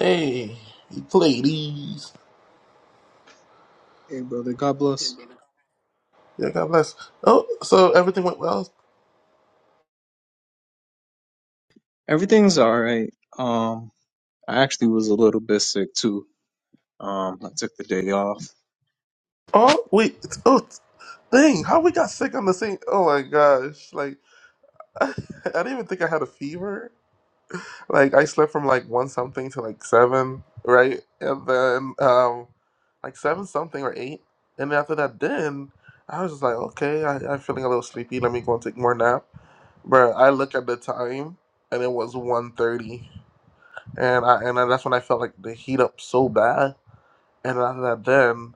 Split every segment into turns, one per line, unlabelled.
Hey, ladies.
Hey, brother, God bless.
Yeah, God bless. Oh, so everything went well.
Everything's all right. Um, I actually was a little bit sick too. Um, I took the day off.
Oh, wait. it's- Oh, dang. How we got sick on the same? Oh my gosh. Like, I, didn't even think I had a fever. Like, I slept from like one something to like seven, right? And then, um, like seven something or eight. And then after that, then I was just like, okay, I, I'm feeling a little sleepy. Let me go and take more nap. But I look at the time, and it was one thirty. and I and that's when I felt like the heat up so bad. And after that, then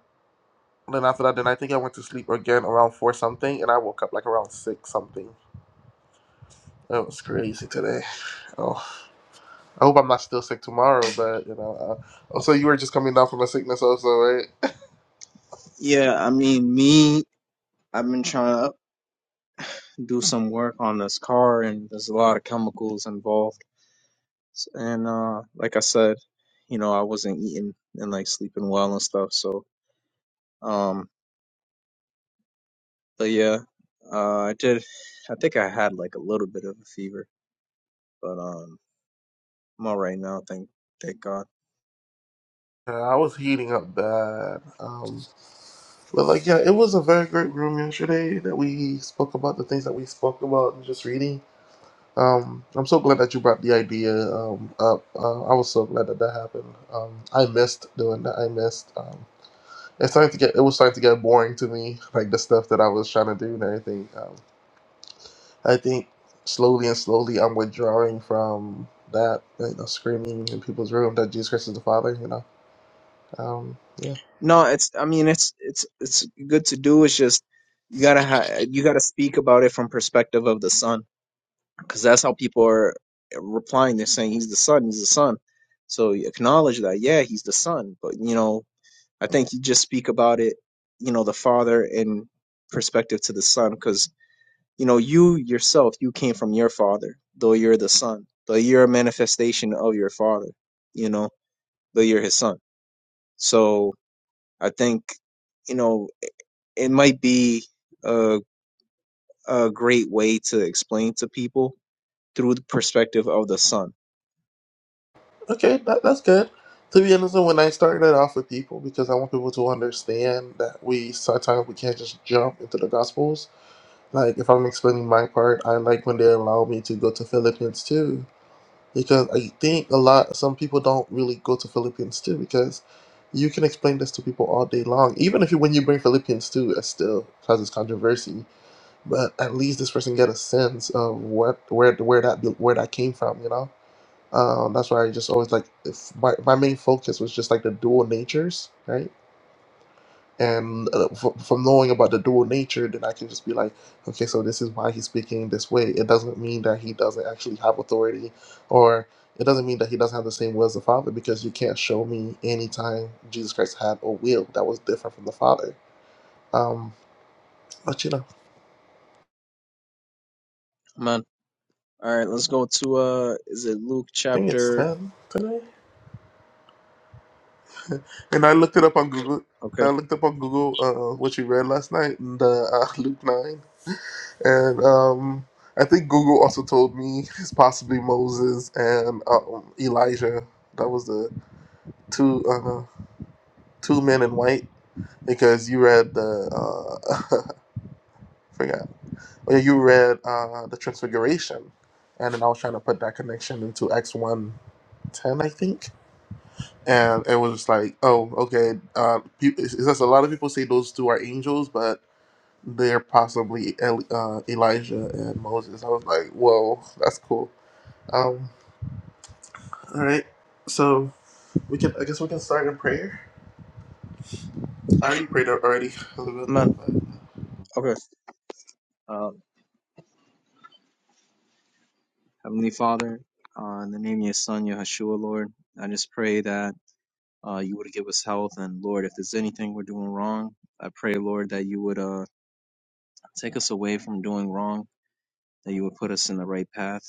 then after that, then I think I went to sleep again around four something, and I woke up like around six something. It was crazy today. Oh, I hope I'm not still sick tomorrow, but you know. Uh, also, you were just coming down from a sickness, also, right?
Yeah, I mean, me, I've been trying to do some work on this car, and there's a lot of chemicals involved. S- And uh, like I said, you know, I wasn't eating and like sleeping well and stuff. So, um, but yeah, uh, I did. I think I had like a little bit of a fever, but um, I'm all right now. Thank, thank God.
Yeah, I was heating up bad. Um, but like, yeah, it was a very great room yesterday that we spoke about the things that we spoke about and just reading. Um, I'm so glad that you brought the idea um, up. Uh, I was so glad that that happened. Um, I missed doing that. I missed. Um, it's starting to get. It was starting to get boring to me, like the stuff that I was trying to do and everything. Um, I think slowly and slowly, I'm withdrawing from that. You know, screaming in people's room that Jesus Christ is the Father. You know. Um, yeah.
No, it's. I mean, it's it's it's good to do. It's just you gotta ha- you gotta speak about it from perspective of the son, because that's how people are replying. They're saying he's the son, he's the son. So you acknowledge that, yeah, he's the son. But you know, I think you just speak about it, you know, the father in perspective to the son, because you know, you yourself, you came from your father, though you're the son, though you're a manifestation of your father, you know, though you're his son. So I think, you know it might be a, a great way to explain to people through the perspective of the son.
Okay, that, that's good. To be honest, when I started off with people, because I want people to understand that we sometimes we can't just jump into the Gospels Like if I'm explaining my part, I like when they allow me to go to Philippines too, because I think a lot some people don't really go to Philippines too because you can explain this to people all day long. Even if you when you bring Philippines too, it still causes controversy. But at least this person get a sense of what where where that where that came from, you know. Um, that's why I just always like if my my main focus was just like the dual natures, right? and uh, fr- from knowing about the dual nature then i can just be like okay so this is why he's speaking this way it doesn't mean that he doesn't actually have authority or it doesn't mean that he doesn't have the same will as the father because you can't show me any time jesus christ had a will that was different from the father um but you know i
Amen. All right, let's go to uh is it Luke
think it's
chapter
10 today and i looked it up on google
Okay.
i looked up on google uh, what you read last night the uh, luke 9 and um, I think Google also told me it's possibly Moses and um, Elijah. That was the two uh, no, two men in white because you read the uh, I forgot. Oh, yeah, you read uh, the Transfiguration, and then I was trying to put that connection into X one ten, I think. And it was just like, oh, okay. Uh, peop- it's it's just a lot of people say those two are angels, but they're possibly El- uh, Elijah and Moses. I was like, whoa, that's cool. Um, All right. So we can. I guess we can start in prayer. I already prayed already a little
Amen.
bit, but
Okay. Um, Heavenly Father, uh, in the name of your Son, Yahushua, Lord, I just pray that uh, you would give us health. And Lord, if there's anything we're doing wrong, I pray, Lord, that you would uh, take us away from doing wrong, that you would put us in the right path,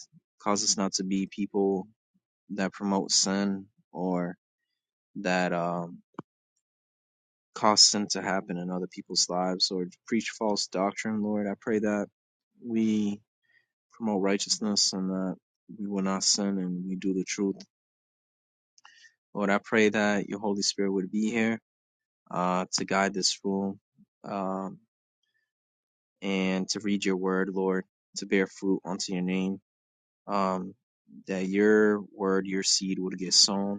cause us not to be people that promote sin. or that um, cause sin to happen in other people's lives or preach false doctrine, Lord. I pray that we promote righteousness and that we will not sin and we do the truth. Lord, I pray that your Holy Spirit would be here uh, to guide this room um, and to read your word, Lord, to bear fruit unto your name. Um, that your word, your seed would get sown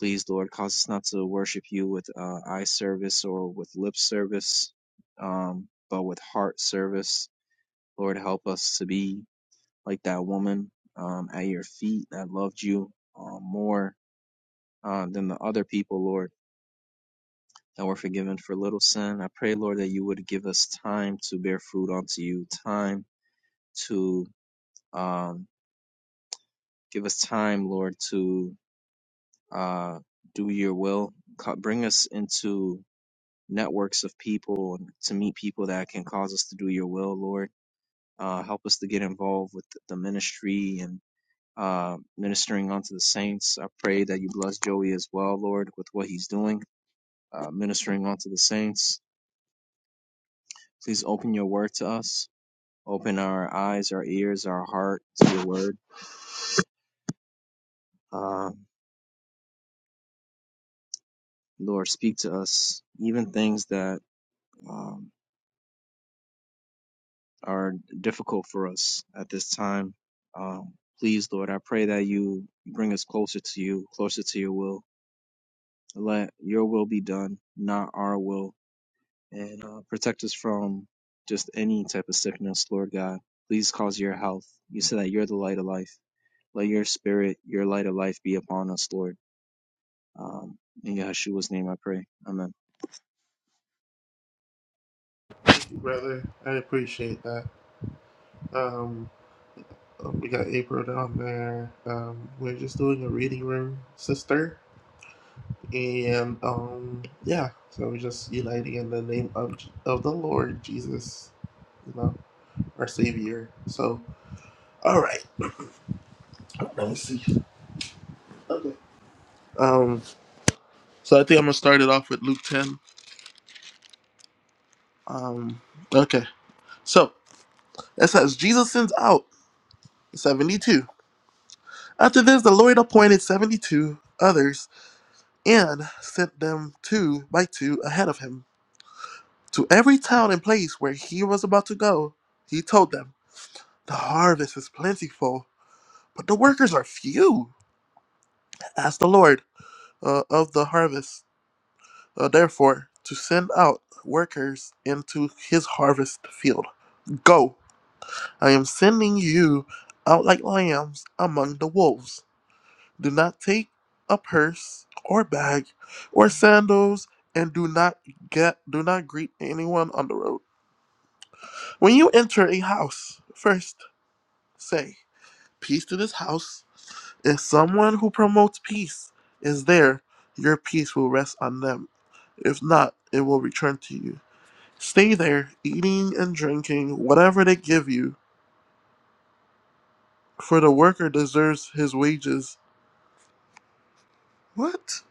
Please, Lord, cause us not to worship you with uh, eye service or with lip service, um, but with heart service. Lord, help us to be like that woman um, at your feet that loved you uh, more uh, than the other people, Lord, that were forgiven for little sin. I pray, Lord, that you would give us time to bear fruit unto you, time to um, give us time, Lord, to uh, do your will. Bring us into networks of people and to meet people that can cause us to do your will, Lord. Uh, help us to get involved with the ministry and uh, ministering onto the saints. I pray that you bless Joey as well, Lord, with what he's doing, uh, ministering onto the saints. Please open your word to us. Open our eyes, our ears, our heart to your word. Uh, Lord, speak to us, even things that. um, are difficult for us at this time. Um, please, Lord, I pray that you bring us closer to you, closer to your will. Let your will be done, not our will, and uh, protect us from just any type of sickness, Lord God. Please cause your health. You said that you're the light of life. Let your spirit, your light of life, be upon us, Lord. Um, in Yahshua's name, I pray. Amen.
brother, I appreciate that. Um, um, we got April down there. Um, we're just doing a reading room, sister, and um, yeah. So we're just uniting in the name of of the Lord Jesus, you know, our Savior. So all right. Let me see. Okay. Um. So I think I'm gonna start it off with Luke 10. Um. Okay. So it says Jesus sends out. 72. After this, the Lord appointed 72 others and sent them two by two ahead of him. To every town and place where he was about to go, he told them, The harvest is plentiful, but the workers are few. Ask the Lord uh, of the harvest, uh, therefore, to send out workers into his harvest field. Go, I am sending you out like lambs among the wolves. Do not take a purse or bag or sandals and do not get do not greet anyone on the road. When you enter a house, first say, peace to this house. If someone who promotes peace is there, your peace will rest on them. If not, it will return to you. Stay there, eating and drinking whatever they give you, for the worker deserves his wages What?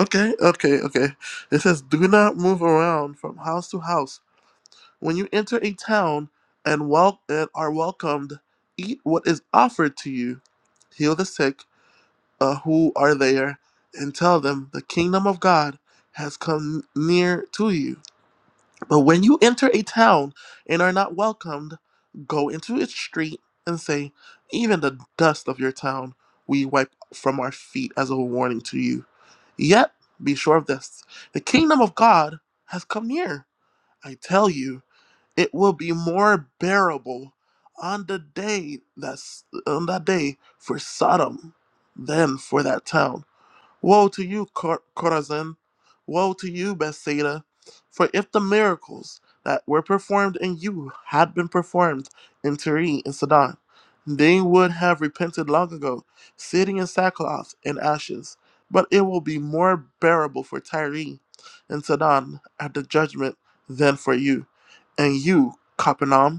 Okay, okay, okay. It says, "Do not move around from house to house. When you enter a town and wel- and are welcomed, eat what is offered to you. Heal the sick uh, who are there, and tell them the kingdom of God has come near to you." But when you enter a town and are not welcomed, go into its street and say, Even the dust of your town we wipe from our feet as a warning to you. Yet, be sure of this the kingdom of God has come near. I tell you, it will be more bearable on the day that's on that day for Sodom than for that town. Woe to you, Cor- Chorazin! Woe to you, Bethsaida! For if the miracles that were performed in you had been performed in Tyre and Sidon, they would have repented long ago, sitting in sackcloth and ashes. But it will be more bearable for Tyre and Sidon at the judgment than for you. And you, Capernaum!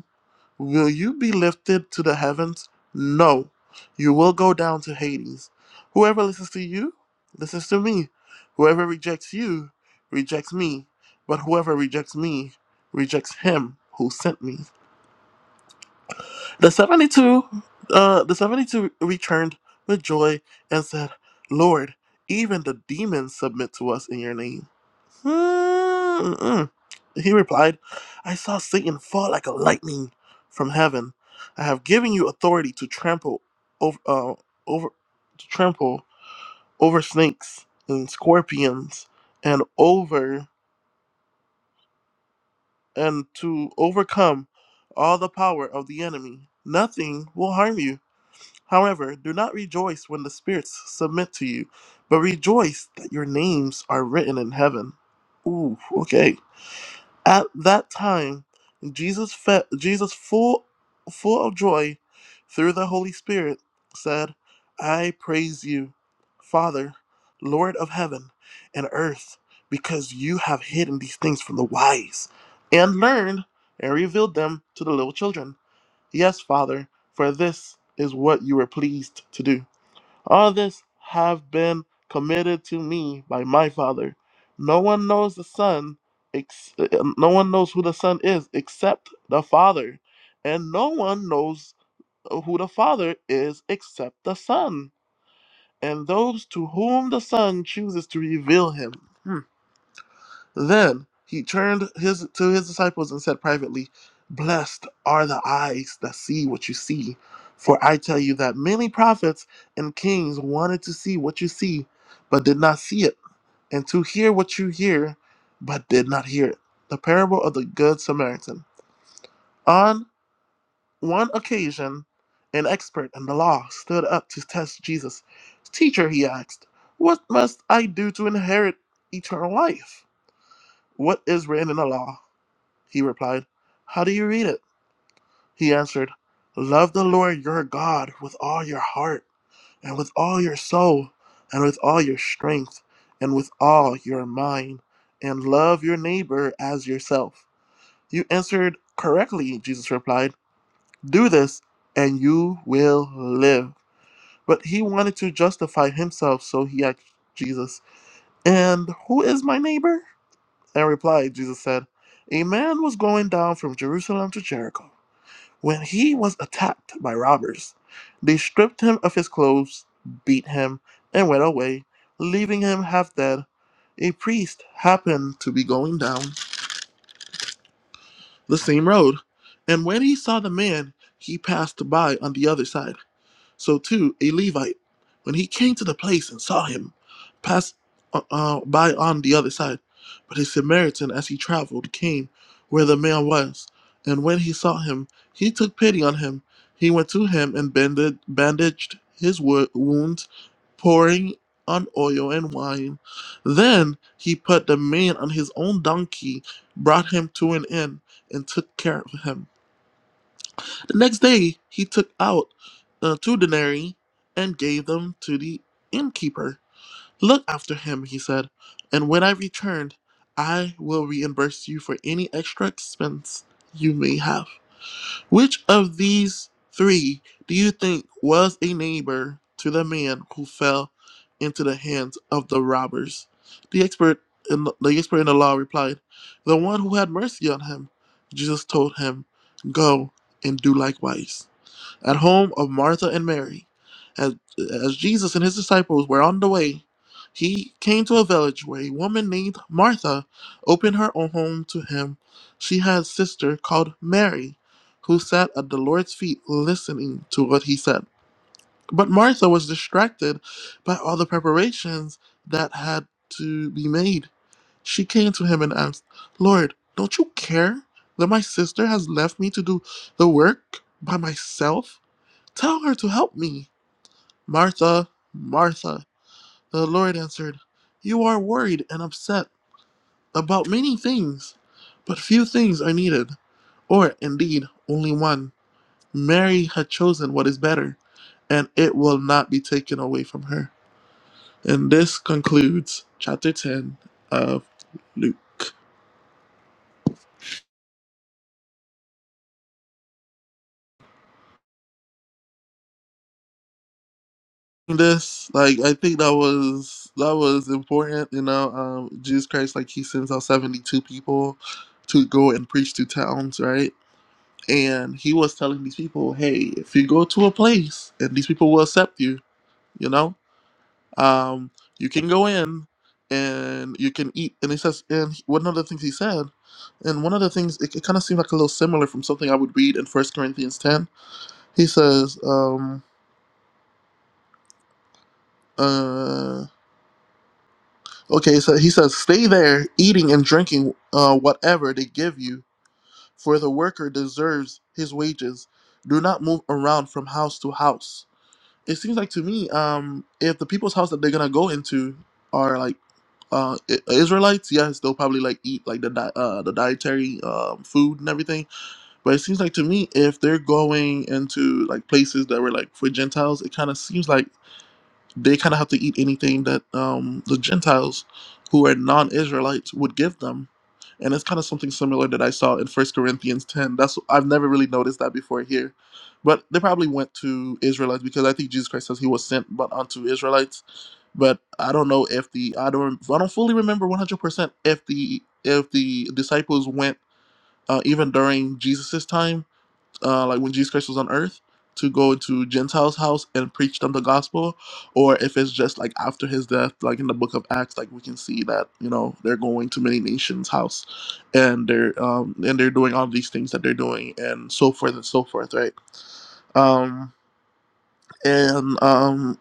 Will you be lifted to the heavens? No. You will go down to Hades. Whoever listens to you, listens to me. Whoever rejects you, rejects me. But whoever rejects me, rejects him who sent me. The 72, uh, the 72 returned with joy and said, Lord, even the demons submit to us in your name. Mm, Mm-mm. He replied, I saw Satan fall like a lightning from heaven. I have given you authority to trample over, uh, over to trample over snakes and scorpions and over and to overcome all the power of the enemy. Nothing will harm you. However, do not rejoice when the spirits submit to you, but rejoice that your names are written in heaven. Ooh, okay. At that time, Jesus, fe- Jesus full, full of joy through the Holy Spirit, said, I praise you, Father, Lord of heaven and earth, because you have hidden these things from the wise and learned and revealed them to the little children. Yes, Father, for this is what you were pleased to do. All this have been committed to me by my Father. No one knows the Son, ex- uh, no one knows who the Son is except the Father, and no one knows who the Father is except the Son, and those to whom the Son chooses to reveal him. Then he turned his to his disciples and said privately, Blessed are the eyes that see what you see. For I tell you that many prophets and kings wanted to see what you see, but did not see it, and to hear what you hear, but did not hear it. The parable of the Good Samaritan. On one occasion, an expert in the law stood up to test Jesus. Teacher, he asked, What must I do to inherit eternal life? What is written in the law? He replied, How do you read it? He answered, Love the Lord your God with all your heart, and with all your soul, and with all your strength, and with all your mind, and love your neighbor as yourself. You answered correctly, Jesus replied. Do this, and you will live. But he wanted to justify himself, so he asked Jesus, And who is my neighbor? And replied, Jesus said, A man was going down from Jerusalem to Jericho When he was attacked by robbers, they stripped him of his clothes, beat him, and went away, leaving him half dead. A priest happened to be going down the same road, and when he saw the man, he passed by on the other side. So too, a Levite, when he came to the place and saw him, passed uh, uh, by on the other side. But a Samaritan, as he traveled, came where the man was, and when he saw him, he took pity on him. He went to him and bandaged, bandaged his wo- wounds, pouring on oil and wine. Then he put the man on his own donkey, brought him to an inn, and took care of him. The next day he took out uh, two denarii and gave them to the innkeeper. Look after him, he said, and when I return, I will reimburse you for any extra expense you may have. Which of these three do you think was a neighbor to the man who fell into the hands of the robbers? The expert in the, the expert in the law replied, "The one who had mercy on him." Jesus told him, "Go and do likewise." at home of Martha and Mary. As, as Jesus and his disciples were on the way, he came to a village where a woman named Martha opened her own home to him. She had a sister called Mary, who sat at the Lord's feet listening to what he said. But Martha was distracted by all the preparations that had to be made. She came to him and asked, Lord, don't you care that my sister has left me to do the work by myself? Tell her to help me. Martha, Martha, the Lord answered, You are worried and upset about many things, but few things are needed, or indeed only one. Mary had chosen what is better, and it will not be taken away from her. And this concludes chapter 10 of Luke. This, like, I think that was that was important, you know. Um, Jesus Christ, like, he sends out seventy-two people to go and preach to towns, right? And he was telling these people, hey, if you go to a place and these people will accept you, you know, um, you can go in and you can eat. And he says, and he- one of the things he said, and one of the things, it, it kind of seemed like a little similar from something I would read in First Corinthians 10. He says, um, uh, okay, so he says, stay there eating and drinking uh, whatever they give you, for the worker deserves his wages. Do not move around from house to house. it seems like to me, um, if the people's house that they're gonna go into are like uh I- Israelites, yes, they'll probably like eat like the di- uh the dietary um food and everything. But it seems like to me, if they're going into like places that were like for Gentiles, it kind of seems like they kind of have to eat anything that um, the Gentiles, who are non-Israelites, would give them, and it's kind of something similar that I saw in First Corinthians ten. That's I've never really noticed that before here, but they probably went to Israelites because I think Jesus Christ says he was sent but unto Israelites. But I don't know if the I don't I don't fully remember one hundred percent if the if the disciples went uh, even during Jesus's time uh, like when Jesus Christ was on earth, to go to Gentiles' house and preach them the gospel, or if it's just like after his death, like in the book of Acts, like we can see that you know they're going to many nations' house, and they're um and they're doing all these things that they're doing and so forth and so forth, right? Um and um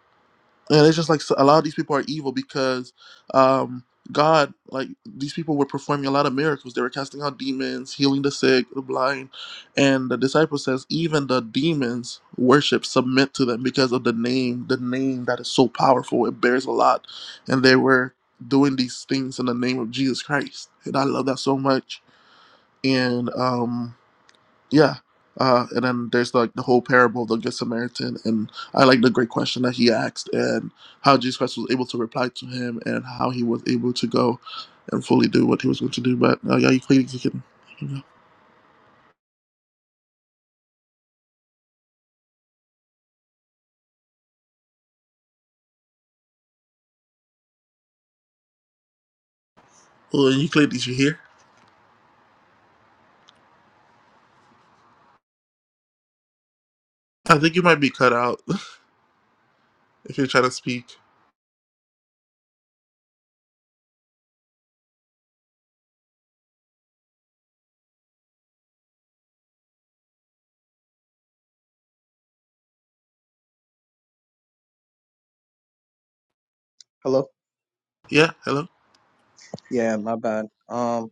and it's just like so- a lot of these people are evil because um, God, like these people were performing a lot of miracles. They were casting out demons, healing the sick, the blind, and the disciple says even the demons worship, submit to them because of the name, the name that is so powerful. It bears a lot, and they were doing these things in the name of Jesus Christ, and I love that so much. And um, yeah. Uh, and then there's like the whole parable of the Good Samaritan. And I like the great question that he asked and how Jesus Christ was able to reply to him and how he was able to go and fully do what he was going to do. But uh, yeah, you clearly you can. You know. Well, you clearly did you hear? I think you might be cut out if you're trying to speak.
Hello.
Yeah. Hello.
Yeah, my bad. Um,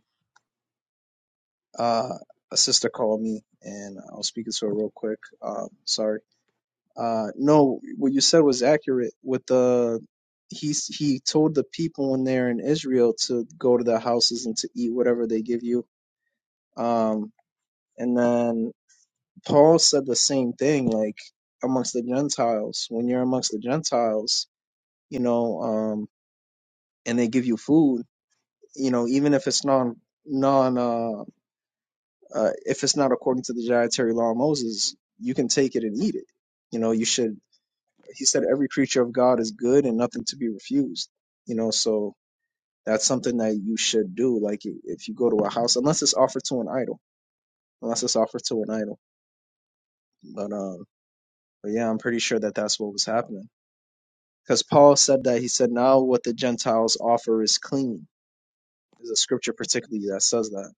uh, a sister called me, and I was speaking to her real quick. Um, sorry. Uh, no, what you said was accurate. With the he s- he told the people in there in Israel to go to their houses and to eat whatever they give you. Um, and then Paul said the same thing, like amongst the Gentiles. When you're amongst the Gentiles, you know, um, and they give you food, you know, even if it's non non uh, uh if it's not according to the dietary law of Moses, you can take it and eat it. You know, you should he said every creature of God is good and nothing to be refused. You know, so that's something that you should do. Like i- if you go to a house, unless it's offered to an idol, unless it's offered to an idol. But um, but yeah, I'm pretty sure that that's what was happening because Paul said that he said now what the Gentiles offer is clean. There's a scripture particularly that says that.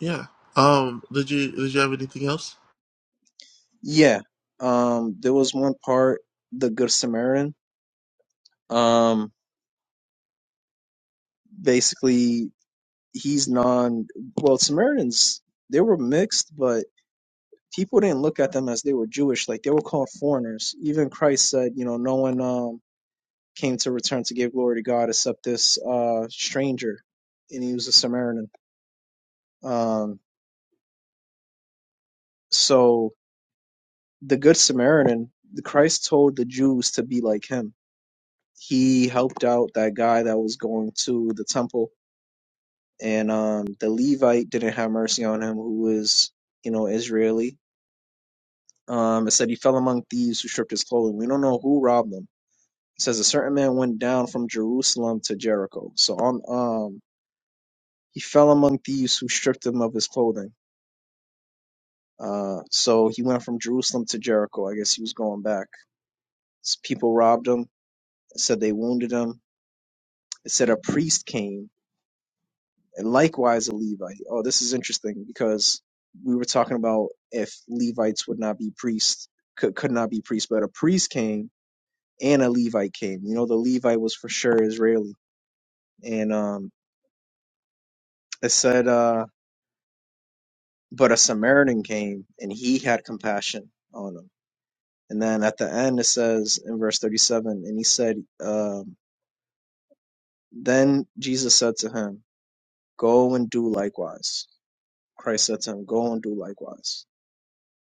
Yeah. Um. Did you Did you have anything else?
Yeah. Um, there was one part, the Good Samaritan. Um, basically he's non. Well, Samaritans they were mixed, but people didn't look at them as they were Jewish, like they were called foreigners. Even Christ said, you know, no one um, came to return to give glory to God except this uh, stranger, and he was a Samaritan. Um, so the Good Samaritan, the Christ told the Jews to be like him. He helped out that guy that was going to the temple, and um, the Levite didn't have mercy on him, who was, you know, Israeli. Um, it said he fell among thieves who stripped his clothing. We don't know who robbed him it says a certain man went down from Jerusalem to Jericho. So on um he fell among thieves who stripped him of his clothing. Uh so he went from Jerusalem to Jericho. I guess he was going back. S- People robbed him, it said they wounded him. It said a priest came, and likewise a Levite. Oh, this is interesting because we were talking about if Levites would not be priests, could could not be priests, but a priest came and a Levite came. You know, the Levite was for sure Israeli. And um it said uh but a Samaritan came and he had compassion on him. And then at the end, it says in verse 37, and he said, um, Then Jesus said to him, Go and do likewise. Christ said to him, Go and do likewise.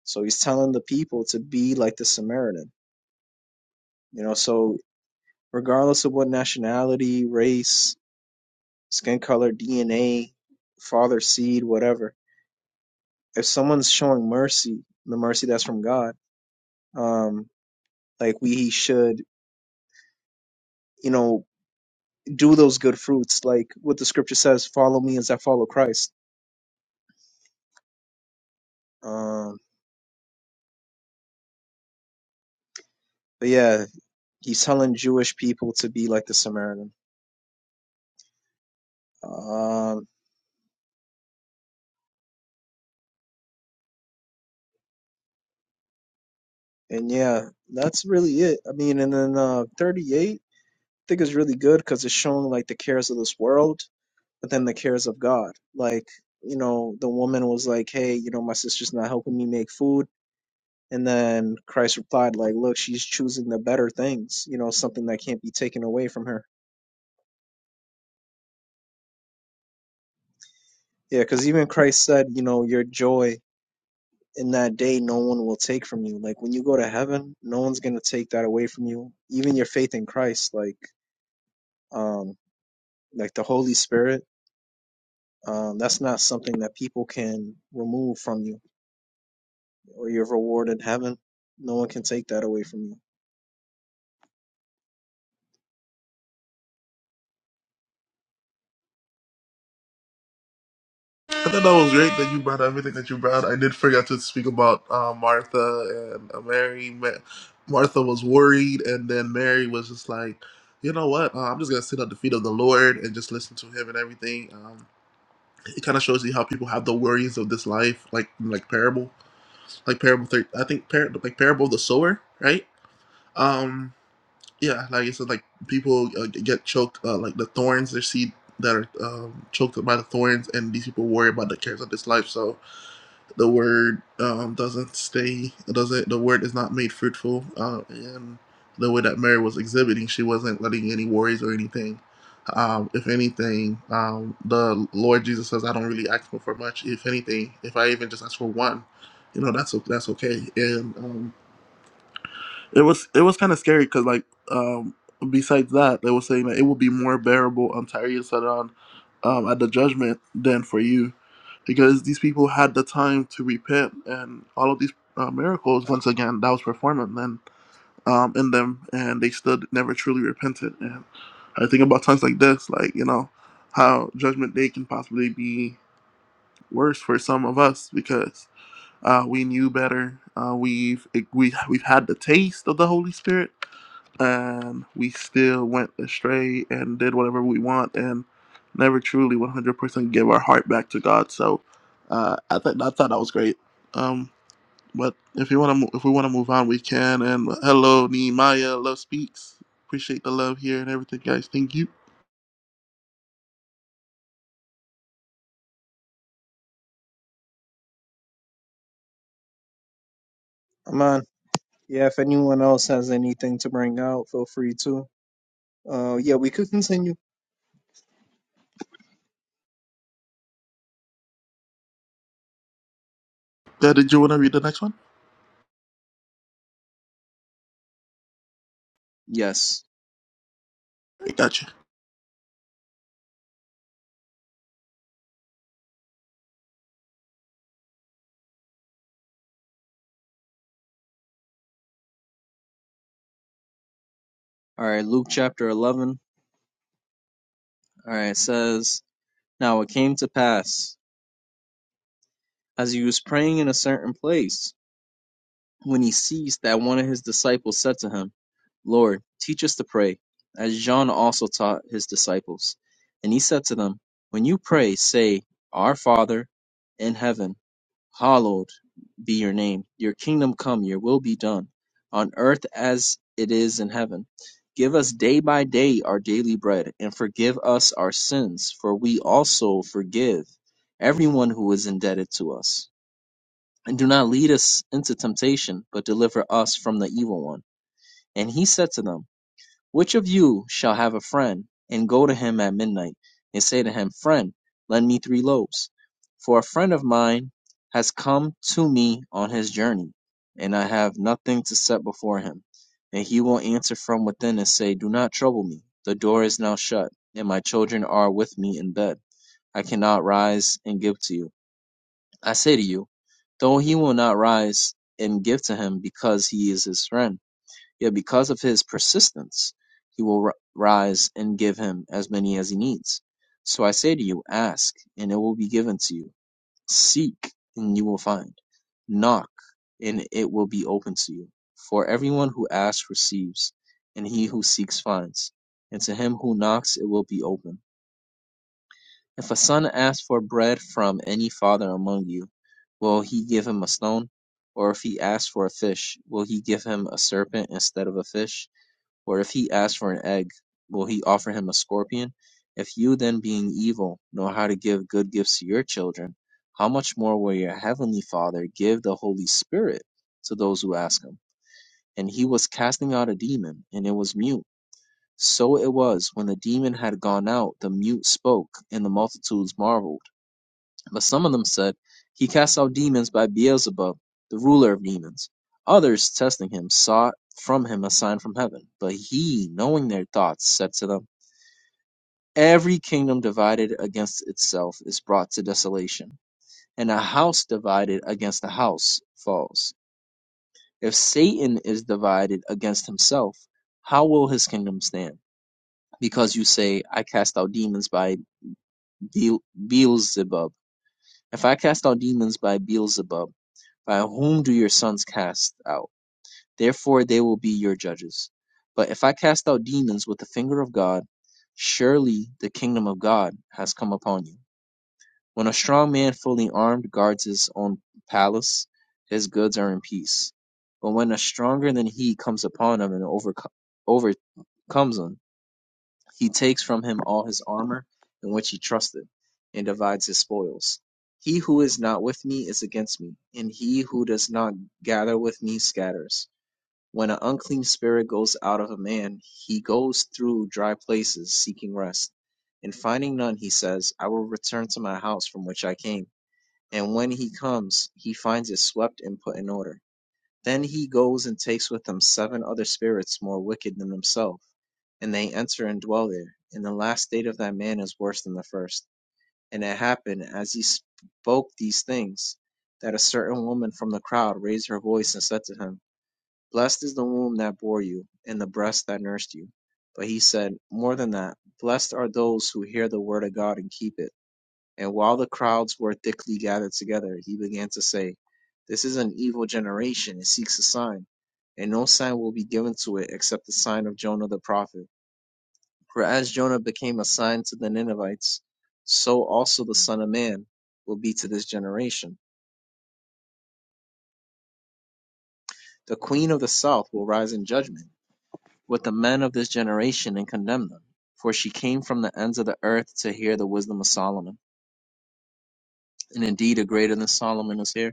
So he's telling the people to be like the Samaritan. You know, so regardless of what nationality, race, skin color, DNA, father, seed, whatever, if someone's showing mercy, the mercy that's from God, um, like we should you know do those good fruits, like what the scripture says, follow me as I follow Christ. Um, but yeah, he's telling Jewish people to be like the Samaritan. Um, and yeah, that's really it. I mean, and then uh, 38, I think is really good because it's showing like the cares of this world, but then the cares of God. Like, you know, the woman was like, hey, you know, my sister's not helping me make food. And then Christ replied, like, look, she's choosing the better things, you know, something that can't be taken away from her Yeah, because even Christ said, you know, your joy in that day no one will take from you. Like when you go to heaven, no one's gonna take that away from you. Even your faith in Christ, like um like the Holy Spirit, um, that's not something that people can remove from you or your reward in heaven. No one can take that away from you.
I thought that was great that you brought everything that you brought. I did forget to speak about uh, Martha and uh, Mary. Ma- Martha was worried, and then Mary was just like, you know what? Uh, I'm just going to sit at the feet of the Lord and just listen to him and everything. Um, it kind of shows you how people have the worries of this life, like like parable, like parable. Thir- I think par- like parable of the sower, right? Um, yeah, like you said, like people uh, get choked, uh, like the thorns, their seed that are um, choked by the thorns, and these people worry about the cares of this life. So the word um, doesn't stay doesn't the word is not made fruitful uh, and the way that mary was exhibiting she wasn't letting any worries or anything um, if anything um, the lord jesus says i don't really ask for much if anything if i even just ask for one you know that's that's okay and um, it was it was kind of scary because like um, besides that, they were saying that it will be more bearable on Tyrese Sidon um, at the judgment than for you, because these people had the time to repent and all of these uh, miracles once again that was performing then um, in them and they still never truly repented. And I think about times like this, like you know how judgment day can possibly be worse for some of us because uh, we knew better. Uh, we've we've we've had the taste of the Holy Spirit and we still went astray and did whatever we want and never truly 100% give our heart back to God. So uh, I think I thought that was great. Um, but if you want to, mo- if we want to move on, we can. And hello, Nehemiah, love speaks. Appreciate the love here and everything, guys. Thank you.
I'm on. Yeah, if anyone else has anything to bring out, feel free to. Uh yeah, we could continue.
Uh, did you want to read the next one?
Yes.
I got you.
All right, Luke chapter eleven. All right, it says Now it came to pass. as he was praying in a certain place, when he ceased, that one of his disciples said to him, Lord, teach us to pray, as John also taught his disciples. And he said to them, When you pray, say, Our Father in heaven, hallowed be your name. Your kingdom come, your will be done, on earth as it is in heaven. Give us day by day our daily bread, and forgive us our sins, for we also forgive everyone who is indebted to us and do not lead us into temptation, but deliver us from the evil one. And he said to them, Which of you shall have a friend, and go to him at midnight, and say to him, Friend, lend me three loaves? For a friend of mine has come to me on his journey, and I have nothing to set before him. And he will answer from within and say, Do not trouble me. The door is now shut, and my children are with me in bed. I cannot rise and give to you. I say to you, though he will not rise and give to him because he is his friend, yet because of his persistence, he will ri- rise and give him as many as he needs. So I say to you, ask, and it will be given to you. Seek, and you will find. Knock, and it will be open to you. For everyone who asks receives, and he who seeks finds, and to him who knocks it will be open. If a son asks for bread from any father among you, will he give him a stone? Or if he asks for a fish, will he give him a serpent instead of a fish? Or if he asks for an egg, will he offer him a scorpion? If you then, being evil, know how to give good gifts to your children, how much more will your heavenly Father give the Holy Spirit to those who ask him? And he was casting out a demon, and it was mute. So it was, when the demon had gone out, the mute spoke, and the multitudes marveled. But some of them said, He casts out demons by Beelzebub, the ruler of demons. Others, testing him, sought from him a sign from heaven. But he, knowing their thoughts, said to them, Every kingdom divided against itself is brought to desolation, and a house divided against a house falls. If Satan is divided against himself, how will his kingdom stand? Because you say, I cast out demons by Beel- Beelzebub. If I cast out demons by Beelzebub, By whom do your sons cast out? Therefore they will be your judges. But if I cast out demons with the finger of God, surely the kingdom of God has come upon you. When a strong man fully armed guards his own palace, his goods are in peace. But when a stronger than he comes upon him and overco- overcomes him, he takes from him all his armor in which he trusted, and divides his spoils. He who is not with me is against me, and he who does not gather with me scatters. When an unclean spirit goes out of a man, he goes through dry places seeking rest. And finding none, he says, I will return to my house from which I came. And when he comes, he finds it swept and put in order. Then he goes and takes with him seven other spirits more wicked than himself, and they enter and dwell there. And the last state of that man is worse than the first. And it happened, as he spoke these things, that a certain woman from the crowd raised her voice and said to him, Blessed is the womb that bore you, and the breast that nursed you. But he said, More than that, blessed are those who hear the word of God and keep it. And while the crowds were thickly gathered together, he began to say, This is an evil generation. It seeks a sign, and no sign will be given to it except the sign of Jonah the prophet. For as Jonah became a sign to the Ninevites, so also the Son of Man will be to this generation. The Queen of the South will rise in judgment with the men of this generation and condemn them. For she came from the ends of the earth to hear the wisdom of Solomon. And indeed, a greater than Solomon is here.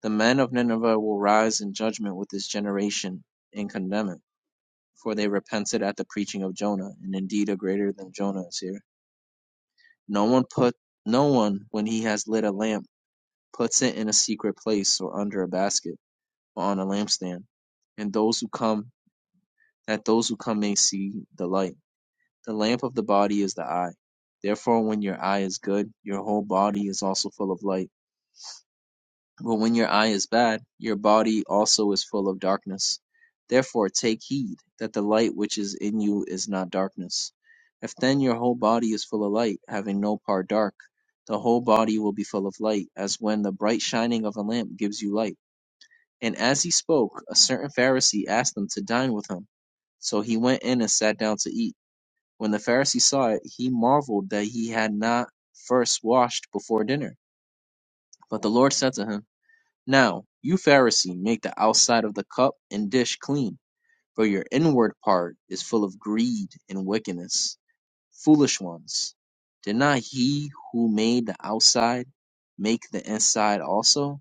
The men of Nineveh will rise in judgment with this generation and condemn it, for they repented at the preaching of Jonah, and indeed a greater than Jonah is here. No one put no one when he has lit a lamp puts it in a secret place or under a basket, or on a lampstand, and those who come that those who come may see the light. The lamp of the body is the eye. Therefore when your eye is good, your whole body is also full of light. But when your eye is bad, your body also is full of darkness. Therefore take heed that the light which is in you is not darkness. If then your whole body is full of light, having no part dark, the whole body will be full of light, as when the bright shining of a lamp gives you light. And as he spoke, a certain Pharisee asked them to dine with him. So he went in and sat down to eat. When the Pharisee saw it, he marveled that he had not first washed before dinner. But the Lord said to him, now, you Pharisee, make the outside of the cup and dish clean, for your inward part is full of greed and wickedness. Foolish ones, did not he who made the outside make the inside also?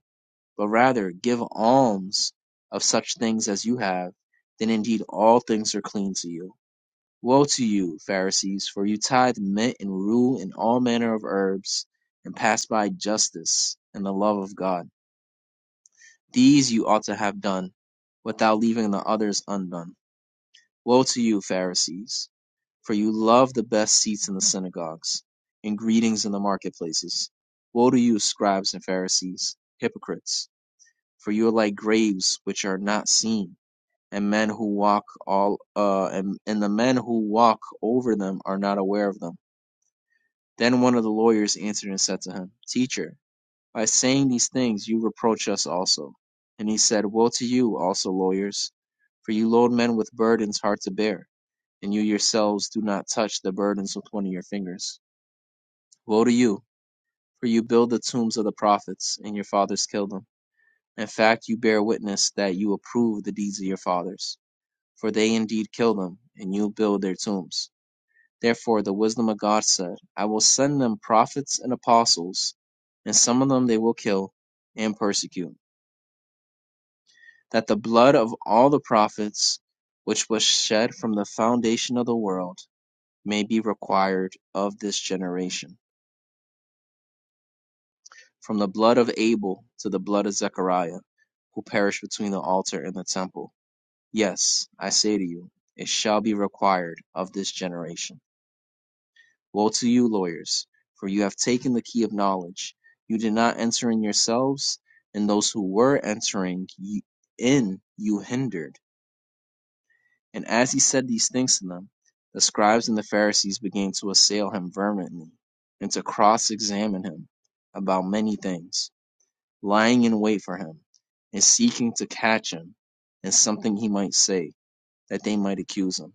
But rather give alms of such things as you have, then indeed all things are clean to you. Woe to you, Pharisees, for you tithe mint and rue and all manner of herbs, and pass by justice and the love of God these you ought to have done, without leaving the others undone. Woe to you, Pharisees! For you love the best seats in the synagogues, and greetings in the marketplaces. Woe to you, scribes and Pharisees, hypocrites! For you are like graves which are not seen, and men who walk all uh, and, and the men who walk over them are not aware of them. Then one of the lawyers answered and said to him, Teacher, by saying these things you reproach us also. And he said, Woe to you also, lawyers, for you load men with burdens hard to bear, and you yourselves do not touch the burdens with one of your fingers. Woe to you, for you build the tombs of the prophets, and your fathers killed them. In fact, you bear witness that you approve the deeds of your fathers, for they indeed kill them, and you build their tombs. Therefore, the wisdom of God said, I will send them prophets and apostles, and some of them they will kill and persecute that the blood of all the prophets, which was shed from the foundation of the world, may be required of this generation, from the blood of Abel to the blood of Zechariah, who perished between the altar and the temple. Yes, I say to you, it shall be required of this generation. Woe to you, lawyers, for you have taken the key of knowledge. You did not enter in yourselves, and those who were entering in you hindered. And as he said these things to them, the scribes and the Pharisees began to assail him vehemently and to cross examine him about many things, lying in wait for him and seeking to catch him in something he might say that they might accuse him.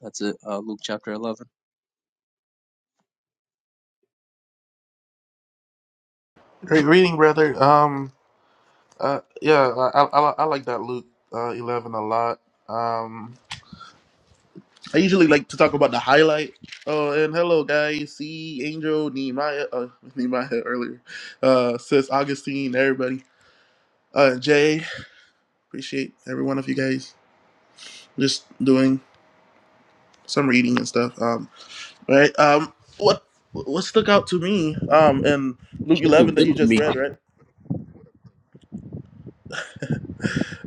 That's it, uh, Luke chapter 11.
Great reading, brother. Um, uh, yeah, I, I, I I like that Luke uh, eleven a lot. Um, I usually like to talk about the highlight. Oh, and hello, guys. See Angel, Nehemiah, uh, Nehemiah earlier, uh, Sis Augustine, everybody. Uh, Jay, appreciate every one of you guys. Just doing some reading and stuff. Um, right. Um, what what stuck out to me? Um, in Luke
They
eleven that you
willing
just
me.
read, right?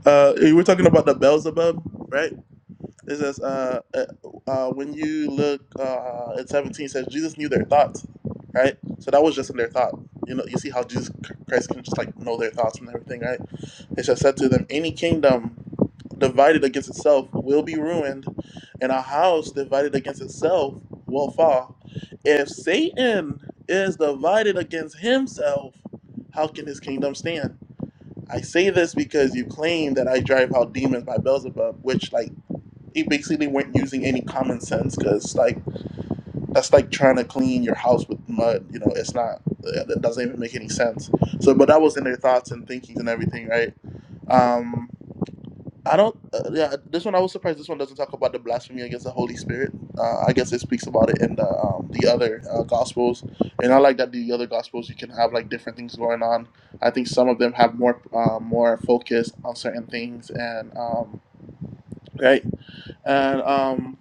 Uh, we were talking about the Beelzebub, right? It says, uh, uh, uh, when you look uh, at 17, it says Jesus knew their thoughts, right? So that was just in their thought. You know, you see how Jesus Christ can just like know their thoughts and everything, right? It just said to them, any kingdom divided against itself will be ruined, and a house divided against itself will fall. If Satan is divided against himself, how can his kingdom stand? I say this because you claim that I drive out demons by Beelzebub, which like they basically weren't using any common sense because like that's like trying to clean your house with mud. You know, it's not. It doesn't even make any sense. So, but that was in their thoughts and thinkings and everything, right? Um, I don't. Uh, yeah, this one I was surprised. This one doesn't talk about the blasphemy against the Holy Spirit. Uh, I guess it speaks about it in the um, the other uh, gospels, and I like that the other gospels you can have like different things going on. I think some of them have more uh, more focus on certain things, and um, right, and um,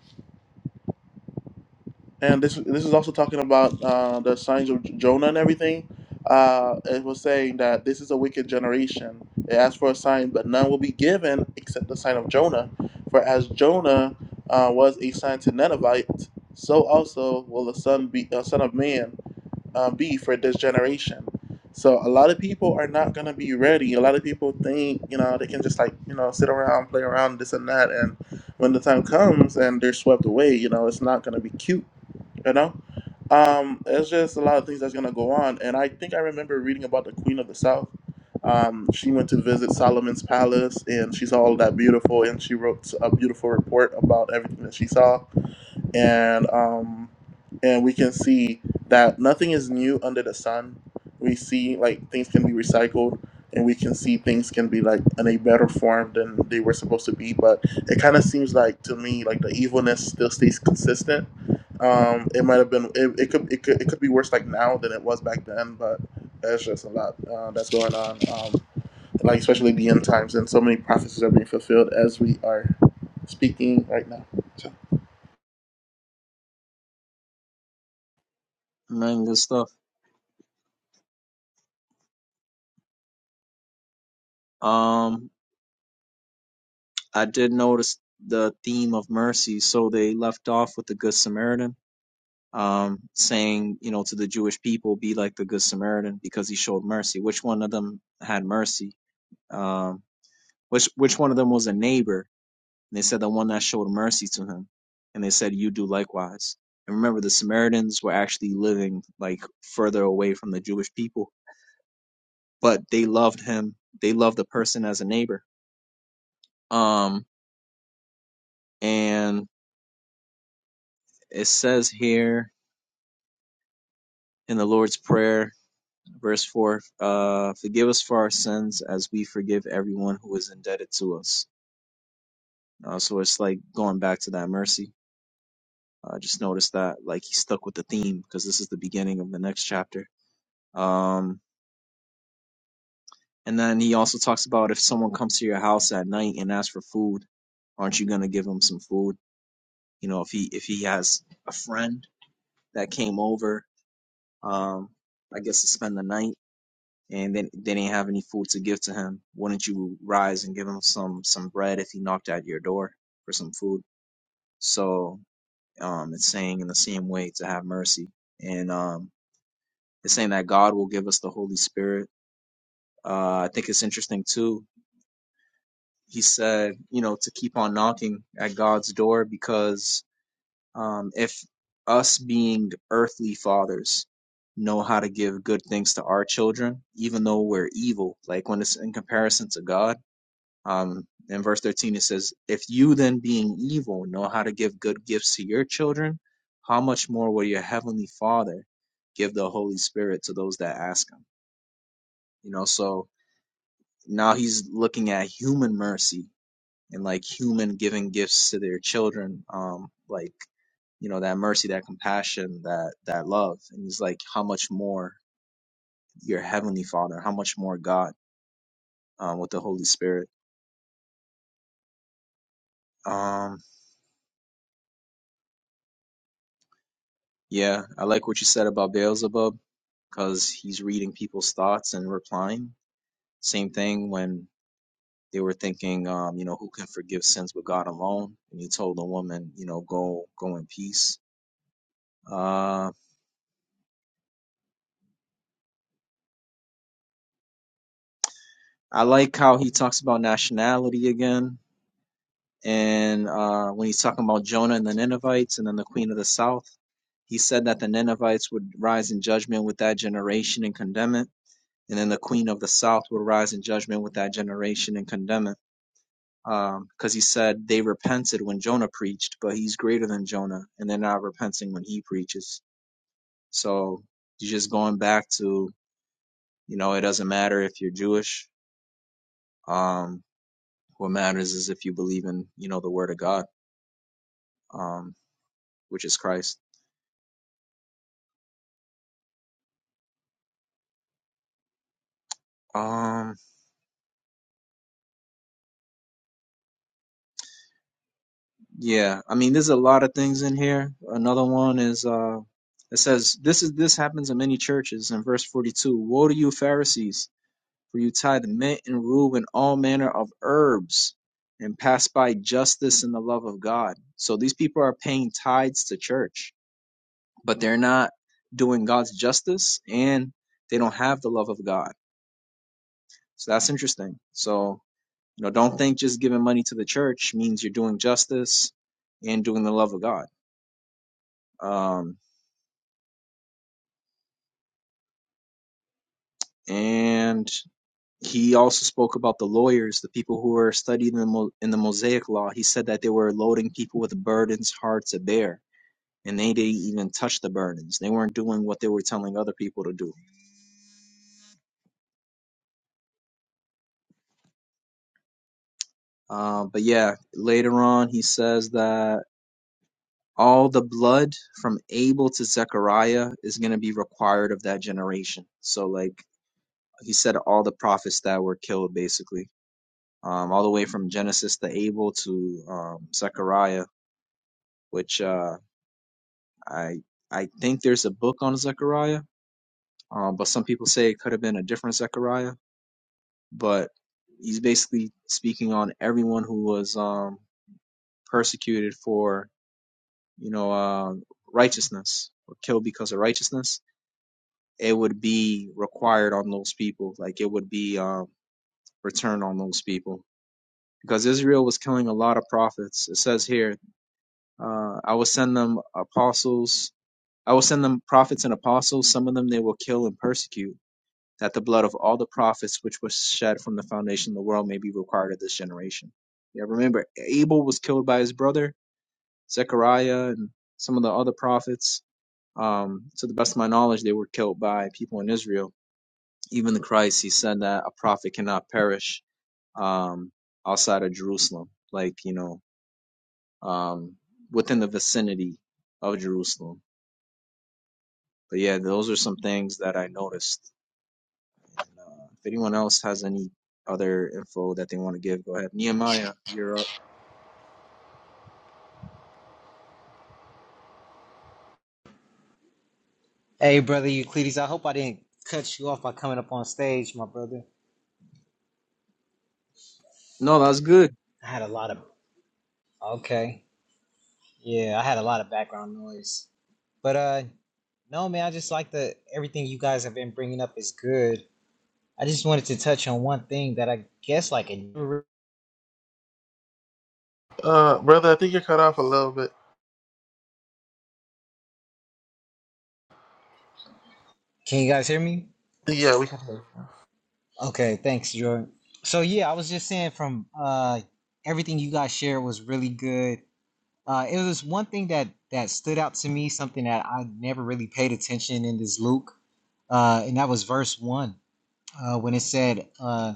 and this this is also talking about uh, the signs of Jonah and everything. Uh, it was saying that this is a wicked generation. It asked for a sign, but none will be given except the sign of Jonah. For as Jonah uh, was a sign to Ninevites, so also will the son be uh, son of man uh, be for this generation. So a lot of people are not gonna be ready. A lot of people think you know they can just like you know sit around, play around, this and that, and when the time comes and they're swept away, you know it's not gonna be cute you know um it's just a lot of things that's going to go on and i think i remember reading about the queen of the south um she went to visit solomon's palace and she saw all that beautiful and she wrote a beautiful report about everything that she saw and um and we can see that nothing is new under the sun we see like things can be recycled and we can see things can be like in a better form than they were supposed to be but it kind of seems like to me like the evilness still stays consistent um it might have been it, it could it could it could be worse like now than it was back then but there's just a lot uh, that's going on um like especially the end times and so many prophecies are being fulfilled as we are speaking right now So.
Man, good stuff. Um, I did notice the theme of mercy, so they left off with the Good Samaritan um, saying, you know, to the Jewish people, be like the Good Samaritan because he showed mercy. Which one of them had mercy? Um, which which one of them was a neighbor? And they said the one that showed mercy to him. And they said, you do likewise. And remember, the Samaritans were actually living like further away from the Jewish people, but they loved him. They loved the person as a neighbor. Um, and it says here in the Lord's Prayer Verse 4 uh, Forgive us for our sins as we forgive everyone who is indebted to us. Uh, so it's like going back to that mercy. I just noticed that like he stuck with the theme because this is the beginning of the next chapter. Um, and then he also talks about if someone comes to your house at night and asks for food, aren't you gonna give him some food? You know, if he if he has a friend that came over, um, I guess to spend the night and then they didn't have any food to give to him, wouldn't you rise and give him some some bread if he knocked at your door for some food? So um, it's saying in the same way to have mercy, and um, it's saying that God will give us the Holy Spirit. Uh, I think it's interesting too. He said, you know, to keep on knocking at God's door because um, if us being earthly fathers know how to give good things to our children, even though we're evil, like when it's in comparison to God Um, in verse 13, it says, If you then, being evil, know how to give good gifts to your children, how much more will your heavenly Father give the Holy Spirit to those that ask him? You know, so now he's looking at human mercy and like human giving gifts to their children, um, like, you know, that mercy, that compassion, that, that love. And he's like, How much more your heavenly Father, how much more God um, with the Holy Spirit? Um, yeah, I like what you said about Beelzebub because he's reading people's thoughts and replying. Same thing when they were thinking, um, you know, who can forgive sins but God alone? And he told the woman, you know, go go in peace. Uh, I like how he talks about nationality again, and uh, when he's talking about Jonah and the Ninevites, and then the Queen of the South, he said that the Ninevites would rise in judgment with that generation and condemn it, and then the Queen of the South would rise in judgment with that generation and condemn it Um, because he said they repented when Jonah preached, but he's greater than Jonah, and they're not repenting when he preaches. So you're just going back to, you know, it doesn't matter if you're Jewish. Um, what matters is if you believe in, you know, the Word of God, um, which is Christ. Um, yeah, I mean, there's a lot of things in here. Another one is, uh, it says, this is this happens in many churches. In verse 42, woe to you, Pharisees! For you tie the mint and rue and all manner of herbs, and pass by justice and the love of God. So these people are paying tithes to church, but they're not doing God's justice and they don't have the love of God. So that's interesting. So, you know, don't think just giving money to the church means you're doing justice and doing the love of God. Um, and he also spoke about the lawyers, the people who were studying the Mo- in the Mosaic Law. He said that they were loading people with burdens hard to bear, and they didn't even touch the burdens. They weren't doing what they were telling other people to do. Uh, but yeah, later on, he says that all the blood from Abel to Zechariah is going to be required of that generation. So, like he said, all the prophets that were killed, basically, um, all the way from Genesis to Abel to um, Zechariah, which. Uh, I I think there's a book on Zechariah, um, but some people say it could have been a different Zechariah. But he's basically speaking on everyone who was um, persecuted for you know uh, righteousness or killed because of righteousness. It would be required on those people, like it would be um, returned on those people, because Israel was killing a lot of prophets. It says here, uh, "I will send them apostles." I will send them prophets and apostles. Some of them they will kill and persecute that the blood of all the prophets which was shed from the foundation of the world may be required of this generation. Yeah, remember, Abel was killed by his brother, Zechariah, and some of the other prophets. Um, to the best of my knowledge, they were killed by people in Israel. Even the Christ, he said that a prophet cannot perish um, outside of Jerusalem, like, you know, um, within the vicinity of Jerusalem. But yeah, those are some things that I noticed Uh, If anyone else has any other info that they want to give, go ahead. Nehemiah, you're up.
Hey, brother Euclides, I hope I didn't cut you off by coming up on stage, my brother.
No, that's good.
I had a lot of okay, yeah, I had a lot of background noise, but uh, no, man, I just like the everything you guys have been bringing up is good. I just wanted to touch on one thing that I guess like it never-
Uh, brother, I think you're cut off a little bit.
can you guys hear me?
Yeah, we can. hear you.
Okay, thanks, Jordan. So yeah, I was just saying from uh everything you guys shared was really good. Uh, it was one thing that that stood out to me, something that I never really paid attention in this Luke, uh, and that was verse one uh, when it said, uh,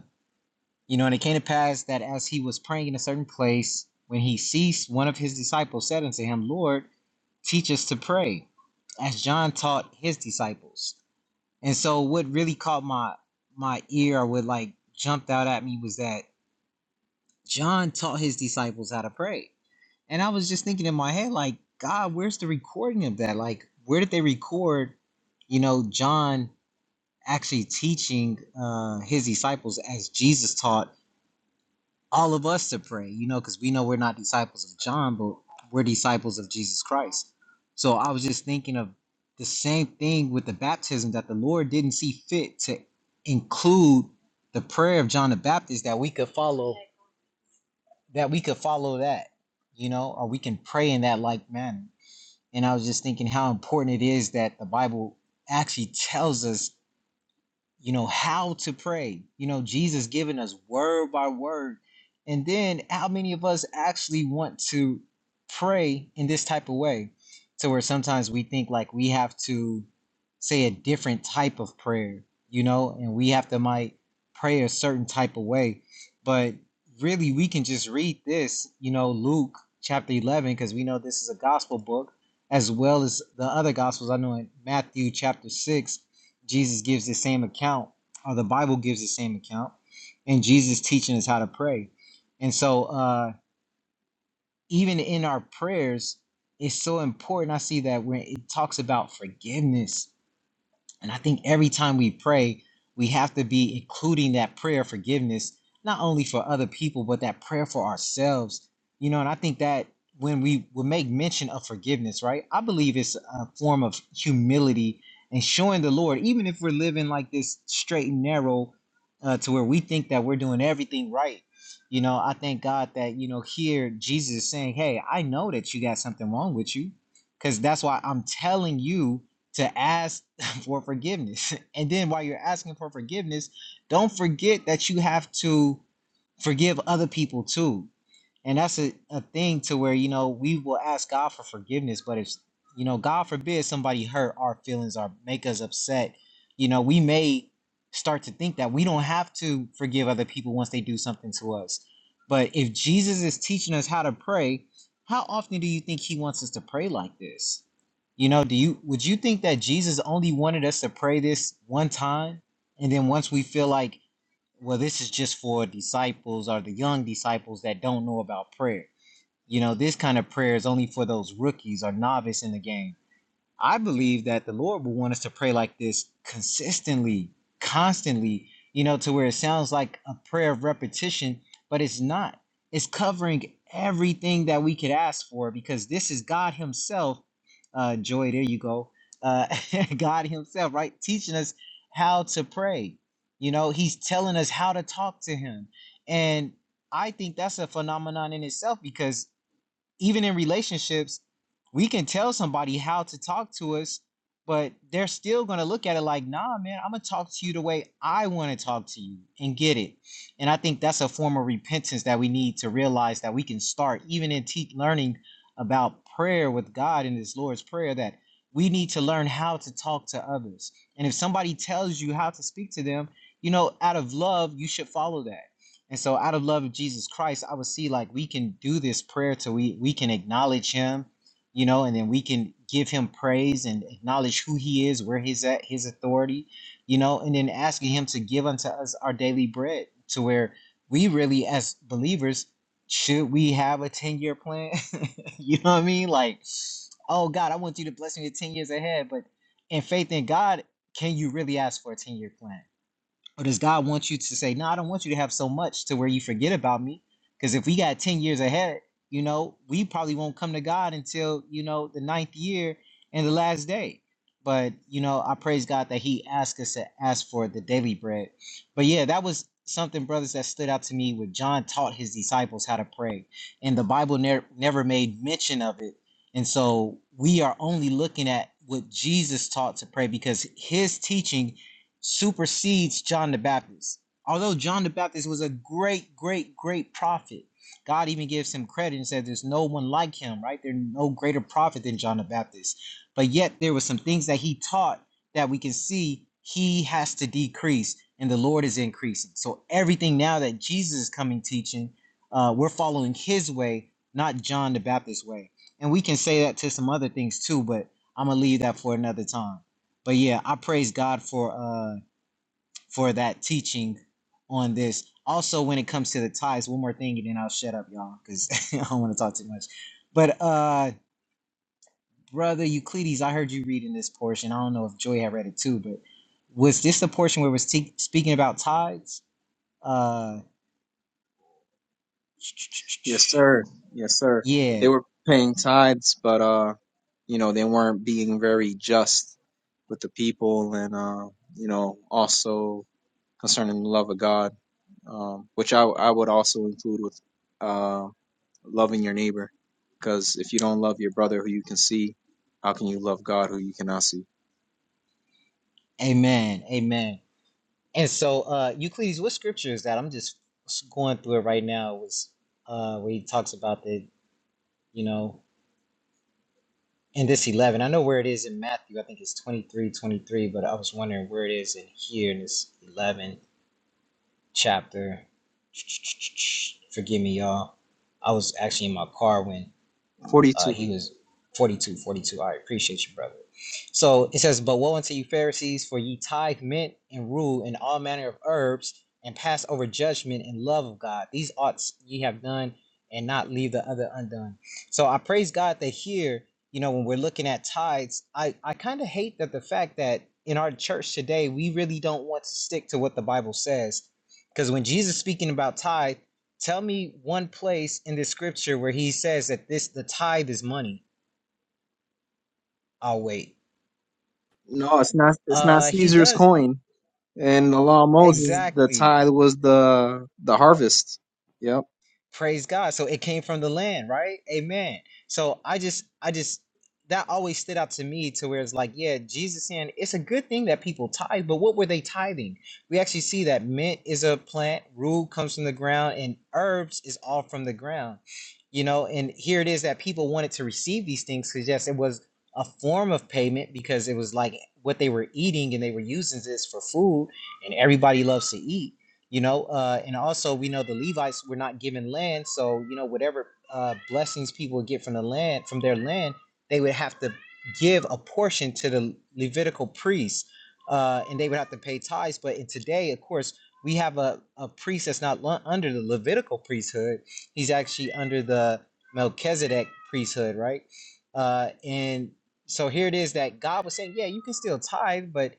"You know, and it came to pass that as he was praying in a certain place, when he ceased, one of his disciples said unto him, Lord, teach us to pray, as John taught his disciples." And so, what really caught my my ear, or what like jumped out at me, was that John taught his disciples how to pray and I was just thinking in my head, like, God, where's the recording of that? Like, where did they record, you know, John actually teaching uh, his disciples as Jesus taught all of us to pray, you know, because we know we're not disciples of John, but we're disciples of Jesus Christ. So I was just thinking of the same thing with the baptism that the Lord didn't see fit to include the prayer of John the Baptist that we could follow, that we could follow that you know, or we can pray in that like manner and I was just thinking how important it is that the Bible actually tells us you know how to pray you know jesus giving us word by word and then how many of us actually want to pray in this type of way to where sometimes we think like we have to say a different type of prayer you know and we have to might pray a certain type of way but really we can just read this you know luke chapter 11 because we know this is a gospel book as well as the other gospels i know in matthew chapter 6 Jesus gives the same account, or the Bible gives the same account, and Jesus teaching us how to pray. And so, uh, even in our prayers, it's so important. I see that when it talks about forgiveness, and I think every time we pray, we have to be including that prayer of forgiveness, not only for other people, but that prayer for ourselves. You know, and I think that when we would make mention of forgiveness, right? I believe it's a form of humility and showing the Lord, even if we're living like this straight and narrow uh, to where we think that we're doing everything right. You know, I thank God that, you know, here Jesus is saying, Hey, I know that you got something wrong with you. Cause that's why I'm telling you to ask for forgiveness. And then while you're asking for forgiveness, don't forget that you have to forgive other people too. And that's a, a thing to where, you know, we will ask God for forgiveness, but if, you know, God forbid somebody hurt our feelings or make us upset, you know, we may start to think that we don't have to forgive other people once they do something to us. But if Jesus is teaching us how to pray, how often do you think he wants us to pray like this? You know, do you would you think that Jesus only wanted us to pray this one time and then once we feel like well this is just for disciples or the young disciples that don't know about prayer. You know, this kind of prayer is only for those rookies or novice in the game. I believe that the Lord will want us to pray like this consistently, constantly, you know, to where it sounds like a prayer of repetition, but it's not. It's covering everything that we could ask for because this is God Himself. Uh, Joy, there you go. Uh, God Himself, right? Teaching us how to pray. You know, He's telling us how to talk to Him. And I think that's a phenomenon in itself because even in relationships, we can tell somebody how to talk to us, but they're still gonna look at it like, nah, man, I'm gonna talk to you the way I wanna talk to you and get it. And I think that's a form of repentance that we need to realize that we can start, even in te- learning about prayer with God in this Lord's Prayer, that we need to learn how to talk to others. And if somebody tells you how to speak to them, you know, out of love, you should follow that and so out of love of Jesus Christ, I would see like we can do this prayer till we we can acknowledge him, you know, and then we can give him praise and acknowledge who he is, where he's at, his authority, you know, and then asking him to give unto us our daily bread to where we really as believers should we have a 10 year plan? you know what I mean? Like, oh God, I want you to bless me with 10 years ahead. But in faith in God, can you really ask for a 10 year plan? Or does God want you to say, No, I don't want you to have so much to where you forget about me? Because if we got 10 years ahead, you know, we probably won't come to God until, you know, the ninth year and the last day. But, you know, I praise God that He asked us to ask for the daily bread. But yeah, that was something, brothers, that stood out to me when John taught his disciples how to pray. And the Bible ne- never made mention of it. And so we are only looking at what Jesus taught to pray because His teaching supersedes John the Baptist. Although John the Baptist was a great, great, great prophet, God even gives him credit and says there's no one like him, right? There's no greater prophet than John the Baptist. But yet there were some things that he taught that we can see he has to decrease and the Lord is increasing. So everything now that Jesus is coming teaching, uh, we're following his way, not John the Baptist's way. And we can say that to some other things too, but I'm gonna leave that for another time. But yeah, I praise God for uh for that teaching on this. Also, when it comes to the ties, one more thing, and then I'll shut up, y'all, because I don't want to talk too much. But uh, brother Euclides, I heard you reading this portion. I don't know if Joy had read it too, but was this the portion where it was te- speaking about tides? Uh,
Yes, sir.
um,
Yes, sir. They
yeah.
were paying tithes, but uh, you know, they weren't being very just with the people, and uh, you know, also concerning the love of God, um, which I I would also include with uh loving your neighbor, because if you don't love your brother who you can see, how can you love God who you cannot see?
Amen. Amen. And so, uh, Euclides, what scripture is that? I'm just going through it right now. It was uh, where he talks about the, you know. in this 11 i know where it is in matthew i think it's 23, 23. but i was wondering where it is in here in this 11 chapter forgive me y'all i was actually in my car when
Forty
uh,
two.
he was 42, 42. I appreciate you, brother. So it says, But woe unto you, Pharisees, for ye tithe mint and rue and all manner of herbs, and pass over judgment and love of God. These oughts ye have done, and not leave the other undone. So I praise God that here, you know, when we're looking at tithes, I, I kind of hate that the fact that in our church today, we really don't want to stick to what the Bible says. Because when Jesus speaking about tithe, Tell me one place in the scripture where he says that this the tithe is money. I'll wait.
No, it's not. It's not
Uh he
Caesar's
does
coin. In the law of Moses, the
exactly.
tithe was the the harvest. Yep.
praise god so it came from the land right amen so i just i just that always stood out to me to where it's like yeah jesus saying it's a good thing that people tithe but what were they tithing we actually see that mint is a plant rue comes from the ground and herbs is all from the ground you know and here it is that people wanted to receive these things because yes it was a form of payment because it was like what they were eating and they were using this for food and everybody loves to eat you know uh and also we know the levites were not given land so you know whatever uh blessings people would get from the land from their land they would have to give a portion to the levitical priests uh and they would have to pay tithes but in today of course we have a, a priest that's not lu- under the levitical priesthood he's actually under the melchizedek priesthood right uh and so here it is that god was saying yeah you can still tithe but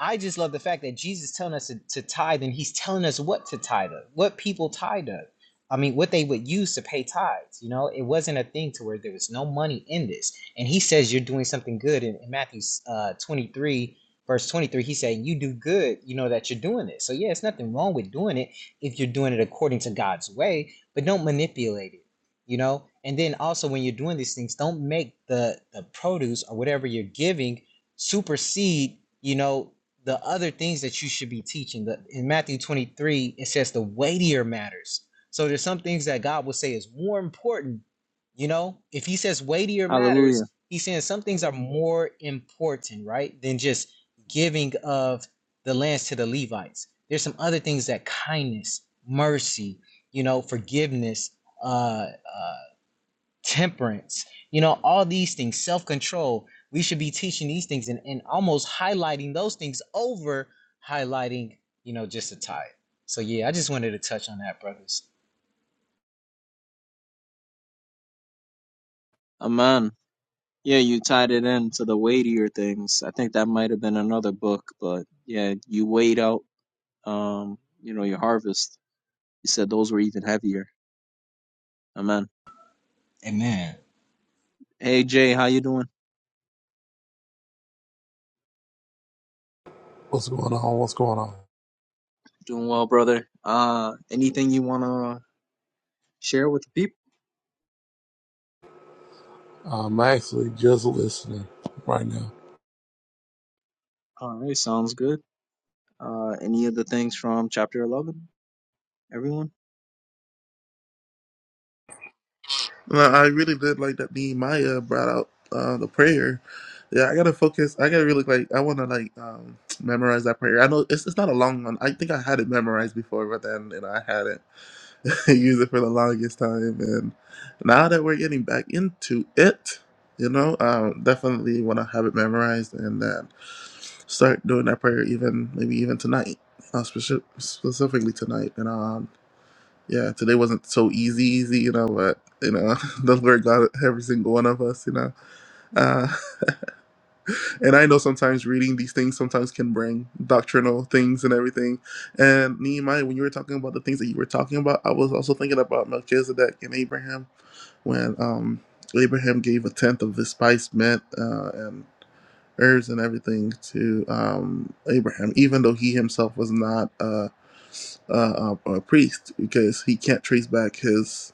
I just love the fact that Jesus telling us to, to tithe and he's telling us what to tithe of, what people tithe of. I mean, what they would use to pay tithes. You know, it wasn't a thing to where there was no money in this. And he says you're doing something good in, in Matthew uh, 23, verse 23. He's saying you do good, you know, that you're doing it. So, yeah, it's nothing wrong with doing it if you're doing it according to God's way, but don't manipulate it, you know? And then also when you're doing these things, don't make the, the produce or whatever you're giving supersede, you know, the other things that you should be teaching. In Matthew 23, it says the weightier matters. So there's some things that God will say is more important. You know, if He says weightier matters,
Hallelujah.
He's saying some things are more important, right, than just giving of the lands to the Levites. There's some other things that kindness, mercy, you know, forgiveness, uh, uh, temperance, you know, all these things, self control. We should be teaching these things and, and almost highlighting those things over highlighting, you know, just a tithe. So yeah, I just wanted to touch on that, brothers.
Amen. Yeah, you tied it in to the weightier things. I think that might have been another book, but yeah, you weighed out um, you know, your harvest. You said those were even heavier. Amen.
Amen.
Hey Jay, how you doing?
What's going on? What's going on?
Doing well, brother. Uh anything you wanna share with the people?
I'm actually just listening right now.
All right, sounds good. Uh any of the things from chapter eleven? Everyone?
No, I really did like that. Me, and Maya brought out uh, the prayer. Yeah, I gotta focus. I gotta really like. I wanna like um memorize that prayer. I know it's it's not a long one. I think I had it memorized before, but then you know I hadn't used it for the longest time. And now that we're getting back into it, you know, um, definitely wanna have it memorized and then start doing that prayer. Even maybe even tonight, uh, speci- specifically tonight. You know. yeah, today wasn't so easy, easy, you know, but you know, the Lord got every single one of us, you know. Uh, and I know sometimes reading these things sometimes can bring doctrinal things and everything. And Nehemiah, when you were talking about the things that you were talking about, I was also thinking about Melchizedek and Abraham when um Abraham gave a tenth of his spice mint, uh, heirs and everything to um, Abraham, even though he himself was not uh, uh, a, a priest, because he can't trace back his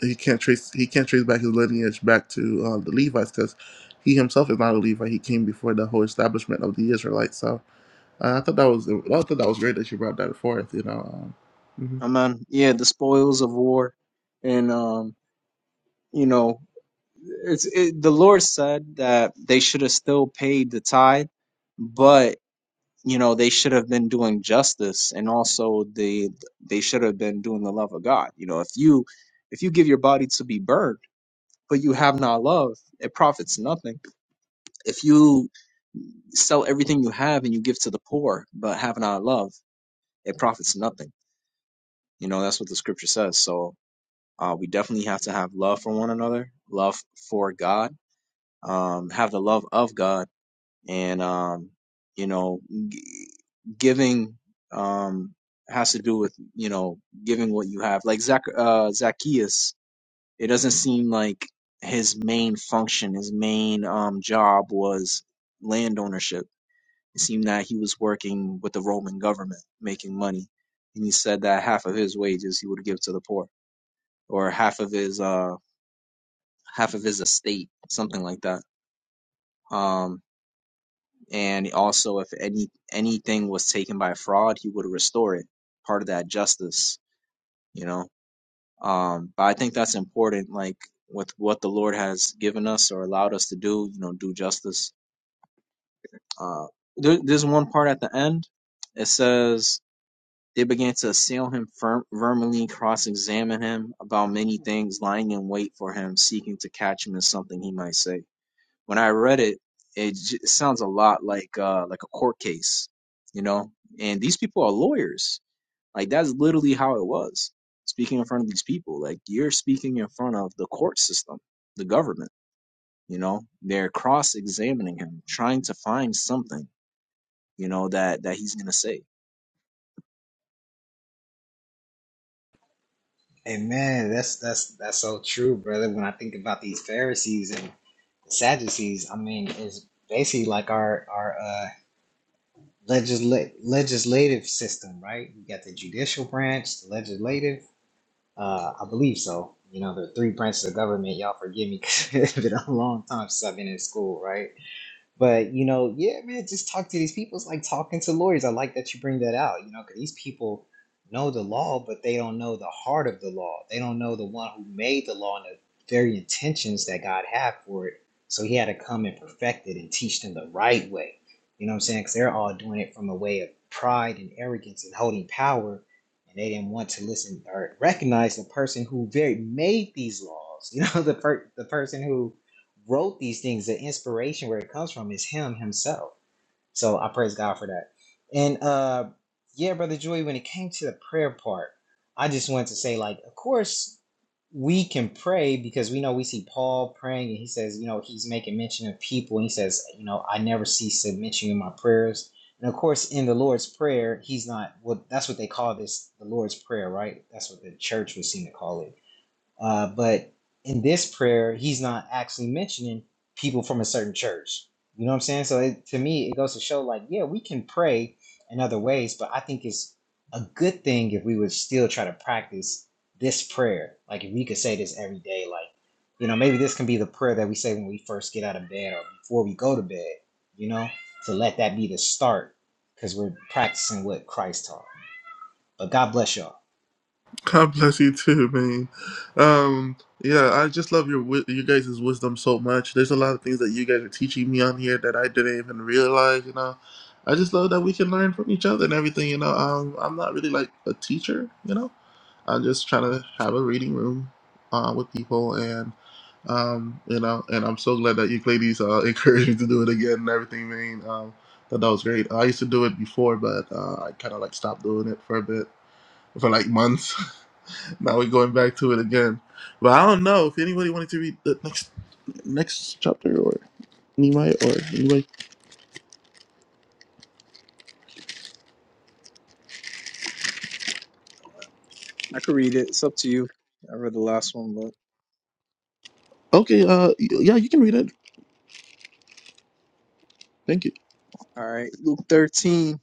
he can't trace he can't trace back his lineage back to uh, the Levites, because he himself is not a Levite. He came before the whole establishment of the Israelites. So uh, I thought that was I thought that was great that you brought that forth. You know. Um,
Amen. Yeah, the spoils of war and um You know, it's it, the Lord said that they should have still paid the tithe, but you know they should have been doing justice and also they they should have been doing the love of God. You know, if you if you give your body to be burned, but you have not love, it profits nothing. If you sell everything you have and you give to the poor, but have not love, it profits nothing. You know, that's what the scripture says. So uh, we definitely have to have love for one another, love for God um, have the love of God and, um, you know, g- giving, um, has to do with, you know, giving what you have. Like Zac uh, Zacchaeus, it doesn't seem like his main function, his main, um, job was land ownership. It seemed that he was working with the Roman government, making money. And he said that half of his wages he would give to the poor or half of his, uh, half of his estate, something like that. Um, and also if any anything was taken by fraud, he would restore it, part of that justice, you know. Um, but I think that's important, like with what the Lord has given us or allowed us to do, you know, do justice. Uh, there, there's one part at the end. It says they began to assail him firm, firmly, cross-examine him about many things, lying in wait for him, seeking to catch him in something he might say. When I read it, it j- sounds a lot like uh like a court case, you know? And these people are lawyers. Like that's literally how it was. Speaking in front of these people, like you're speaking in front of the court system, the government, you know? They're cross-examining him, trying to find something, you know, that that he's going to say.
Amen. That's that's that's so true, brother. When I think about these Pharisees and Sadducees, I mean, it's basically like our our uh, legisla- legislative system, right? You got the judicial branch, the legislative, Uh, I believe so. You know, the three branches of government. Y'all forgive me 'cause it's been a long time since I've been in school, right? But you know, yeah, man, just talk to these people. It's like talking to lawyers. I like that you bring that out, you know, because these people know the law, but they don't know the heart of the law. They don't know the one who made the law and the very intentions that God had for it. So he had to come and perfect it and teach them the right way. You know what I'm saying? Because they're all doing it from a way of pride and arrogance and holding power, and they didn't want to listen or recognize the person who very made these laws. You know, the per- the person who wrote these things, the inspiration where it comes from is him himself. So I praise God for that. And uh yeah, brother Joey, when it came to the prayer part, I just wanted to say, like, of course we can pray because we know we see Paul praying and he says, you know, he's making mention of people and he says, you know, I never cease to mention you in my prayers. And of course, in the Lord's Prayer, he's not well, that's what they call this the Lord's Prayer, right? That's what the church would seem to call it uh, but in this prayer, he's not actually mentioning people from a certain church. You know what I'm saying? So it, to me, it goes to show like, yeah, we can pray in other ways, but I think it's a good thing if we would still try to practice this prayer. Like if we could say this every day, like, you know, maybe this can be the prayer that we say when we first get out of bed or before we go to bed, you know, to let that be the start because we're practicing what Christ taught. But God bless y'all.
God bless you too, man. Um, yeah, I just love your wi- you guys' wisdom so much. There's a lot of things that you guys are teaching me on here that I didn't even realize. You know, I just love that we can learn from each other and everything. You know, um, I'm not really like a teacher. You know, I'm just trying to have a reading room uh, with people, and um, you know, and I'm so glad that you ladies uh, encouraged me to do it again and everything, man. Um, that that was great. I used to do it before, but uh, I kind of like stopped doing it for a bit, for like months. Now we're going back to it again. But I don't know if anybody wanted to read the next next chapter or Nehemiah or anybody.
I could read it. It's up to you. I read the last one, but
Okay, uh, y- yeah, you can read it. Thank you.
all right. Luke 13.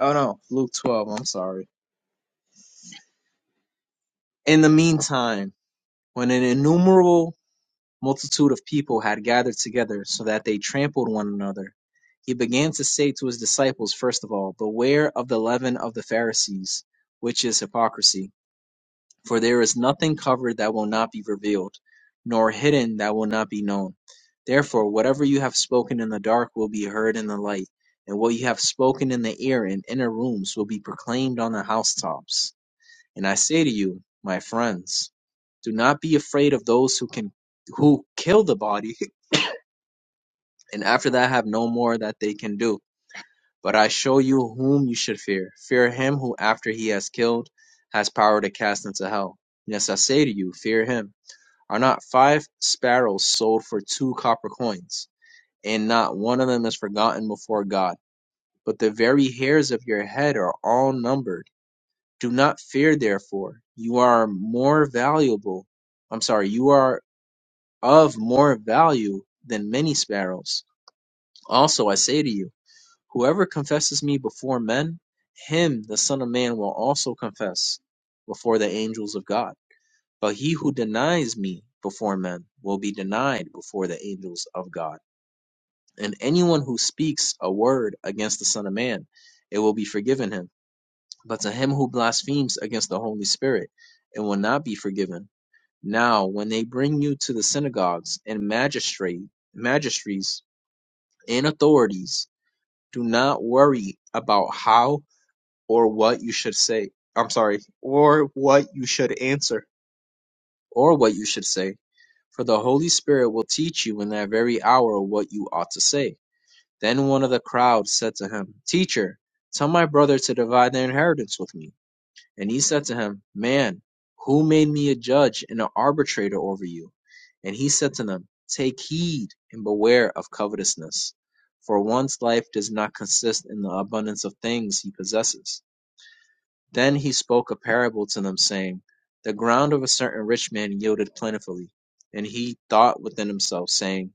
Oh no, Luke 12. I'm sorry. In the meantime, when an innumerable multitude of people had gathered together, so that they trampled one another. He began to say to his disciples, first of all, Beware of the leaven of the Pharisees, which is hypocrisy. For there is nothing covered that will not be revealed, nor hidden that will not be known. Therefore, whatever you have spoken in the dark will be heard in the light, and what you have spoken in the ear in inner rooms will be proclaimed on the housetops. And I say to you, my friends, do not be afraid of those who can who kill the body and after that have no more that they can do. But I show you whom you should fear. Fear him who, after he has killed, has power to cast into hell. Yes, I say to you, fear him. Are not five sparrows sold for two copper coins, and not one of them is forgotten before God? But the very hairs of your head are all numbered. Do not fear, therefore. You are more valuable. I'm sorry, you are of more value than many sparrows. Also, I say to you, Whoever confesses me before men, him the Son of Man will also confess before the angels of God. But he who denies me before men will be denied before the angels of God. And anyone who speaks a word against the Son of Man, it will be forgiven him. But to him who blasphemes against the Holy Spirit, it will not be forgiven. Now, when they bring you to the synagogues and magistrate, magistries and authorities, do not worry about how or what you should say. I'm sorry, or what you should answer, or what you should say. For the Holy Spirit will teach you in that very hour what you ought to say. Then one of the crowd said to him, Teacher, tell my brother to divide the inheritance with me. And he said to him, Man, who made me a judge and an arbitrator over you? And he said to them, Take heed and beware of covetousness, for one's life does not consist in the abundance of things he possesses. Then he spoke a parable to them, saying, The ground of a certain rich man yielded plentifully. And he thought within himself, saying,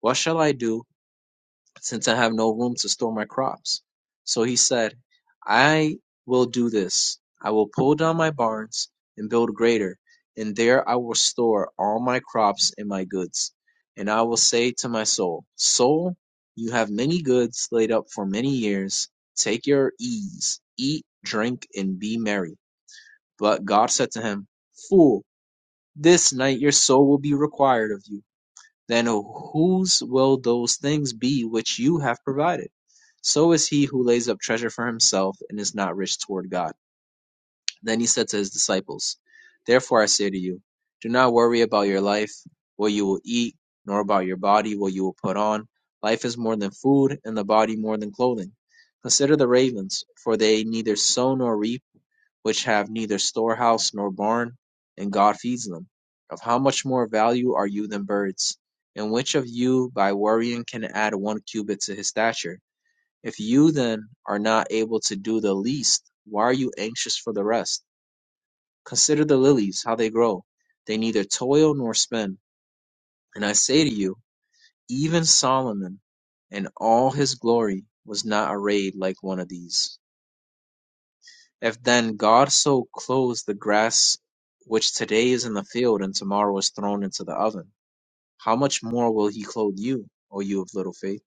What shall I do, since I have no room to store my crops? So he said, I will do this. I will pull down my barns and build greater, and there I will store all my crops and my goods. And I will say to my soul, Soul, you have many goods laid up for many years. Take your ease, eat, drink, and be merry. But God said to him, Fool, this night your soul will be required of you. Then whose will those things be which you have provided? So is he who lays up treasure for himself and is not rich toward God. Then he said to his disciples, Therefore I say to you, do not worry about your life, what you will eat, nor about your body, what you will put on. Life is more than food, and the body more than clothing. Consider the ravens, for they neither sow nor reap, which have neither storehouse nor barn, and God feeds them. Of how much more value are you than birds? And which of you, by worrying, can add one cubit to his stature? If you then are not able to do the least, why are you anxious for the rest? Consider the lilies, how they grow. They neither toil nor spin. And I say to you, even Solomon in all his glory was not arrayed like one of these. If then God so clothes the grass which today is in the field and tomorrow is thrown into the oven, how much more will he clothe you, O you of little faith?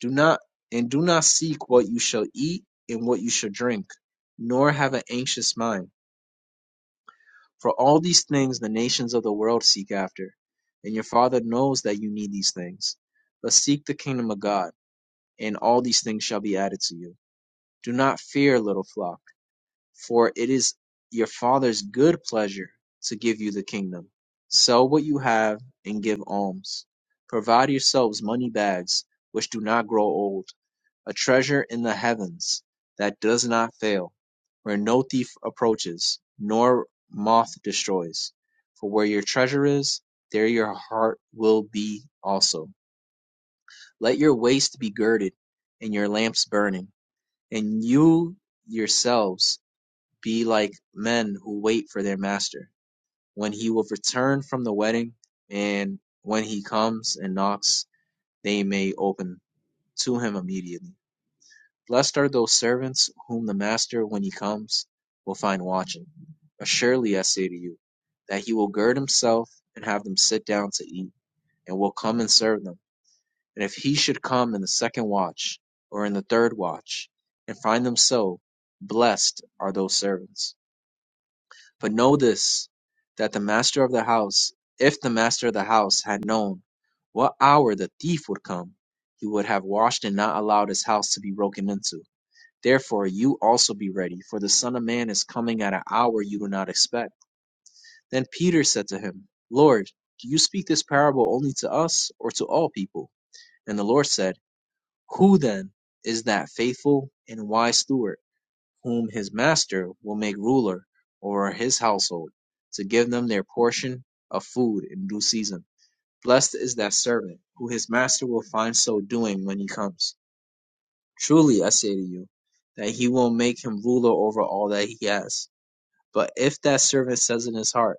Do not and do not seek what you shall eat and what you shall drink, nor have an anxious mind For all these things the nations of the world seek after, and your Father knows that you need these things. But seek the kingdom of God, and all these things shall be added to you. Do not fear, little flock, for it is your Father's good pleasure to give you the kingdom. Sell what you have and give alms. Provide yourselves money bags which do not grow old a treasure in the heavens, that does not fail, where no thief approaches, nor moth destroys. For where your treasure is, there your heart will be also. Let your waist be girded, and your lamps burning, and you yourselves be like men who wait for their master, when he will return from the wedding, and when he comes and knocks, they may open to him immediately. Blessed are those servants whom the master, when he comes, will find watching. Assuredly, I say to you, that he will gird himself and have them sit down to eat, and will come and serve them. And if he should come in the second watch, or in the third watch, and find them so, blessed are those servants. But know this, that the master of the house, if the master of the house had known what hour the thief would come, he would have watched and not allowed his house to be broken into. Therefore, you also be ready, for the Son of Man is coming at an hour you do not expect. Then Peter said to him, Lord, do you speak this parable only to us or to all people? And the Lord said, Who then is that faithful and wise steward, whom his master will make ruler over his household, to give them their portion of food in due season? Blessed is that servant, who his master will find so doing when he comes. Truly I say to you, that he will make him ruler over all that he has. But if that servant says in his heart,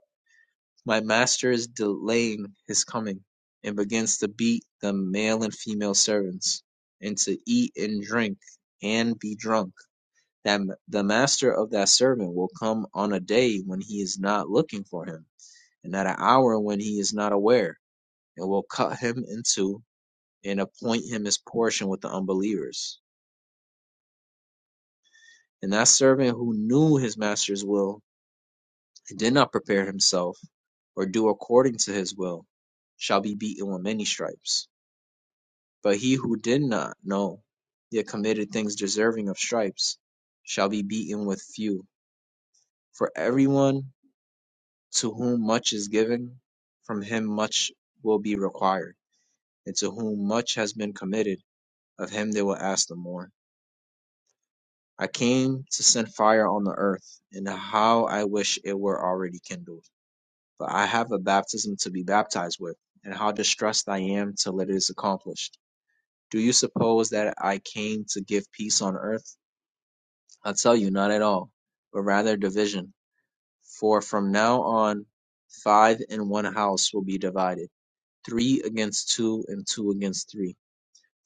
My master is delaying his coming, and begins to beat the male and female servants, and to eat and drink and be drunk, that the master of that servant will come on a day when he is not looking for him, and at an hour when he is not aware, and will cut him in two, and appoint him his portion with the unbelievers. And that servant who knew his master's will and did not prepare himself or do according to his will shall be beaten with many stripes. But he who did not know, yet committed things deserving of stripes, shall be beaten with few. For everyone to whom much is given, from him much will be required, and to whom much has been committed, of him they will ask the more. I came to send fire on the earth, and how I wish it were already kindled. but I have a baptism to be baptized with, and how distressed I am till it is accomplished. Do you suppose that I came to give peace on earth? I tell you, not at all, but rather division. For from now on, five in one house will be divided, three against two, and two against three.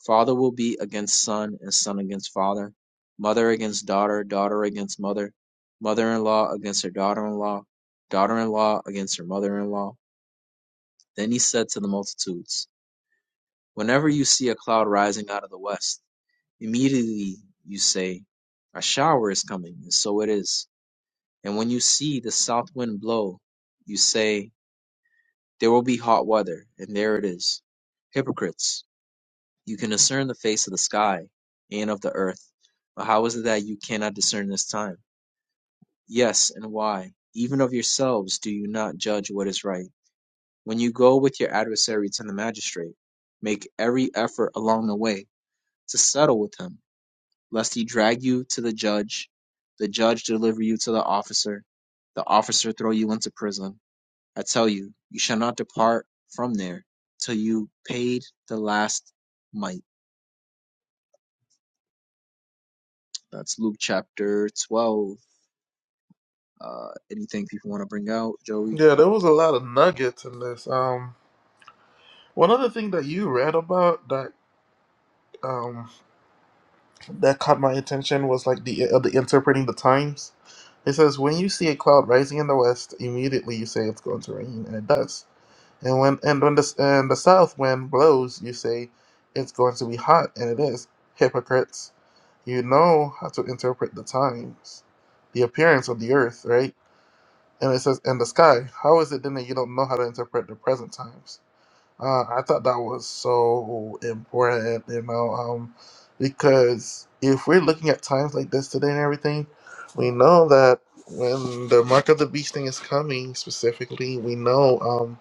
Father will be against son, and son against father, mother against daughter, daughter against mother, mother in law against her daughter in law, daughter in law against her mother in law Then he said to the multitudes, Whenever you see a cloud rising out of the west, immediately you say, 'A shower is coming, and so it is. And when you see the south wind blow, you say, 'There will be hot weather, and there it is. Hypocrites, you can discern the face of the sky and of the earth, but how is it that you cannot discern this time? Yes, and why? Even of yourselves do you not judge what is right? When you go with your adversary to the magistrate, make every effort along the way to settle with him, lest he drag you to the judge, the judge deliver you to the officer, the officer throw you into prison. I tell you, you shall not depart from there till you paid the last mite. That's Luke chapter 12. Uh, anything people want to bring out, Joey?
Yeah, there was a lot of nuggets in this. Um, one other thing that you read about that um that caught my attention was like the uh, the interpreting the times. It says when you see a cloud rising in the west, immediately you say it's going to rain, and it does. And when and when the and the south wind blows, you say it's going to be hot, and it is. Hypocrites, you know how to interpret the times, the appearance of the earth, right? And it says and the sky. How is it then that you don't know how to interpret the present times? Uh, I thought that was so important, you know, um, because if we're looking at times like this today and everything, we know that when the mark of the beast thing is coming specifically, we know. um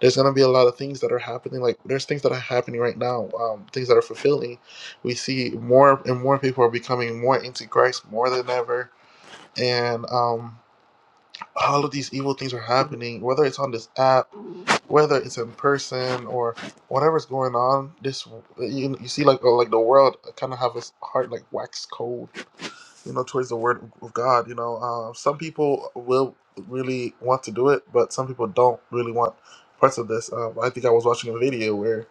there's gonna be a lot of things that are happening. Like there's things that are happening right now, um, things that are fulfilling. We see more and more people are becoming more into Christ more than ever, and um, all of these evil things are happening. Whether it's on this app, whether it's in person, or whatever's going on, this you, you see like oh, like the world kind of have its heart like wax cold you know, towards the word of God. You know, uh, some people will really want to do it, but some people don't really want parts of this. Um, I think I was watching a video where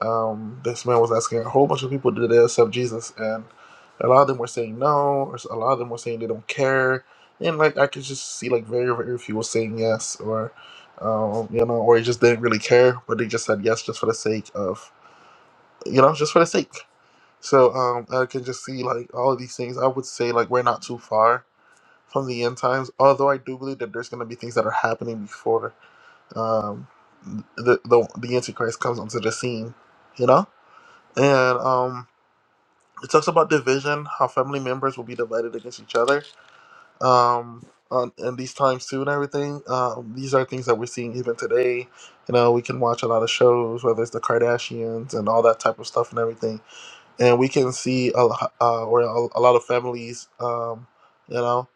um, this man was asking a whole bunch of people, did they accept Jesus? And a lot of them were saying no, or a lot of them were saying they don't care. And like I could just see like very very few were saying yes, or um, you know, or they just didn't really care, but they just said yes just for the sake of you know, just for the sake. So um, I can just see like all of these things. I would say like we're not too far from the end times. Although I do believe that there's going to be things that are happening before um, the, the the Antichrist comes onto the scene, you know. And um, it talks about division, how family members will be divided against each other, um, on, in these times too, and everything. Um, these are things that we're seeing even today. You know, we can watch a lot of shows, whether it's the Kardashians and all that type of stuff and everything, and we can see a lo- uh, where a, a lot of families, um, you know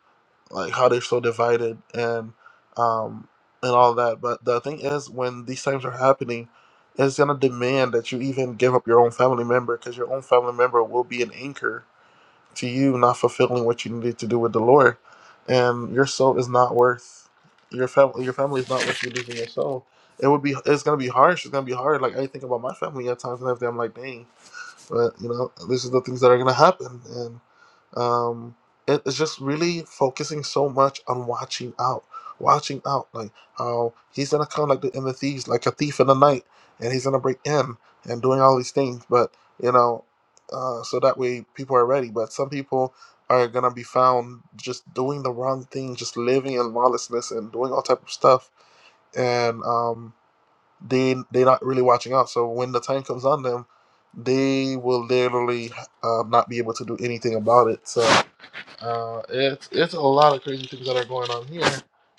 like how they're so divided and um and all that. But the thing is, when these things are happening, it's gonna demand that you even give up your own family member because your own family member will be an anchor to you not fulfilling what you needed to do with the Lord, and your soul is not worth your family. Your family is not worth you losing your soul. It would be. It's gonna be harsh. It's gonna be hard. Like I think about my family at times, and everything. I'm like, dang. But you know, this is the things that are gonna happen, um it's just really focusing so much on watching out watching out like how he's gonna come like the in the thieves like a thief in the night and he's gonna break in and doing all these things but you know uh, so that way people are ready but some people are gonna be found just doing the wrong thing just living in lawlessness and doing all type of stuff and um they they're not really watching out so when the time comes on them they will literally uh, not be able to do anything about it so uh, it's it's a lot of crazy things that are going on here,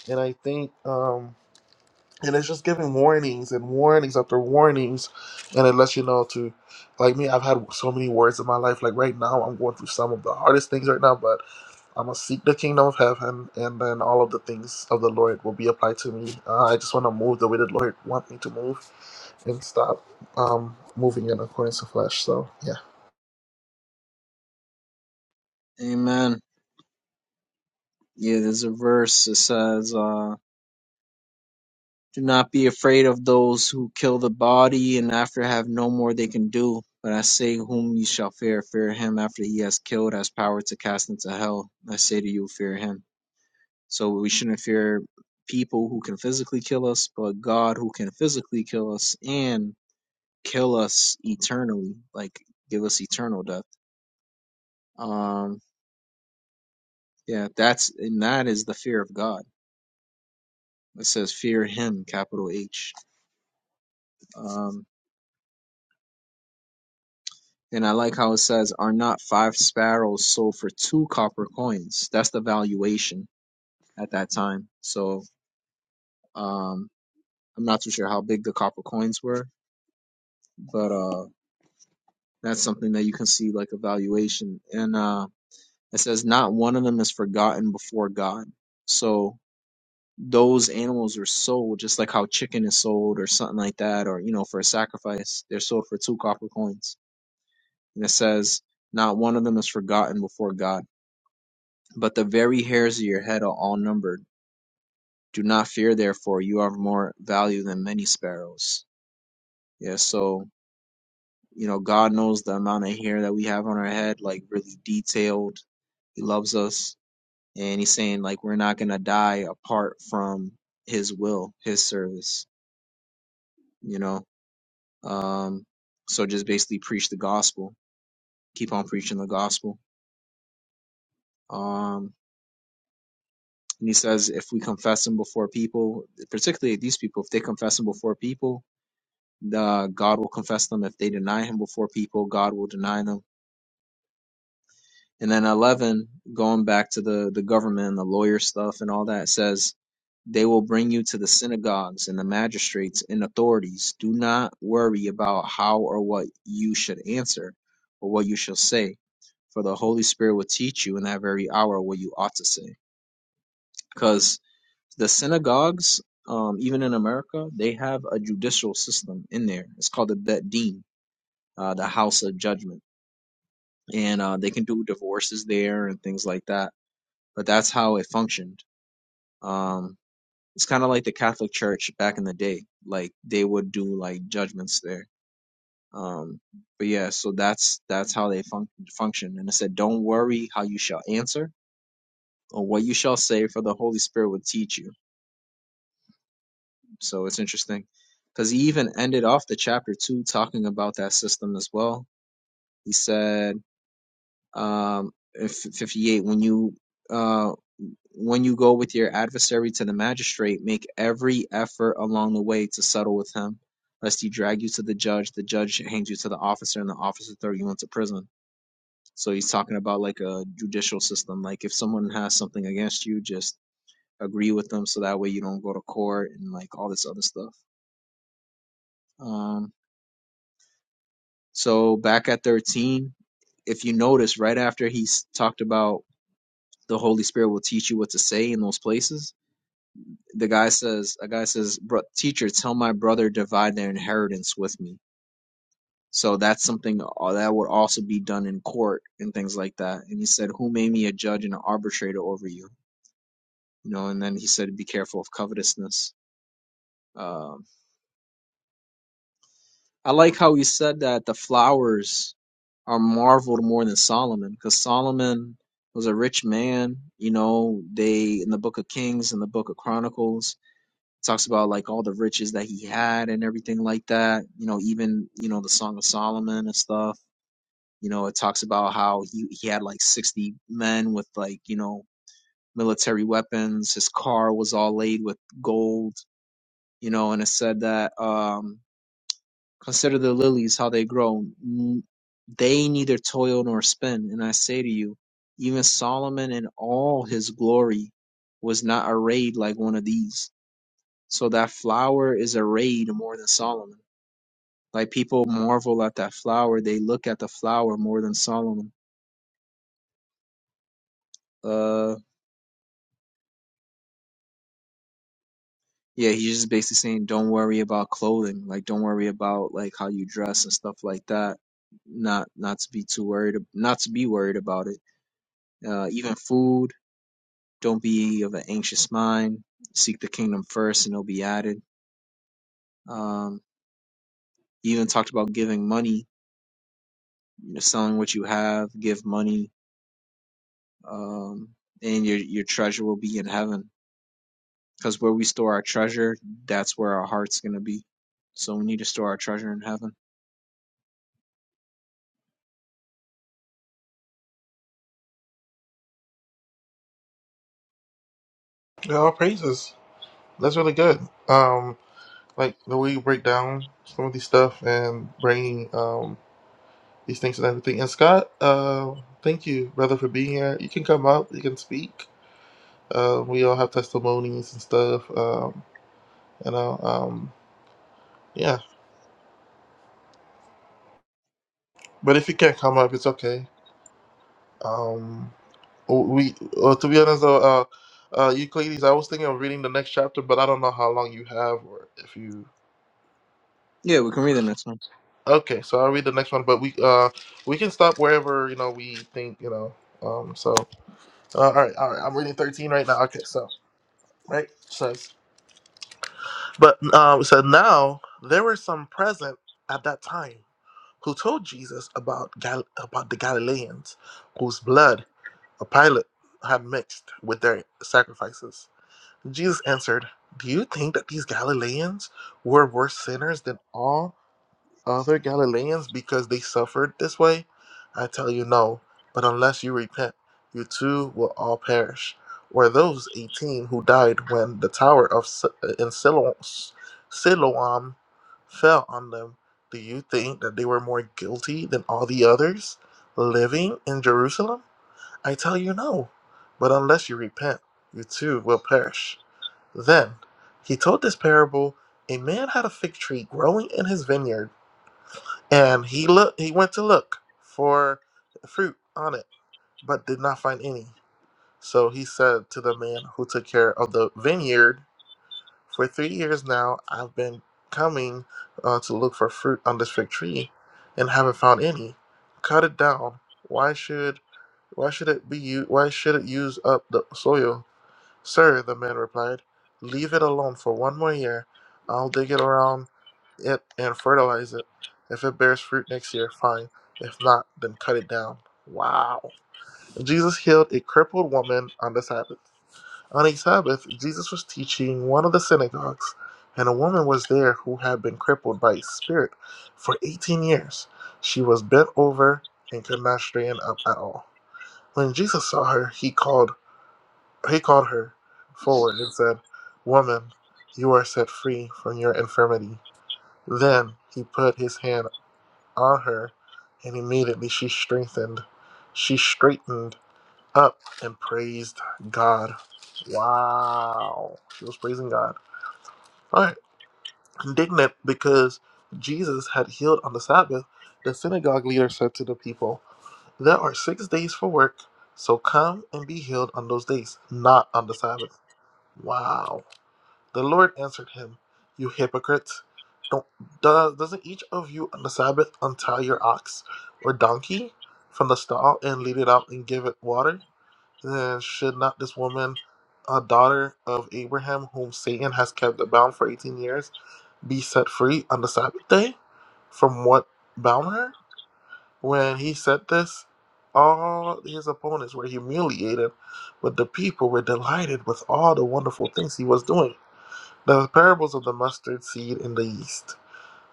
and I think um, and it's just giving warnings and warnings after warnings, and it lets you know to, like me, I've had so many words in my life. Like right now, I'm going through some of the hardest things right now, but I'm gonna seek the kingdom of heaven, and then all of the things of the Lord will be applied to me. Uh, I just want to move the way the Lord wants me to move, and stop um moving in accordance to flesh. So yeah,
Amen. Yeah, there's a verse that says, uh, Do not be afraid of those who kill the body, and after have no more they can do. But I say, whom ye shall fear, fear him after he has killed, has power to cast into hell. I say to you, fear him. So we shouldn't fear people who can physically kill us, but God who can physically kill us and kill us eternally, like give us eternal death. Um, yeah, that's and that is the fear of God. It says, fear him, capital H. Um. And I like how it says, Are not five sparrows sold for two copper coins? That's the valuation at that time. So um, I'm not too sure how big the copper coins were, but uh, that's something that you can see like a valuation. And uh, it says, Not one of them is forgotten before God. So those animals are sold just like how chicken is sold or something like that, or, you know, for a sacrifice. They're sold for two copper coins. And it says, Not one of them is forgotten before God But the very hairs of your head are all numbered. Do not fear, therefore, you are of more value than many sparrows. Yeah, so, you know, God knows the amount of hair that we have on our head, like really detailed. He loves us. And he's saying, like, we're not going to die apart from his will, his service, you know? Um, so just basically preach the gospel. Keep on preaching the gospel. Um, and he says, if we confess him before people, particularly these people, if they confess him before people, the God will confess them. If they deny him before people, God will deny them. And then 11, going back to the, the government and the lawyer stuff and all that, it says, They will bring you to the synagogues and the magistrates and authorities. Do not worry about how or what you should answer or what you shall say, for the Holy Spirit will teach you in that very hour what you ought to say. Because the synagogues, um, even in America, they have a judicial system in there. It's called the Bet Din, uh, the House of Judgment and uh, they can do divorces there and things like that. But that's how it functioned. Um, it's kind of like the Catholic Church back in the day. Like they would do like judgments there. Um, but yeah, so that's that's how they func function. And it said, "Don't worry how you shall answer or what you shall say, for the Holy Spirit will teach you." So it's interesting because he even ended off the chapter two talking about that system as well. He said, um, in "58 when you." uh, when you go with your adversary to the magistrate, make every effort along the way to settle with him, lest he drag you to the judge, the judge hangs you to the officer, and the officer throw you into prison. So he's talking about like a judicial system. Like if someone has something against you, just agree with them so that way you don't go to court and like all this other stuff. Um, so back at 13, if you notice, right after he's talked about the Holy Spirit will teach you what to say in those places, the guy says a guy says Bro, teacher tell my brother divide their inheritance with me so that's something uh, that would also be done in court and things like that and he said who made me a judge and an arbitrator over you you know and then he said be careful of covetousness um, i like how he said that the flowers are marveled more than solomon because solomon was a rich man you know they in the book of kings and the book of chronicles talks about like all the riches that he had and everything like that. You know, even you know the Song of Solomon and stuff. You know, it talks about how he he had like sixty men with like you know military weapons. His car was all laid with gold. You know, and it said that um, consider the lilies how they grow. N- They neither toil nor spin. And I say to you, even Solomon in all his glory was not arrayed like one of these so that flower is arrayed more than Solomon. Like people marvel at that flower, they look at the flower more than Solomon. Uh yeah, he's just basically saying don't worry about clothing, like don't worry about like how you dress and stuff like that. Not not to be too worried, not to be worried about it. Uh even food, don't be of an anxious mind. Seek the kingdom first and it'll be added. Um he even talked about giving money, you know, selling what you have, give money um, and your your treasure will be in heaven. Because where we store our treasure, that's where our heart's gonna be. So we need to store our treasure in heaven.
yeah, all praises. That's really good. Um. like the way you break down some of these stuff and bring um, these things and everything. And Scott, uh, thank you, brother, for being here. You can come up, you can speak. Uh, we all have testimonies and stuff, um, you know. Um, yeah, but if you can't come up, it's okay. Um, we, uh, to be honest, though, uh, uh, Euclides, I was thinking of reading the next chapter, but I don't know how long you have or if you.
Yeah, we can read the next one.
Okay, so I'll read the next one, but we uh we can stop wherever you know we think you know. Um, so Uh, all right, all right. I'm reading 13 right now. Okay, so right it says, but um, it said now there were some present at that time who told Jesus about Gal- about the Galileans whose blood a Pilate had mixed with their sacrifices. Jesus answered, "Do you think that these Galileans were worse sinners than all?" other Galileans because they suffered this way? I tell you no, but unless you repent, you too will all perish. Or those 18 who died when the tower of Si- in Siloam, Siloam fell on them, do you think that they were more guilty than all the others living in Jerusalem? I tell you no, but unless you repent, you too will perish. Then he told this parable a man had a fig tree growing in his vineyard and he looked he went to look for fruit on it, but did not find any. So he said to the man who took care of the vineyard, For three years now I've been coming uh, to look for fruit on this fig tree and haven't found any. Cut it down. Why should why should it be u- why should it use up the soil? Sir, the man replied, leave it alone for one more year. I'll dig it around it and fertilize it. If it bears fruit next year, fine. If not, then cut it down. Wow. Jesus healed a crippled woman on the Sabbath. On a Sabbath, Jesus was teaching one of the synagogues, and a woman was there who had been crippled by a spirit for 18 years. She was bent over and could not straighten up at all. When Jesus saw her, he called he called her forward and said, Woman, you are set free from your infirmity. Then he put his hand on her, and immediately she strengthened. She straightened up and praised God. Wow. She was praising God. All right. Indignant because Jesus had healed on the Sabbath, the synagogue leader said to the people, There are six days for work, so come and be healed on those days, not on the Sabbath. Wow. The Lord answered him, You hypocrites, don't, do, doesn't each of you on the Sabbath untie your ox or donkey from the stall and lead it out and give it water? Then should not this woman, a daughter of Abraham, whom Satan has kept bound for 18 years, be set free on the Sabbath day from what bound her? When he said this, all his opponents were humiliated, but the people were delighted with all the wonderful things he was doing the parables of the mustard seed and the yeast.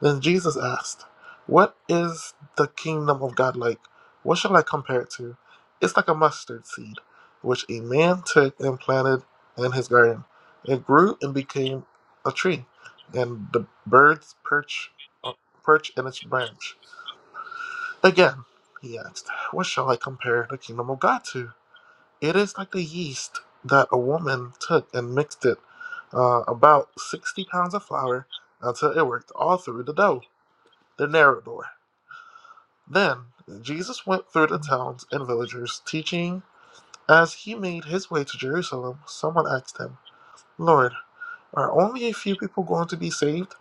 Then Jesus asked, What is the kingdom of God like? What shall I compare it to? It's like a mustard seed, which a man took and planted in his garden. It grew and became a tree, and the birds perch, perch in its branch. Again, he asked, What shall I compare the kingdom of God to? It is like the yeast that a woman took and mixed it uh, about 60 pounds of flour until it worked all through the dough. The narrator. Then Jesus went through the towns and villages, teaching. As he made his way to Jerusalem, someone asked him, Lord, are only a few people going to be saved?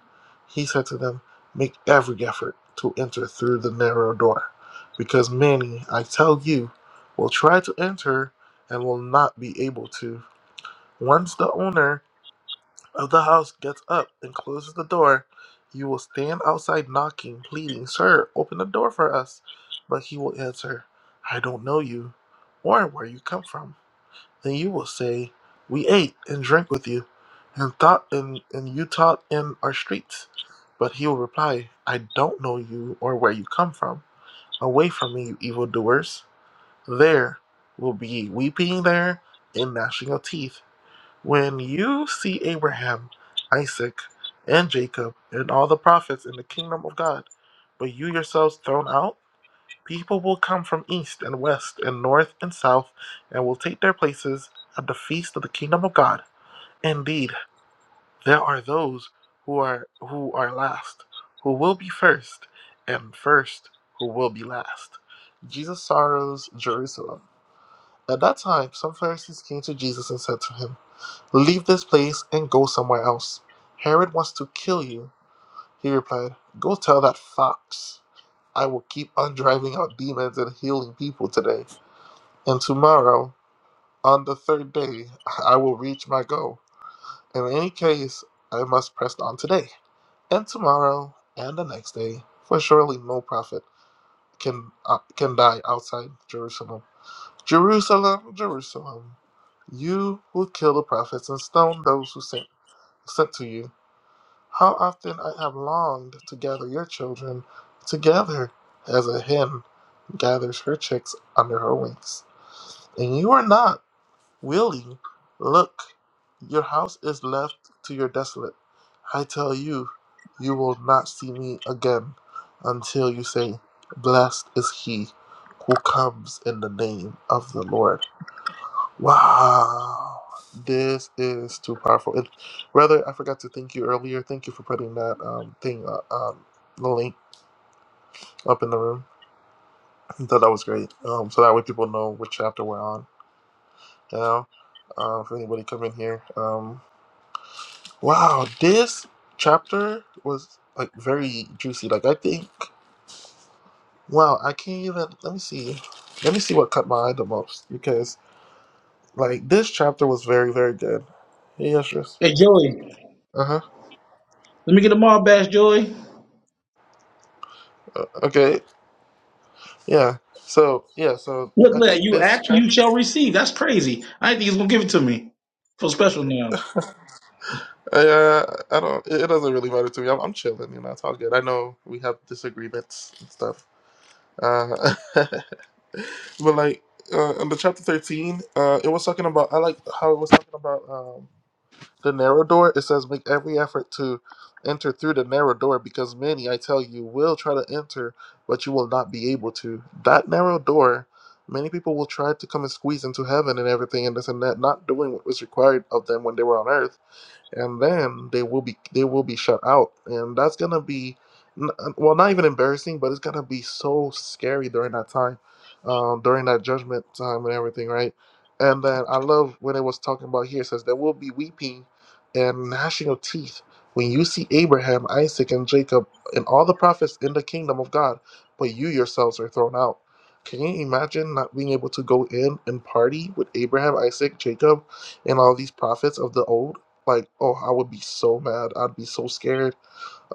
He said to them, Make every effort to enter through the narrow door, because many, I tell you, will try to enter and will not be able to. Once the owner of the house gets up and closes the door, you will stand outside knocking, pleading, Sir, open the door for us. But he will answer, I don't know you or where you come from. Then you will say, We ate and drank with you and taught and, and you taught in our streets. But he will reply, I don't know you or where you come from. Away from me, you evildoers. There will be weeping there and gnashing of teeth. When you see Abraham, Isaac, and Jacob, and all the prophets in the kingdom of God, but you yourselves thrown out, people will come from east and west and north and south and will take their places at the feast of the kingdom of God. Indeed, there are those who are who are last, who will be first, and first who will be last. Jesus sorrows Jerusalem. At that time, some Pharisees came to Jesus and said to him, Leave this place and go somewhere else. Herod wants to kill you, he replied. Go tell that fox. I will keep on driving out demons and healing people today. And tomorrow, on the third day, I will reach my goal. In any case, I must press on today, and tomorrow, and the next day, for surely no prophet can, uh, can die outside Jerusalem. Jerusalem, Jerusalem, you who kill the prophets and stone those who sent, sent to you. How often I have longed to gather your children together as a hen gathers her chicks under her wings. And you are not willing. Look, your house is left to your desolate. I tell you, you will not see me again until you say, Blessed is he who comes in the name of the Lord. Wow. This is too powerful. It, rather, I forgot to thank you earlier. Thank you for putting that um, thing, uh, um, the link up in the room. I thought that was great. Um, so that way people know which chapter we're on. You know, uh, if anybody come in here. Um, wow, this chapter was like very juicy. Like I think, wow, I can't even. Let me see. Let me see what caught my eye the most because like this chapter was very very good. Yes, yes.
Hey Joey,
Uh
let me get a mob bash, Joey.
huh. Okay. Yeah. So yeah. So
Look at
I
that.
think
You
this
act, you
chapter.
shall receive. That's crazy. I didn't think he's gonna give it to me. Feel special now.
uh, I don't. It it doesn't really matter to me. I'm, I'm chilling. You know, it's all good. I know we have disagreements and stuff. Uh, but like uh, in the chapter thirteen, uh, it was talking about. I like how it was talking about. um, The narrow door, it says, make every effort to enter through the narrow door because many, I tell you, will try to enter, but you will not be able to. That narrow door, many people will try to come and squeeze into heaven and everything and this and that, not doing what was required of them when they were on earth and then they will be they will be shut out and that's gonna be n- well not even embarrassing but it's gonna be so scary during that time um, during that judgment time and everything right and then i love when it was talking about here it says there will be weeping and gnashing of teeth when you see abraham isaac and jacob and all the prophets in the kingdom of god but you yourselves are thrown out can you imagine not being able to go in and party with abraham isaac jacob and all these prophets of the old like oh i would be so mad i'd be so scared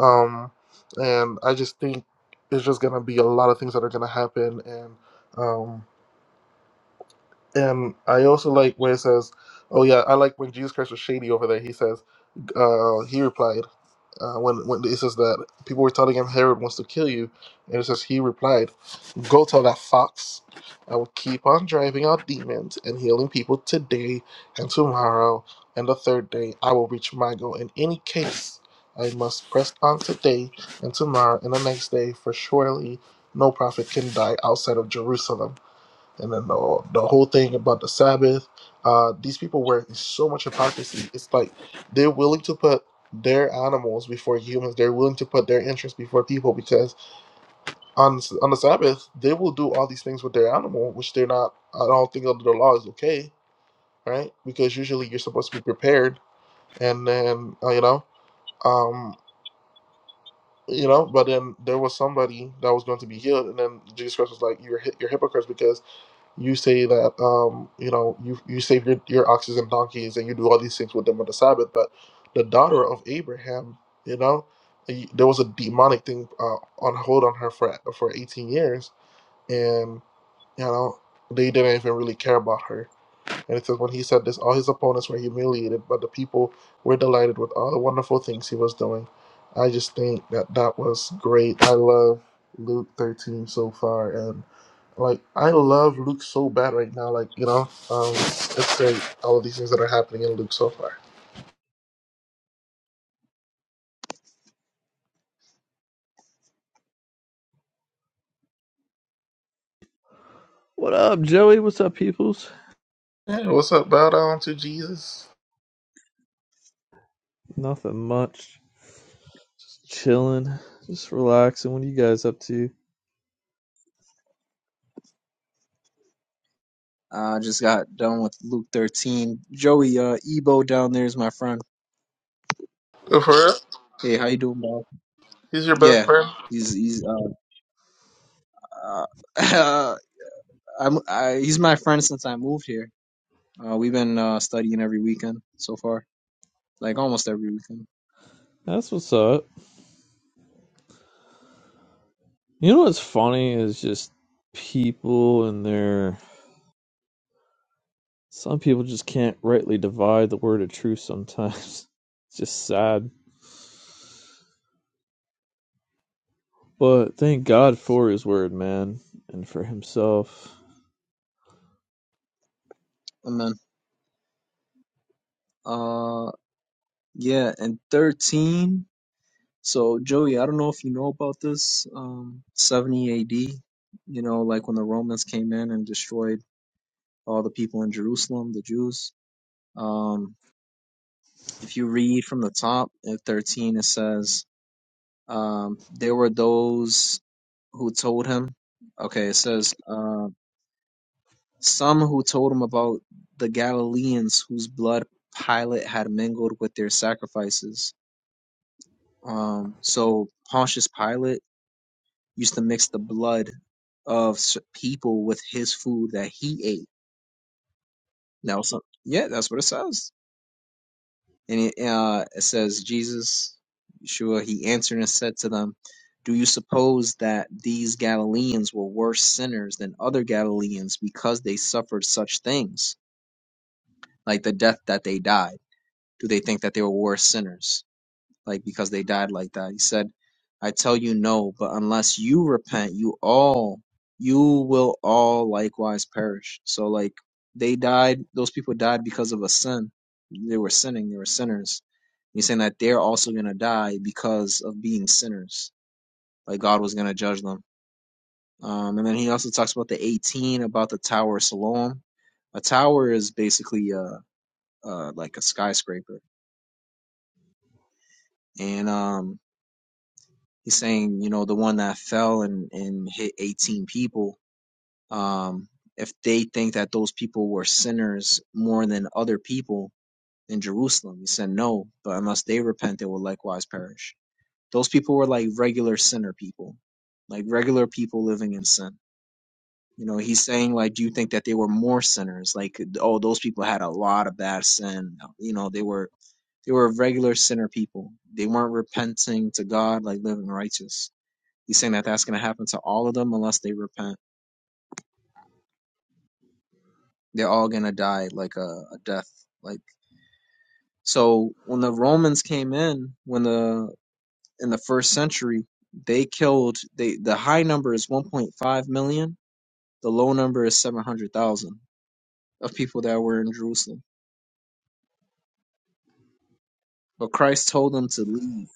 um and i just think it's just gonna be a lot of things that are gonna happen and um and i also like where it says oh yeah i like when jesus christ was shady over there he says uh he replied uh, when, when it says that people were telling him Herod wants to kill you, and it says he replied, Go tell that fox, I will keep on driving out demons and healing people today and tomorrow and the third day. I will reach my goal. In any case, I must press on today and tomorrow and the next day, for surely no prophet can die outside of Jerusalem and then the, the whole thing about the Sabbath. Uh, these people were in so much hypocrisy. It's like they're willing to put their animals before humans. They're willing to put their interests before people because on on the Sabbath they will do all these things with their animal, which they're not. I don't think under the law is okay, right? Because usually you're supposed to be prepared, and then uh, you know, um, you know. But then there was somebody that was going to be healed, and then Jesus Christ was like, "You're hy- you're hypocrites because." you say that um, you know you you save your, your oxes and donkeys and you do all these things with them on the Sabbath, but the daughter of Abraham, you know, y- there was a demonic thing uh, on hold on her for for eighteen years, and you know they didn't even really care about her and it says, When he said this, all his opponents were humiliated, but the people were delighted with all the wonderful things he was doing. I just think that that was great. I love Luke 13 so far. And, like, I love Luke so bad right now. Like, you know, um, it's great, all of these things that are happening in Luke so far.
What up, Joey? What's up, peoples?
Hey, what's up, bow down to Jesus?
Nothing much. Just chilling, just relaxing. What are you guys up to?
I uh, just got done with Luke 13. Joey, uh, Ebo down there is my friend.
Go for it.
Hey, how you doing, bro?
He's your best
Yeah,
friend.
he's he's uh, uh I'm I, he's my friend since I moved here. Uh, we've been uh studying every weekend so far, like almost every weekend.
That's what's up. You know what's funny is just people and their. Some people just can't rightly divide the word of truth sometimes. It's just sad. But thank God for his word, man, and for himself.
And then uh yeah, and 13. So Joey, I don't know if you know about this. Um, 70 AD, you know, like when the Romans came in and destroyed all the people in Jerusalem, the Jews. Um, if you read from the top at 13, it says, um, there were those who told him. Okay, it says, uh, some who told him about the Galileans whose blood Pilate had mingled with their sacrifices. Um, so Pontius Pilate used to mix the blood of s- people with his food that he ate. Now, some, yeah, that's what it says. And it, uh, it says, Jesus, Yeshua, he answered and said to them, Do you suppose that these Galileans were worse sinners than other Galileans because they suffered such things, like the death that they died? Do they think that they were worse sinners? like because they died like that. He said, I tell you no, but unless you repent, you all you will all likewise perish. So like they died those people died because of a sin. They were sinning, they were sinners. He's saying that they're also gonna die because of being sinners. Like God was gonna judge them. Um, and then he also talks about the 18 about the Tower of Siloam. A tower is basically uh uh like a skyscraper, and um He's saying, you know, the one that fell and, and hit 18 people, um, if they think that those people were sinners more than other people in Jerusalem, he said, no, but unless they repent, they will likewise perish. Those people were like regular sinner people, like regular people living in sin. You know, he's saying, like, do you think that they were more sinners? Like, oh, those people had a lot of bad sin. You know, they were they were regular sinner people. They weren't repenting to God, like living righteous. He's saying that that's going to happen to all of them unless they repent. They're all going to die like a, a death. Like so, when the Romans came in, when the in the first century, they killed. They the high number is 1.5 million. The low number is 700,000 of people that were in Jerusalem. But Christ told them to leave.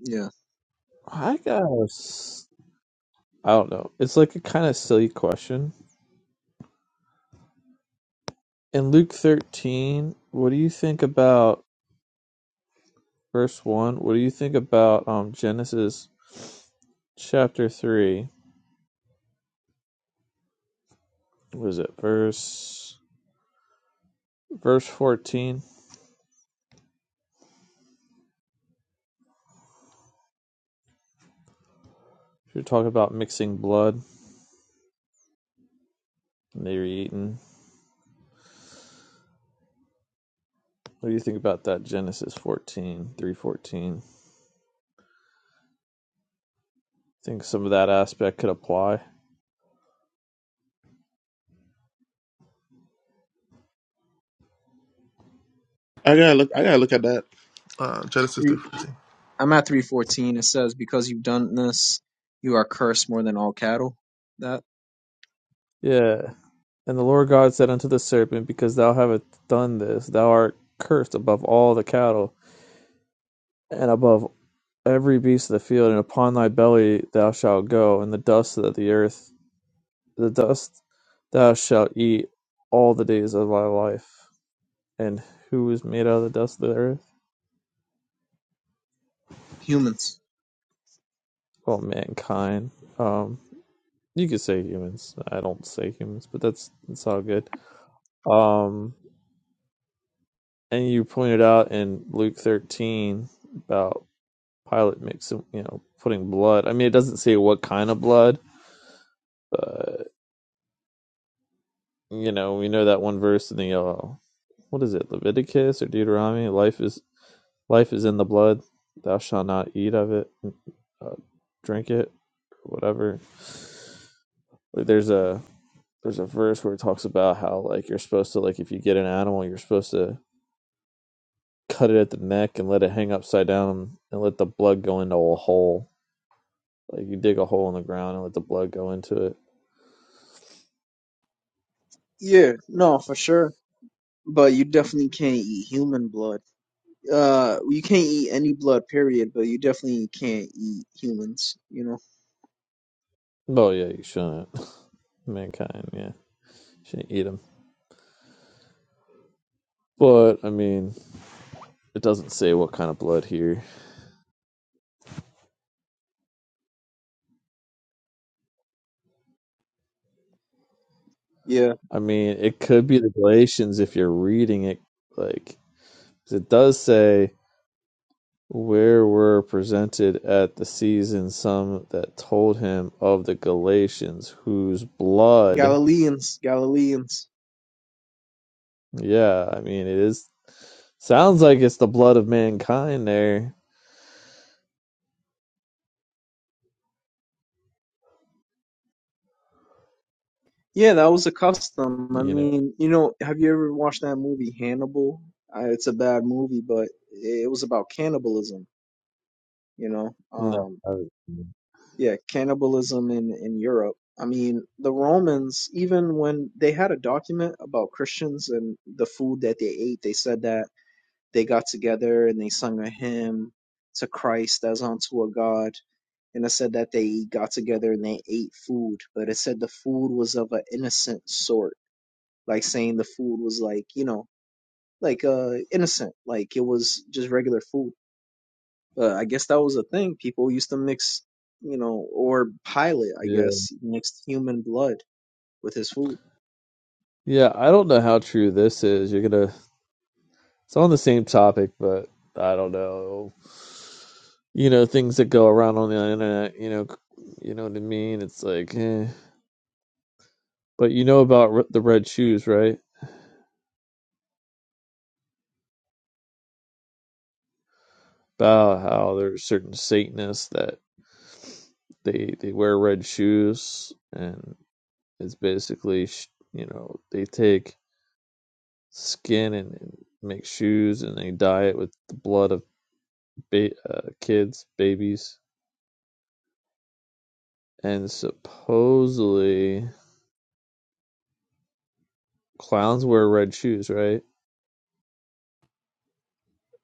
Yeah,
I got I s- I don't know. It's like a kind of silly question. In Luke 13, what do you think about verse 1? What do you think about um Genesis chapter 3? What is it? Verse verse 14. You're talking about mixing blood and they were eating. What do you think about that Genesis fourteen three fourteen. Think some of that aspect could apply?
I gotta look. I gotta look at that. Uh, Genesis three
three.
fourteen.
I'm at 314. It says, "Because you've done this, you are cursed more than all cattle." That
Yeah. And the Lord God said unto the serpent, Because thou hast done this, thou art cursed above all the cattle and above every beast of the field, and upon thy belly thou shalt go, and the dust of the earth, the dust thou shalt eat all the days of thy life. And who is made out of the dust of the earth?
humans.
Well, mankind. Um, you could say humans. I don't say humans, but that's that's all good. Um, and you pointed out in Luke thirteen about Pilate mixing, you know, putting blood. I mean, it doesn't say what kind of blood, but you know, we know that one verse in the uh, what is it leviticus or deuteronomy life is life is in the blood thou shalt not eat of it uh, drink it or whatever like there's a there's a verse where it talks about how like you're supposed to like if you get an animal you're supposed to cut it at the neck and let it hang upside down and let the blood go into a hole like you dig a hole in the ground and let the blood go into it
Yeah, no, for sure But you definitely can't eat human blood. Uh, you can't eat any blood, period. But you definitely can't eat humans. You know.
oh yeah you shouldn't mankind yeah shouldn't eat them but i mean it doesn't say what kind of blood here
Yeah,
I mean, it could be the Galatians if you're reading it like 'cause it does say where were presented at the season some that told him of the Galatians whose blood.
Galileans, Galileans.
Yeah, I mean, it is sounds like it's the blood of mankind there,
Yeah, that was a custom. I
you know.
mean, you know, have you ever watched that movie Hannibal? Uh, it's a bad movie, but it was about cannibalism. You know,
No.
um,
I-
yeah, cannibalism in in Europe. I mean, the Romans, even when they had a document about Christians and the food that they ate, they said that. they got together and they sung a hymn to Christ as unto a God. And it said that they got together and they ate food, but it said the food was of an innocent sort, like saying the food was like, you know, like uh innocent, like it was just regular food. Uh, I guess that was a thing. People used to mix, you know, or Pilate, I
Yeah.
guess, mixed human blood with his food.
Yeah, I don't know how true this is. You're gonna It's on the same topic, but I don't know. You know, things that go around on the internet. You know, you know what I mean. It's like, eh. but you know about r- the red shoes, right? About how there's certain Satanists that they they wear red shoes, and it's basically sh- you know they take skin and, and make shoes, and they dye it with the blood of ba- uh, kids, babies, and supposedly. Clowns wear red shoes, right?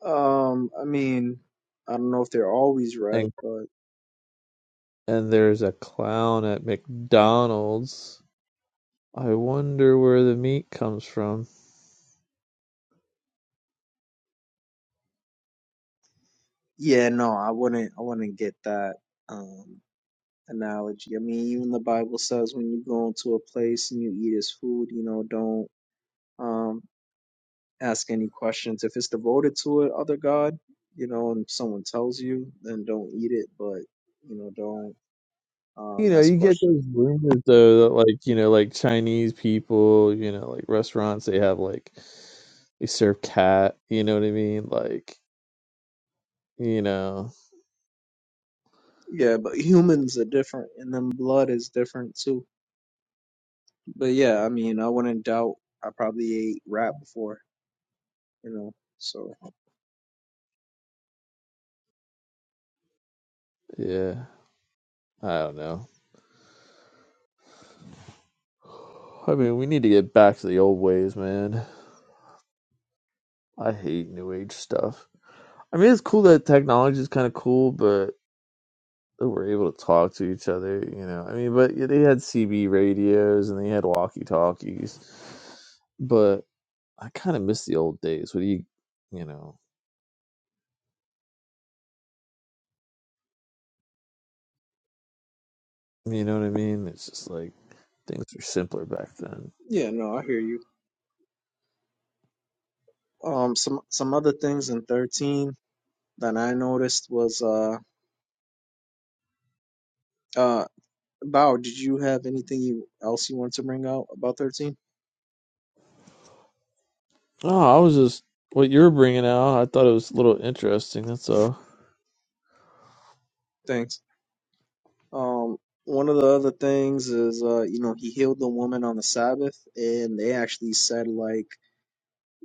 Um, I mean, I don't know if they're always right,
And
but
and there's a clown at McDonald's. I wonder where the meat comes from.
Yeah, no, I wouldn't. I wouldn't get that um, analogy. I mean, even the Bible says when you go into a place and you eat his food, you know, don't um, ask any questions. If it's devoted to it, other God, you know, and someone tells you, then don't eat it. But you know, don't
You
um,
know,
ask
you get
questions.
those rumors though that like, you know, like Chinese people, you know, like restaurants they have like they serve cat, you know what I mean? Like, you know,
Yeah, but humans are different, and then blood is different too. But yeah, I mean, I wouldn't doubt. I probably ate rat before, you know. So
yeah. I don't know. I mean, we need to get back to the old ways, man. I hate new age stuff. I mean, it's cool that technology is kind of cool, but they were able to talk to each other, you know. I mean, but yeah, they had CB radios and they had walkie talkies. But I kind of miss the old days. What do you, you know, you know what I mean? It's just like things were simpler back then.
yeah, no, I hear you. um some some other things in 13 that I noticed was uh uh Bao, did you have anything you, else you wanted to bring out about 13?
Oh, I was just what you were bringing out. I thought it was a little interesting. That's all.
Thanks. Um one of the other things is uh you know he healed the woman on the Sabbath and they actually said like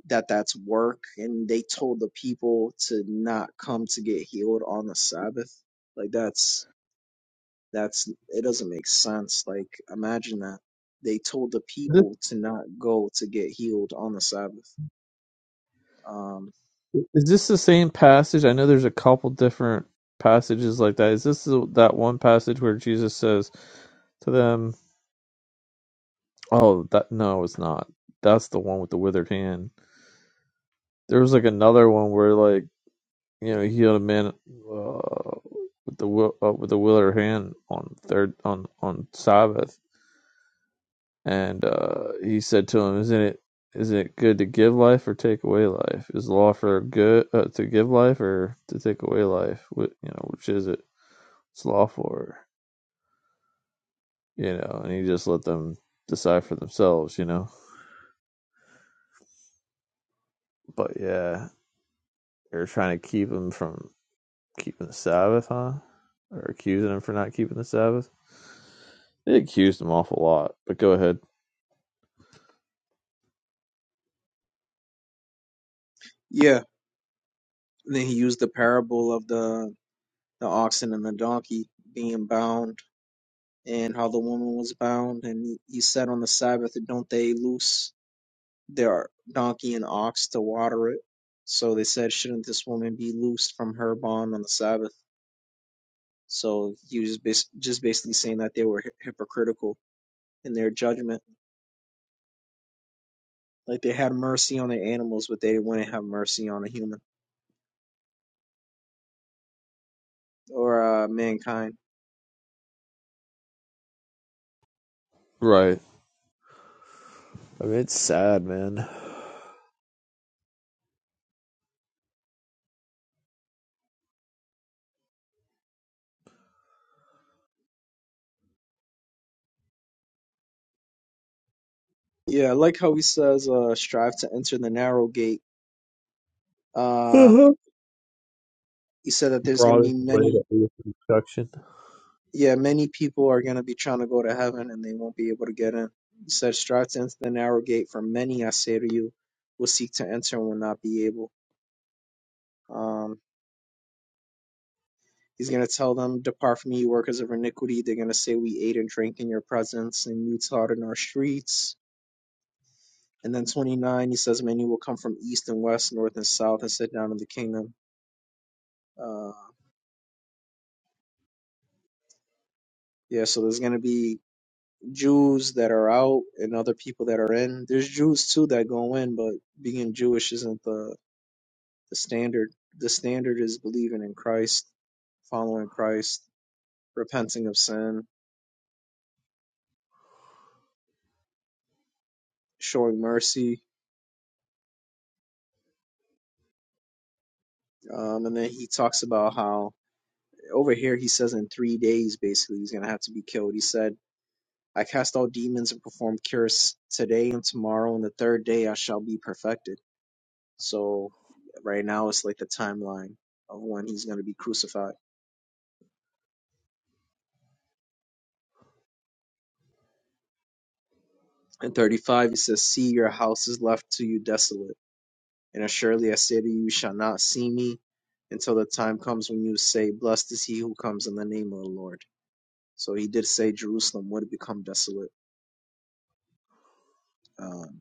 that that's work and they told the people to not come to get healed on the Sabbath. Like that's That's it doesn't make sense. Like imagine that they told the
Is
people to not go to get healed on the Sabbath. Um,
this, is this the same passage? I know there's a couple different passages like that. Is this the, that one passage where Jesus says to them? Oh, that no, it's not. That's the one with the withered hand. There was like another one where like you know he had a man uh, with the wi- uh, with the withered hand on third on on Sabbath, and uh, he said to him, "Isn't it is isn't it good to give life or take away life? Is law for good uh, to give life or to take away life? What you know, which is it? It's law for you know." And he just let them decide for themselves, you know. But yeah, they're trying to keep him from. keeping the Sabbath, huh? Or accusing him for not keeping the Sabbath? They accused him awful lot, but go ahead.
yeah. And then he used the parable of the the oxen and the donkey being bound and how the woman was bound and he he said on the Sabbath don't they loose their donkey and ox to water it. So they said, shouldn't this woman be loosed from her bond on the Sabbath? So he was just, bas- just basically saying that they were hy- hypocritical in their judgment. Like they had mercy on the animals, but they wouldn't have mercy on a human or uh, mankind.
Right. I mean, it's sad, man.
Yeah, I like how he says, uh, "Strive to enter the narrow gate." Uh,
Uh-huh.
he said that there's gonna
Brought us
be
away that
many.
we instruction.
Yeah, many people are gonna be trying to go to heaven and they won't be able to get in. He said, "Strive to enter the narrow gate, for many, I say to you, will seek to enter and will not be able." Um, He's going to tell them, Depart from me, you workers of iniquity. They're going to say, We ate and drank in your presence, and you taught in our streets And then 29, he says, Many will come from east and west, north and south, and sit down in the kingdom. Uh, yeah, so there's going to be Jews that are out and other people that are in. There's Jews too that go in, but being Jewish isn't the, the standard. The standard is believing in Christ, following Christ, repenting of sin, showing mercy. Um, and then he talks about how over here he says in three days basically he's going to have to be killed. He said, I cast out demons and perform cures today and tomorrow, and the third day I shall be perfected. So right now it's like the timeline of when he's going to be crucified. In 35, he says, See, your house is left to you desolate. And assuredly I say to you, you shall not see me until the time comes when you say, Blessed is he who comes in the name of the Lord. So he did say Jerusalem would become desolate. Um,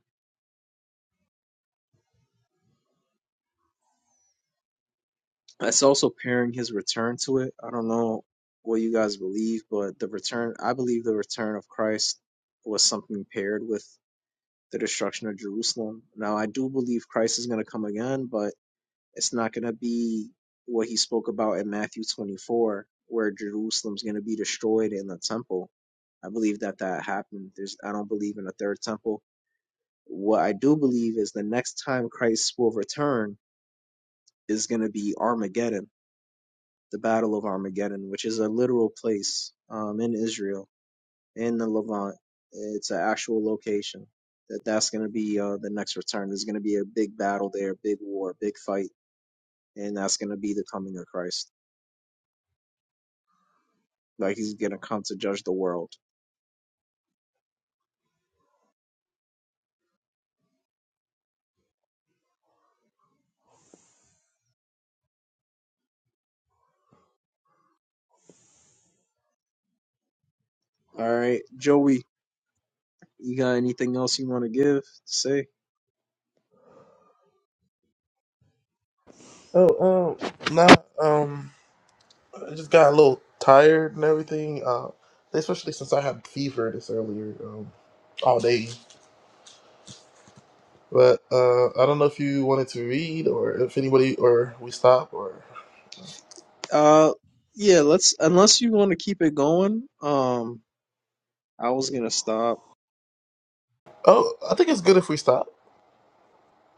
It's also pairing his return to it. I don't know what you guys believe, but the return, I believe the return of Christ was something paired with the destruction of Jerusalem. Now, I do believe Christ is going to come again, but it's not going to be what he spoke about in Matthew 24, where Jerusalem's going to be destroyed in the temple. I believe that that happened. There's, I don't believe in a third temple. What I do believe is the next time Christ will return is going to be Armageddon the Battle of Armageddon, which is a literal place um, in Israel, in the Levant. It's an actual location. That that's going to be uh, the next return. There's going to be a big battle there, big war, big fight, and that's going to be the coming of Christ. Like he's going to come to judge the world. All right, Joey, you got anything else you want to give say?
Oh, um, nah. Um, I just got a little tired and everything, uh, especially since I had fever this earlier um, all day. But uh, I don't know if you wanted to read or if anybody or we stop or
Uh, yeah. Let's unless you want to keep it going. Um, I was gonna stop.
oh, I think it's good if we stop.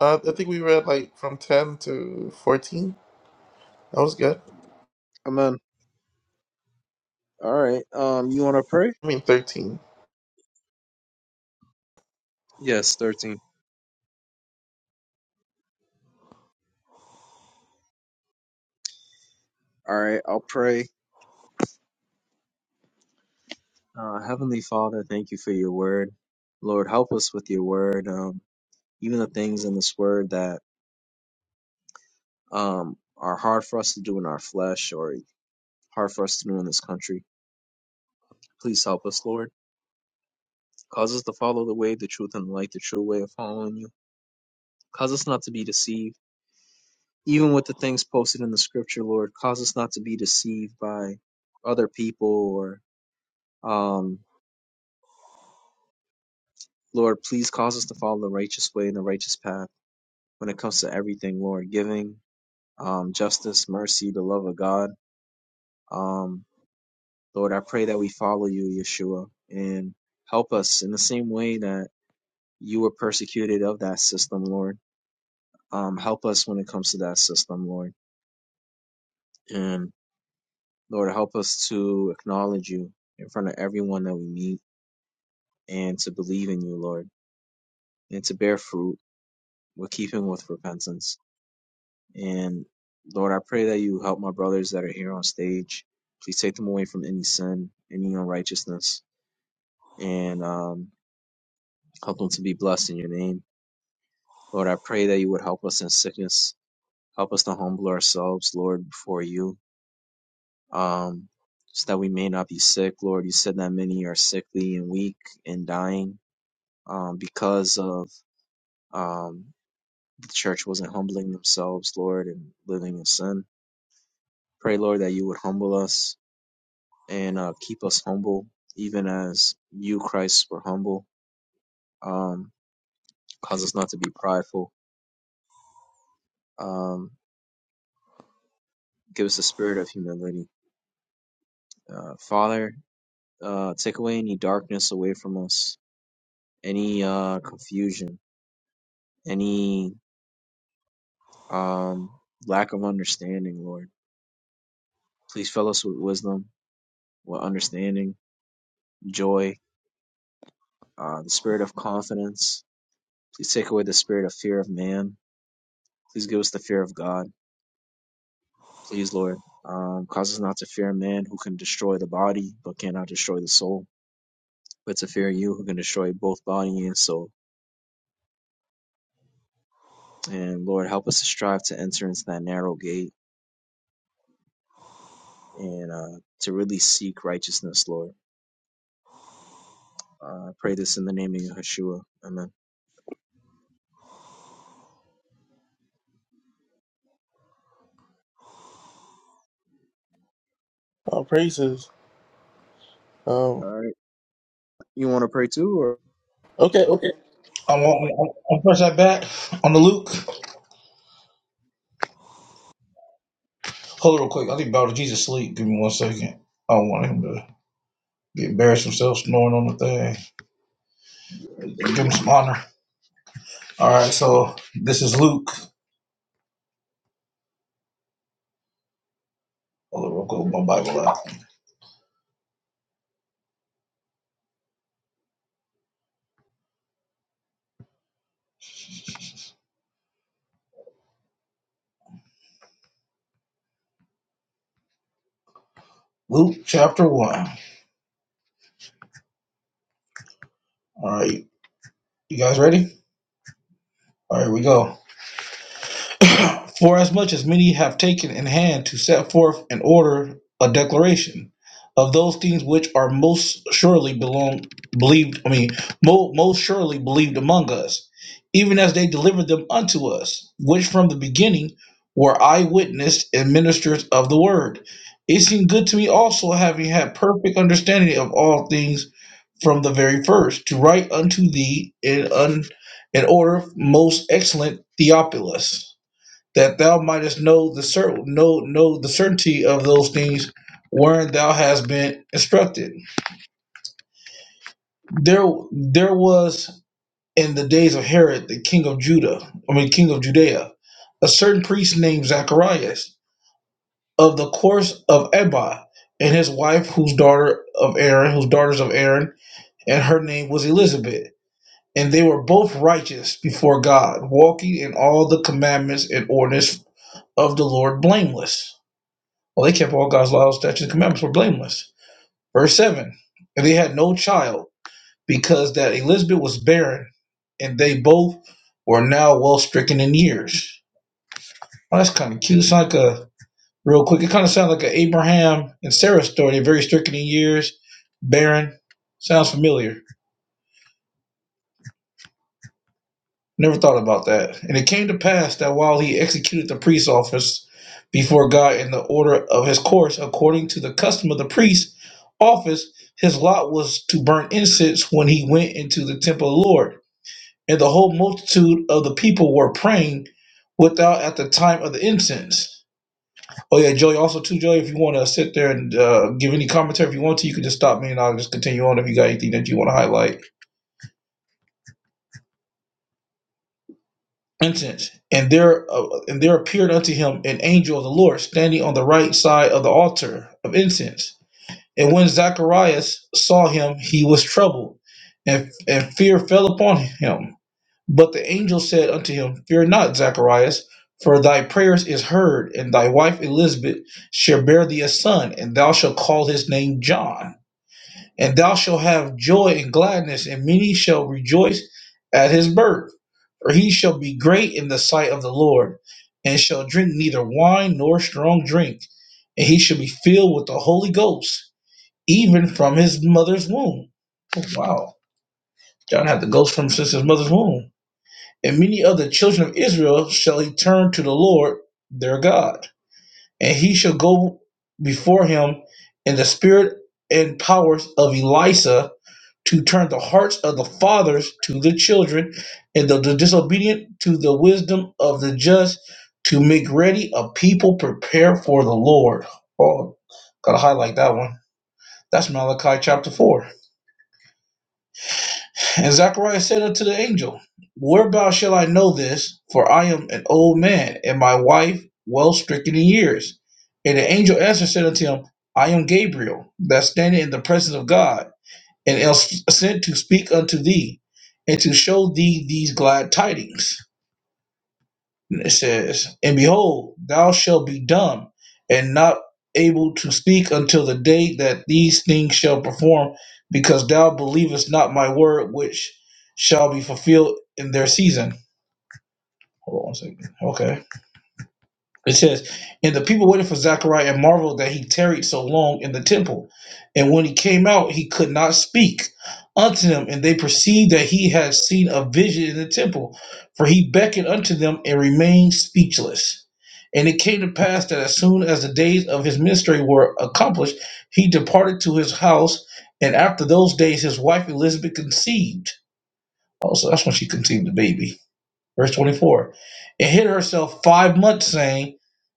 Uh, I think we read like from ten to fourteen. That was good.
Amen. All right. Um, you want to pray?
I mean thirteen.
Yes, thirteen. All right, I'll pray. Uh, Heavenly Father, thank you for your word. Lord, help us with your word. Um, even the things in this word that um, are hard for us to do in our flesh or hard for us to do in this country. Please help us, Lord. Cause us to follow the way, the truth, and the light, the true way of following you. Cause us not to be deceived. Even with the things posted in the scripture, Lord, cause us not to be deceived by other people or, um, Lord, please cause us to follow the righteous way and the righteous path when it comes to everything, Lord, giving, um, justice, mercy, the love of God. Um, Lord, I pray that we follow you, Yeshua, and help us in the same way that you were persecuted of that system, Lord. Um, help us when it comes to that system, Lord. And Lord, help us to acknowledge you in front of everyone that we meet and to believe in you, Lord, and to bear fruit with keeping with repentance. And Lord, I pray that you help my brothers that are here on stage. Please take them away from any sin, any unrighteousness and um, help them to be blessed in your name. Lord, I pray that you would help us in sickness. Help us to humble ourselves, Lord, before you, um, so that we may not be sick, Lord. You said that many are sickly and weak and dying um, because of um, the church wasn't humbling themselves, Lord, and living in sin. Pray, Lord, that you would humble us and uh, keep us humble, even as you, Christ, were humble. Um, cause us not to be prideful. Um, Give us a spirit of humility. Uh, Father, uh, take away any darkness away from us, any uh, confusion, any um, lack of understanding, Lord. Please fill us with wisdom, with understanding, joy, uh, the spirit of confidence. Please take away the spirit of fear of man. Please give us the fear of God. Please, Lord, um, cause us not to fear man who can destroy the body but cannot destroy the soul, but to fear you who can destroy both body and soul. And Lord, help us to strive to enter into that narrow gate and uh, to really seek righteousness, Lord. Uh, I pray this in the name of Yeshua. Amen.
Oh, praises.
All
Um,
right. You want to pray too? or
okay, okay.
I'm on, I'm, I'm press that back on the Luke. Hold it real quick. I think about Jesus sleep. Give me one second. I don't want him to get embarrassed himself snoring on the thing. Give him some honor. All right, so this is Luke. Hold it real quick. My Bible out. Luke chapter one. All right, you guys ready? All right, here we go. Forasmuch as many have taken in hand to set forth in order a declaration of those things which are most surely belong believed, I mean, mo- most surely believed among us, even as they delivered them unto us, which from the beginning were eyewitness and ministers of the word. It seemed good to me also, having had perfect understanding of all things from the very first, to write unto thee in, un, in order most excellent Theophilus that thou mightest know the cer- know know the certainty of those things wherein thou hast been instructed. There there was in the days of Herod, the king of Judah, I mean king of Judea, a certain priest named Zacharias of the course of Abba, and his wife, whose daughter of Aaron, whose daughters of Aaron, and her name was Elizabeth. And they were both righteous before God, walking in all the commandments and ordinance of the Lord blameless Well, they kept all God's laws, statutes, and commandments were blameless. Verse 7 And they had no child because that Elizabeth was barren, and they both were now well stricken in years. Well, that's kind of cute. It's like a, real quick, it kind of sounds like an Abraham and Sarah story. They're very stricken in years, barren. Sounds familiar. Never thought about that. And it came to pass that while he executed the priest's office before God in the order of his course, according to the custom of the priest's office, his lot was to burn incense when he went into the temple of the Lord. And the whole multitude of the people were praying without at the time of the incense. Oh yeah, Joey. Also, too, Joey, if you want to sit there and uh, give any commentary, if you want to, you can just stop me and I'll just continue on if you got anything that you want to highlight. instance, and there uh, and there appeared unto him an angel of the Lord standing on the right side of the altar of incense. And when Zacharias saw him, he was troubled, and and fear fell upon him. But the angel said unto him, Fear not, Zacharias, for thy prayers is heard, and thy wife Elizabeth shall bear thee a son, and thou shalt call his name John and thou shalt have joy and gladness, and many shall rejoice at his birth. For he shall be great in the sight of the Lord, and shall drink neither wine nor strong drink, and he shall be filled with the Holy Ghost, even from his mother's womb. Oh, wow, John had the Ghost from since his mother's womb. And many of the children of Israel shall he turn to the Lord their God, and he shall go before him in the spirit and powers of Elisha to turn the hearts of the fathers to the children, and the, the disobedient to the wisdom of the just, to make ready a people prepared for the Lord. Oh, gotta highlight that one. That's Malachi chapter 4. And Zacharias said unto the angel, Whereby shall I know this? For I am an old man, and my wife well stricken in years. And the angel answered said unto him, I am Gabriel, that standeth in the presence of God and else sent to speak unto thee and to show thee these glad tidings. And it says, And behold, thou shalt be dumb and not able to speak until the day that these things shall perform, because thou believest not my word, which shall be fulfilled in their season. Hold on a second. Okay. It says, And the people waited for Zechariah and marveled that he tarried so long in the temple. And when he came out, he could not speak unto them. And they perceived that he had seen a vision in the temple, for he beckoned unto them and remained speechless. And it came to pass that as soon as the days of his ministry were accomplished, he departed to his house. And after those days, his wife Elizabeth conceived. Also, that's when she conceived the baby. Verse 24. And hid herself five months, saying,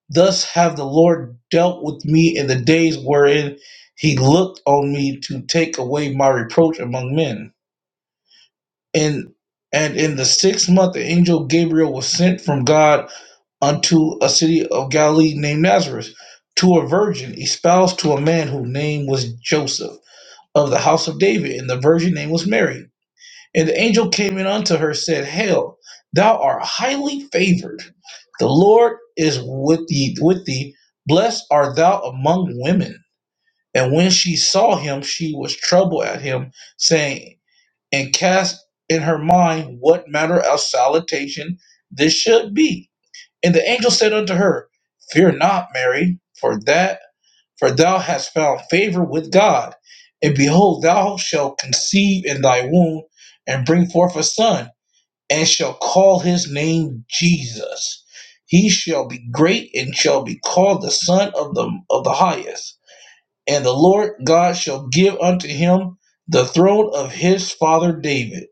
Thus have the Lord dealt with me in the days wherein he looked on me to take away my reproach among men. And and in the sixth month the angel Gabriel was sent from God unto a city of Galilee named Nazareth, to a virgin espoused to a man whose name was Joseph, of the house of David, and the virgin name was Mary. And the angel came in unto her, said, Hail, thou art highly favored. The Lord is with thee with thee. Blessed art thou among women. And when she saw him, she was troubled at him, saying, and cast in her mind what manner of salutation this should be. And the angel said unto her, Fear not, Mary, for that for thou hast found favor with God. And behold, thou shalt conceive in thy womb and bring forth a son and shall call his name Jesus. He shall be great and shall be called the Son of the of the Highest. And the Lord God shall give unto him the throne of his father David,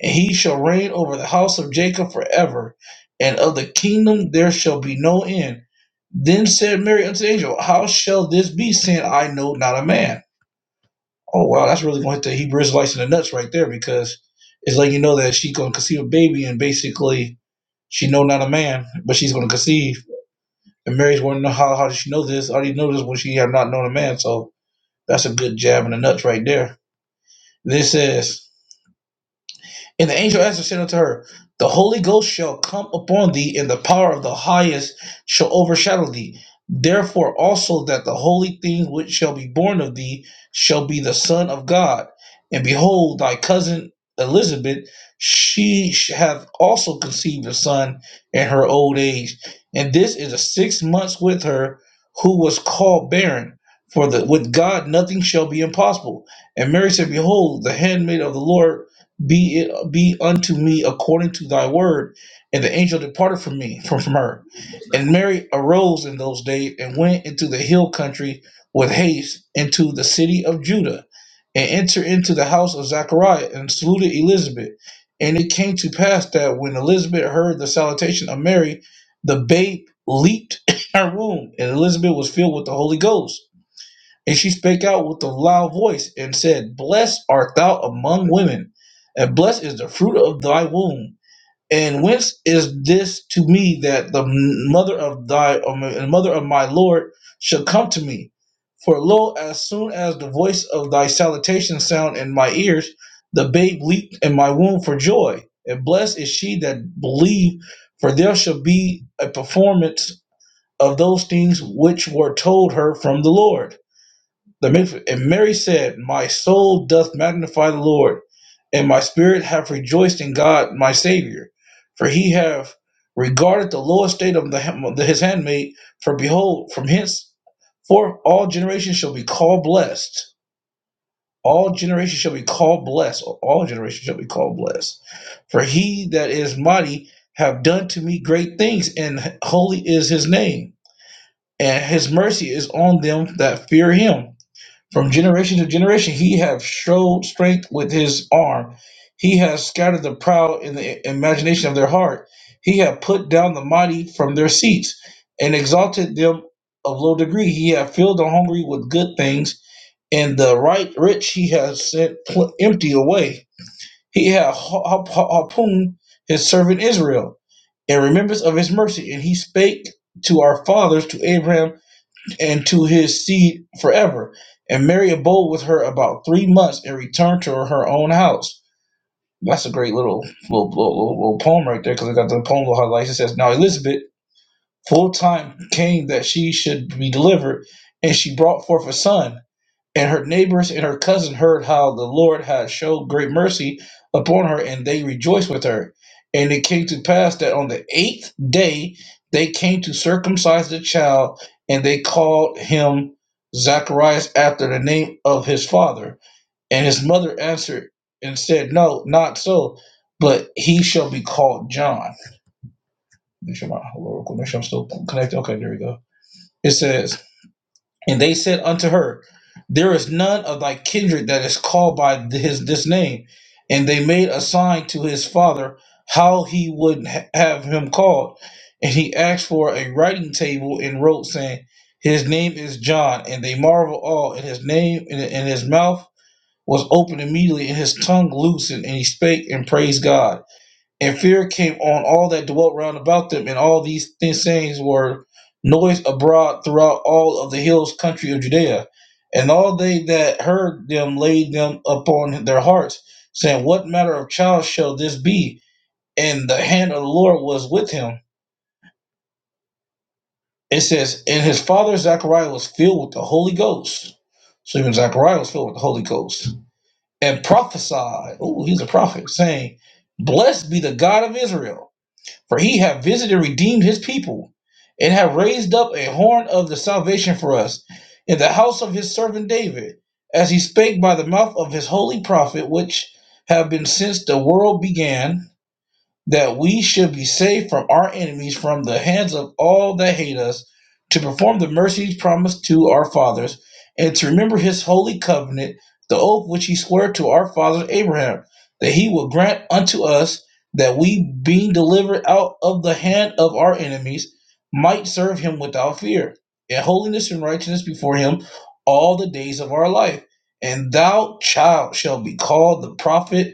and he shall reign over the house of Jacob forever, and of the kingdom there shall be no end. Then said Mary unto the angel, How shall this be, saying, I know not a man? Oh wow, that's really going to hit the Hebrew Israelites in the nuts right there, because it's letting you know that she's going to conceive a baby and basically she know not a man, but she's going to conceive. And Mary's wondering how, how does she know this? I Already know this when she had not known a man. So that's a good jab in the nuts right there. This says, and the angel answered, said unto her, The Holy Ghost shall come upon thee, and the power of the highest shall overshadow thee. Therefore also that the holy thing which shall be born of thee shall be the Son of God. And behold, thy cousin Elizabeth, she hath also conceived a son in her old age. And this is the six months with her who was called barren. For the with God nothing shall be impossible. And Mary said, Behold, the handmaid of the Lord be it be unto me according to thy word and the angel departed from me from, from her and mary arose in those days and went into the hill country with haste into the city of judah and entered into the house of zachariah and saluted elizabeth and it came to pass that when elizabeth heard the salutation of mary the babe leaped in her womb and elizabeth was filled with the holy ghost and she spake out with a loud voice and said, Blessed art thou among women, and blessed is the fruit of thy womb. And whence is this to me that the mother of thy um, and mother of my Lord shall come to me? For lo, as soon as the voice of thy salutation sound in my ears, the babe leaped in my womb for joy. And blessed is she that believed, for there shall be a performance of those things which were told her from the Lord. The Mif- And Mary said, My soul doth magnify the Lord, and my spirit hath rejoiced in God my Savior, for he hath regarded the low estate of the, his handmaid. For behold, from henceforth all generations shall be called blessed. All generations shall be called blessed. All generations shall be called blessed. For he that is mighty have done to me great things, and holy is his name. And his mercy is on them that fear him from generation to generation, he have showed strength with his arm. He has scattered the proud in the imagination of their heart. He hath put down the mighty from their seats and exalted them of low degree. He hath filled the hungry with good things, and the right rich he has sent pl- empty away. He hath ha- ha- ha- harpooned his servant Israel in remembrance of his mercy, and he spake to our fathers, to Abraham and to his seed forever. And Mary abode with her about three months and returned to her own house. That's a great little little, little, little- poem right there because I got the poem of her life. It says, Now Elizabeth full time came that she should be delivered, and she brought forth a son. And her neighbors and her cousin heard how the Lord had showed great mercy upon her, and they rejoiced with her. And it came to pass that on the eighth day they came to circumcise the child, and they called him Zacharias after the name of his father. And his mother answered and said, No, not so, but he shall be called John. Make sure my hello, make sure I'm still connected. Okay, there we go. It says. And they said unto her, There is none of thy kindred that is called by his this name. And they made a sign to his father how he would ha- have him called. And he asked for a writing table and wrote, saying, His name is John. And they marvel all. And his name and and his mouth was opened immediately, and his tongue loosened, and he spake and praised God. And fear came on all that dwelt round about them, and all these things were noised abroad throughout all of the hills country of Judea. And all they that heard them laid them upon their hearts, saying, What manner of child shall this be? And the hand of the Lord was with him. It says, And his father Zechariah was filled with the Holy Ghost. So even Zechariah was filled with the Holy Ghost. And prophesied, oh, he's a prophet, saying, Blessed be the God of Israel For he hath visited and redeemed his people, and hath raised up a horn of the salvation for us in the house of his servant David, as he spake by the mouth of his holy prophet, which have been since the world began that we should be saved from our enemies, from the hands of all that hate us, to perform the mercies promised to our fathers, and to remember his holy covenant, the oath which he swore to our father Abraham, that he will grant unto us that we, being delivered out of the hand of our enemies, might serve him without fear, in holiness and righteousness before him all the days of our life. And thou, child, shall be called the prophet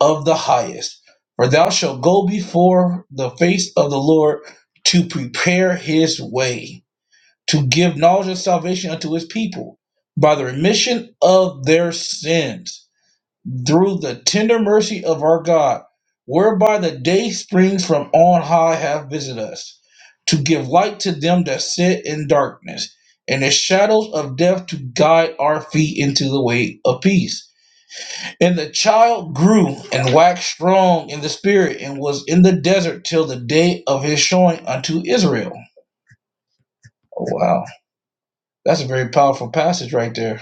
of the highest for thou shalt go before the face of the Lord to prepare his way, to give knowledge of salvation unto his people by the remission of their sins, through the tender mercy of our God, whereby the day springs from on high hath visited us, to give light to them that sit in darkness, and the shadows of death to guide our feet into the way of peace. And the child grew and waxed strong in the spirit and was in the desert till the day of his showing unto Israel. Oh, wow. That's a very powerful passage right there.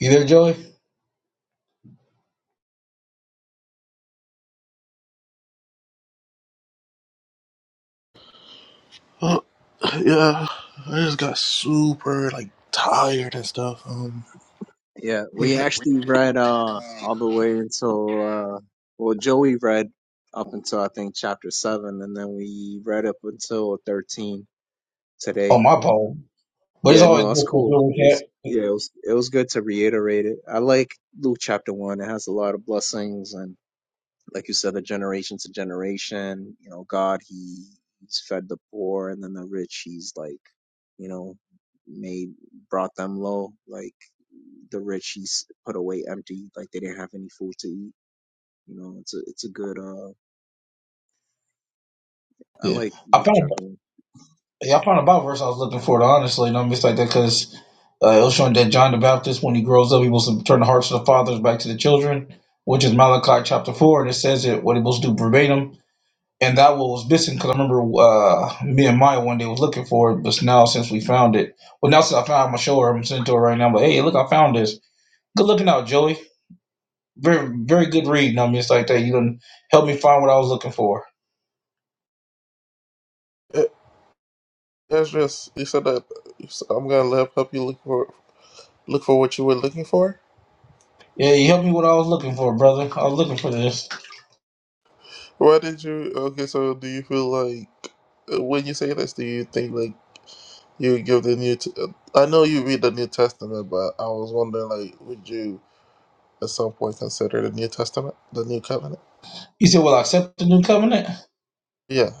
You there, Joey?
Uh, yeah, I just got super like tired and stuff. Um,
Yeah, we
yeah.
actually read uh all the way until uh well Joey read up until I think chapter seven and then we read up until thirteen
Oh,
today.
my poem. But it's
Yeah,
always
no, it's
good for
cool.
good
It
recap.
was yeah, it was it was good to reiterate it. I like Luke chapter one. It has a lot of blessings and like you said, the generation to generation. You know, God, he, he's fed the poor, and then the rich, he's like, you know, made brought them low. Like the rich, he's put away empty, like they didn't have any food to eat. You know, it's a it's a good. uh I
Yeah.
like
I
Luke
found,
chapter. one.
yeah, I found a Bible verse I was looking for, honestly. Don't miss like that because uh, it was showing that John the Baptist, when he grows up, he will turn the hearts of the fathers back to the children, which is Malachi chapter 4. And it says it, what he was to do verbatim. and that was missing because I remember uh, me and Maya one day was looking for it, but now since we found it, well now since I found my show her, I'm sending it to her right now. But hey, look, I found this. Good looking out, Joey. Very very good reading. I mean, it's like that. You done helped me find what I was looking for.
That's just you said that I'm gonna let help you look for look for what you were looking for.
Yeah, you helped me what I was looking for, brother. I was looking for this.
Why did you? Okay, so do you feel like uh, when you say this, do you think like you would give the new? T- uh, I know you read the New Testament, but I was wondering like, would you at some point consider the New Testament, the New Covenant?
He said, "Well, I accept the new covenant."
Yeah.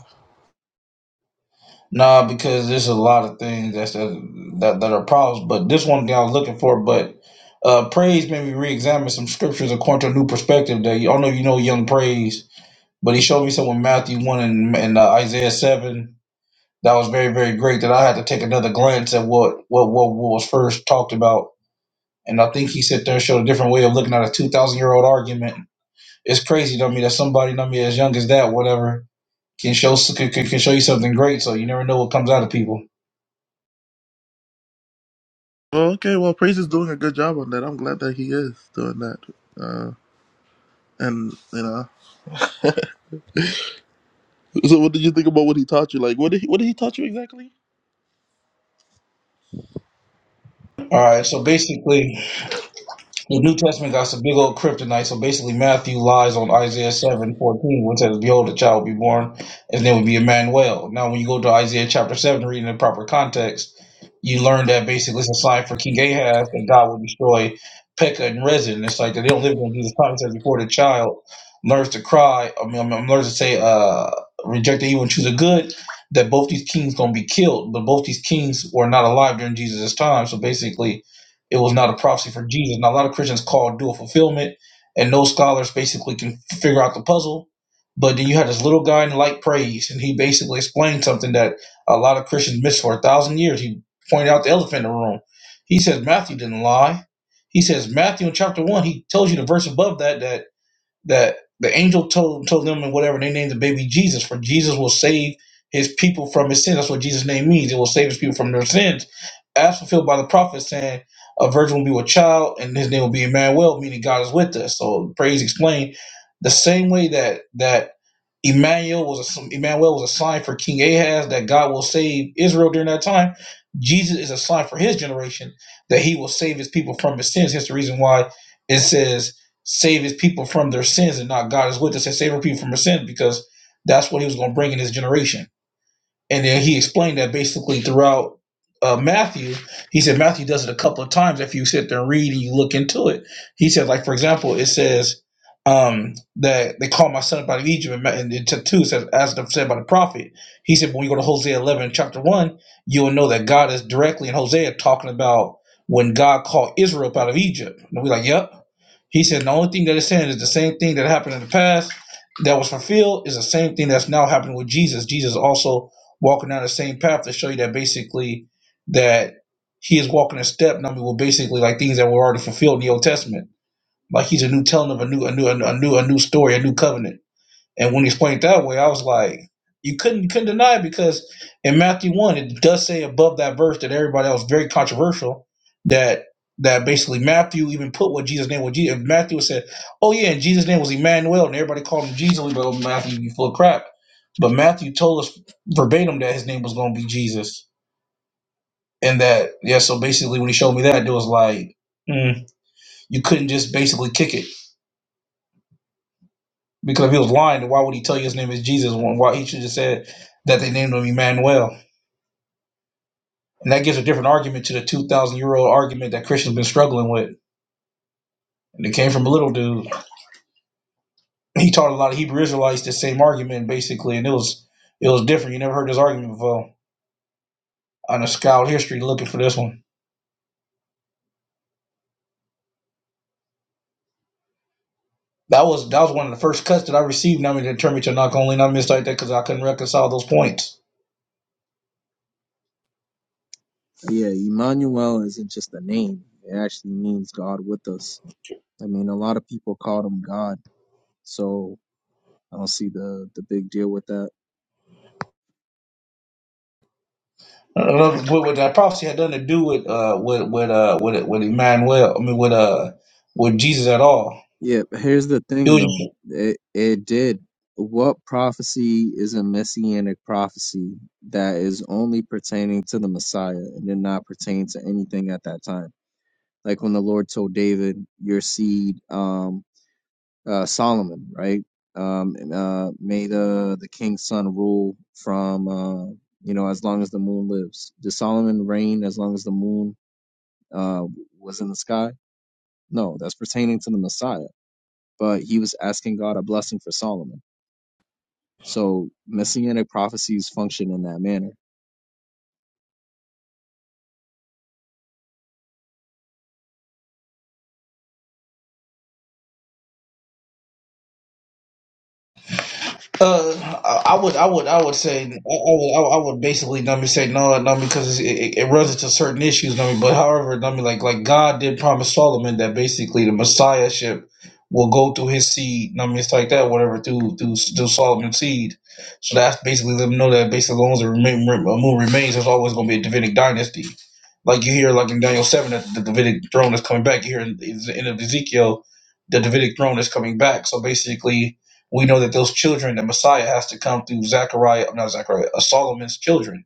Nah, because there's a lot of things that's that that, that are problems. But this one thing I was looking for, but. Uh, praise made me re-examine some scriptures according to a new perspective that I don't know if you know young praise But he showed me some in Matthew 1 and, and uh, Isaiah 7 that was very, very great that I had to take another glance at what, what, what, what was first talked about. And I think he sat there and showed a different way of looking at a 2,000 year old argument. It's crazy to me that somebody, I me as young as that, whatever, can show, can, can can show you something great. So you never know what comes out of people.
Well, okay. Well, Priest is doing a good job on that. I'm glad that he is doing that. Uh, and you know. So, what did you think about what he taught you? Like, what did he, what did he taught you exactly?
All right. So basically, The New Testament got some big old kryptonite. So basically, Matthew lies on Isaiah seven fourteen, which says, Behold, a child will be born, his name will be Emmanuel. Now, when you go to Isaiah chapter 7, reading the proper context, you learn that basically it's a sign for King Ahaz that God will destroy Pekah and Rezin. It's like they don't live in Jesus' time. It says, Before the child learns to cry, I mean, I mean, learns to say, uh, reject the evil and choose the good, that both these kings going to be killed. But both these kings were not alive during Jesus' time. So basically, it was not a prophecy from Jesus. Now, a lot of Christians call dual fulfillment, and no scholars basically can figure out the puzzle. But then you had this little guy in light praise, and he basically explained something that a lot of Christians missed for a thousand years. He pointed out the elephant in the room. He says Matthew didn't lie. He says Matthew in chapter one, he tells you the verse above that that that the angel told told them and whatever they named the baby Jesus, for Jesus will save his people from his sins. That's what Jesus' name means. It will save his people from their sins. As fulfilled by the prophet saying, a virgin will be with child and his name will be Emmanuel, meaning God is with us. So praise explained the same way that that Emmanuel was a, Emmanuel was a sign for King Ahaz that God will save Israel during that time. Jesus is a sign for his generation that he will save his people from his sins. Hence the reason why it says save his people from their sins and not God is with us and save our people from their sins because that's what he was going to bring in his generation. And then he explained that basically throughout uh, Matthew, he said Matthew does it a couple of times. If you sit there and read and you look into it, he said, like for example, it says um, that they call my son up out of Egypt, and Ma- and in two it says, as said by the prophet. He said, when you go to Hosea eleven, chapter one, you will know that God is directly in Hosea talking about when God called Israel up out of Egypt. And we're like, yep. He said, the only thing that it's saying is the same thing that happened in the past that was fulfilled is the same thing that's now happening with Jesus. Jesus also walking down the same path to show you that basically that he is walking a step number with basically like things that were already fulfilled in the Old Testament. Like he's a new telling of a new, a new, a new, a new story, a new covenant. And when he explained it that way, I was like, you couldn't you couldn't deny it because in Matthew one, it does say above that verse that everybody else very controversial that that basically Matthew even put what Jesus' name was. Jesus. Matthew said, "Oh yeah, and Jesus' name was Emmanuel," and everybody called him Jesus. We go, "Oh, Matthew, you full of crap. But Matthew told us verbatim that his name was going to be Jesus, and that yeah. So basically, when he showed me that, it was like mm, you couldn't just basically kick it Because if he was lying, why would he tell you his name is Jesus? Why he should have said that they named him Emmanuel. And that gives a different argument to the 2,000 year old argument that Christians been struggling with. And it came from a little dude. He taught a lot of Hebrew Israelites the same argument, basically. And it was it was different. You never heard this argument before. On a scout history looking for this one. That was that was one of the first cuts that I received. Now I'm going to turn me to knock only, and I missed like that because I couldn't reconcile those points.
Yeah, Emmanuel isn't just a name; it actually means God with us. I mean, a lot of people called him God, so I don't see the the big deal with that.
Uh, what, what that prophecy had nothing to do with uh with with uh with with Emmanuel. I mean with uh with Jesus at all.
Yeah, but here's the
It
thing
was,
though.
just-
It it did. What prophecy is a messianic prophecy that is only pertaining to the Messiah and did not pertain to anything at that time? Like when the Lord told David, your seed, um, uh, Solomon, right? Um, and, uh, may the the king's son rule from, uh, you know, as long as the moon lives. Did Solomon reign as long as the moon, uh, was in the sky? No, that's pertaining to the Messiah but he was asking God a blessing for Solomon. So messianic prophecies function in that manner.
uh, I I would I would I would say I, I would I would basically number say no no because it, it, it runs into certain issues number but however number like like God did promise Solomon that basically the Messiahship will go through his seed number it's like that whatever through through through Solomon's seed so that's basically let them know that basically as long as the remain, remains there's always going to be a Davidic dynasty Like you hear, like in Daniel seven, that the Davidic throne is coming back. You hear in the end of Ezekiel, the Davidic throne is coming back. So basically, we know that those children, the Messiah, has to come through Zechariah, not Zechariah, uh, Solomon's children.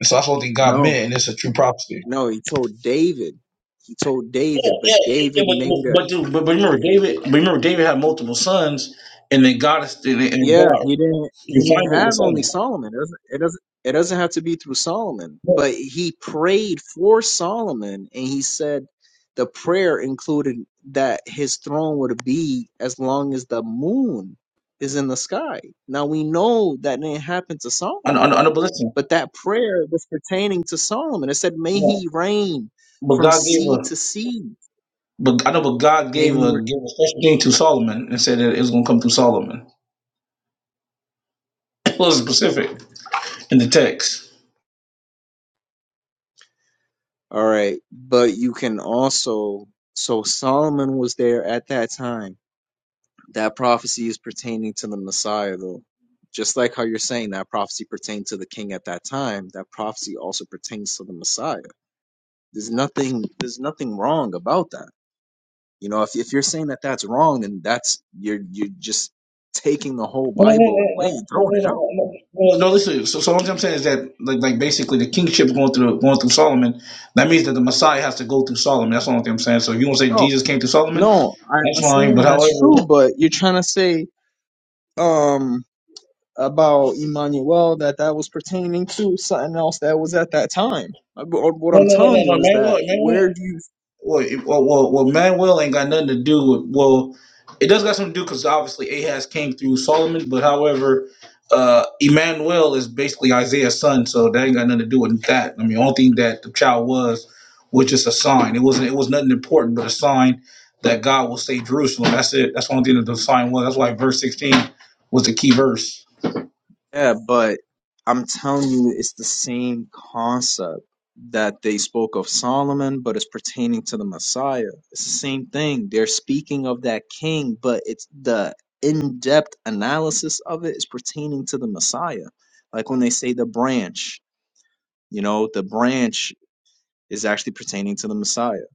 And so that's one thing God
No,
meant, and it's a true prophecy.
no, he told David. He told
Yeah,
David, but
yeah, yeah,
David
but
made a
but dude, but, but remember
yeah.
David. But remember David had multiple sons, and then God is and, and
yeah,
God
He didn't. He didn't
refined it with
have only
son.
Solomon. It doesn't. It doesn't. It doesn't have to be through Solomon. But he prayed for Solomon, and he said the prayer included that his throne would be as long as the moon is in the sky. Now we know that didn't happen to
I know, I
Solomon.
know, I know, but listen,
But that prayer was pertaining to Solomon. It said,
I
May
know.
he reign
but
from
God gave
sea
her.
to sea.
But I know, but God
May
gave
he.
a
Re-.
gave a special thing to Solomon and said that it was going to come through Solomon. It was specific in the text.
All right. But you can also. So Solomon was there at that time. That prophecy is pertaining to the Messiah, though. Just like how you're saying that prophecy pertained to the king at that time, that prophecy also pertains to the Messiah. There's nothing. There's nothing wrong about that. You know, if, if you're saying that that's wrong, then that's you're you're just taking the whole
No, no, no,
Bible away
no,
and
no,
throwing it out.
no, no, no, no, listen. So, so what I'm saying is that, like, like basically, the kingship is going through going through Solomon. That means that the Messiah has to go through Solomon. That's the only thing I'm saying. So, if you want to say
No,
Jesus came through Solomon,
No, I,
that's
I'm
fine. But
saying
however,
that's true, but you're trying to say um about Emmanuel that that was pertaining to something else that was at that time. Uh, but uh, What
no,
I'm
no, no, no,
telling you
no,
is
man,
that
look, man, look.
where do you?
Well, it- well, well, well, Manuel ain't got nothing to do with. Well, it does got something to do because obviously Ahaz came through Solomon, but however, uh, Emmanuel is basically Isaiah's son, so that ain't got nothing to do with that. I mean, only thing that the child was was just a sign. It wasn't. It was nothing important, but a sign that God will save Jerusalem. That's it. That's the only thing that the sign was. That's why verse sixteen was the key verse.
Yeah, but I'm telling you it's the same concept that they spoke of Solomon, but it's pertaining to the Messiah. It's the same thing. They're speaking of that king, but it's the in-depth analysis of it is pertaining to the Messiah. Like when they say the branch. You know, the branch is actually pertaining to the Messiah.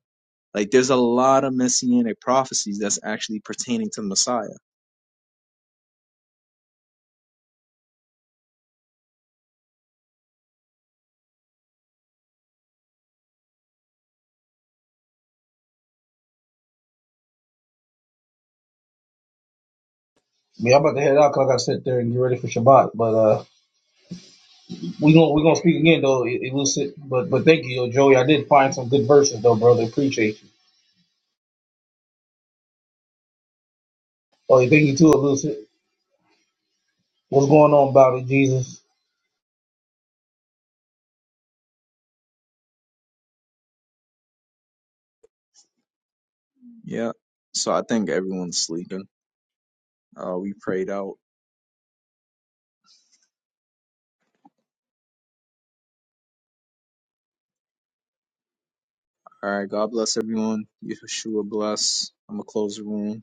Like there's a lot of messianic prophecies that's actually pertaining to the Messiah.
Yeah, I'm about to head out because I got to sit there and get ready for Shabbat. But uh, We gonna we gonna speak again though, elucid. But but thank you, yo, Joey. I did find some good verses though, brother. Appreciate you. Oh, thank you too, elucid. What's going on about it, Jesus?
Yeah. So I think everyone's sleeping. Uh, we prayed out. All right. God bless everyone. Yeshua bless. I'm going to close the room.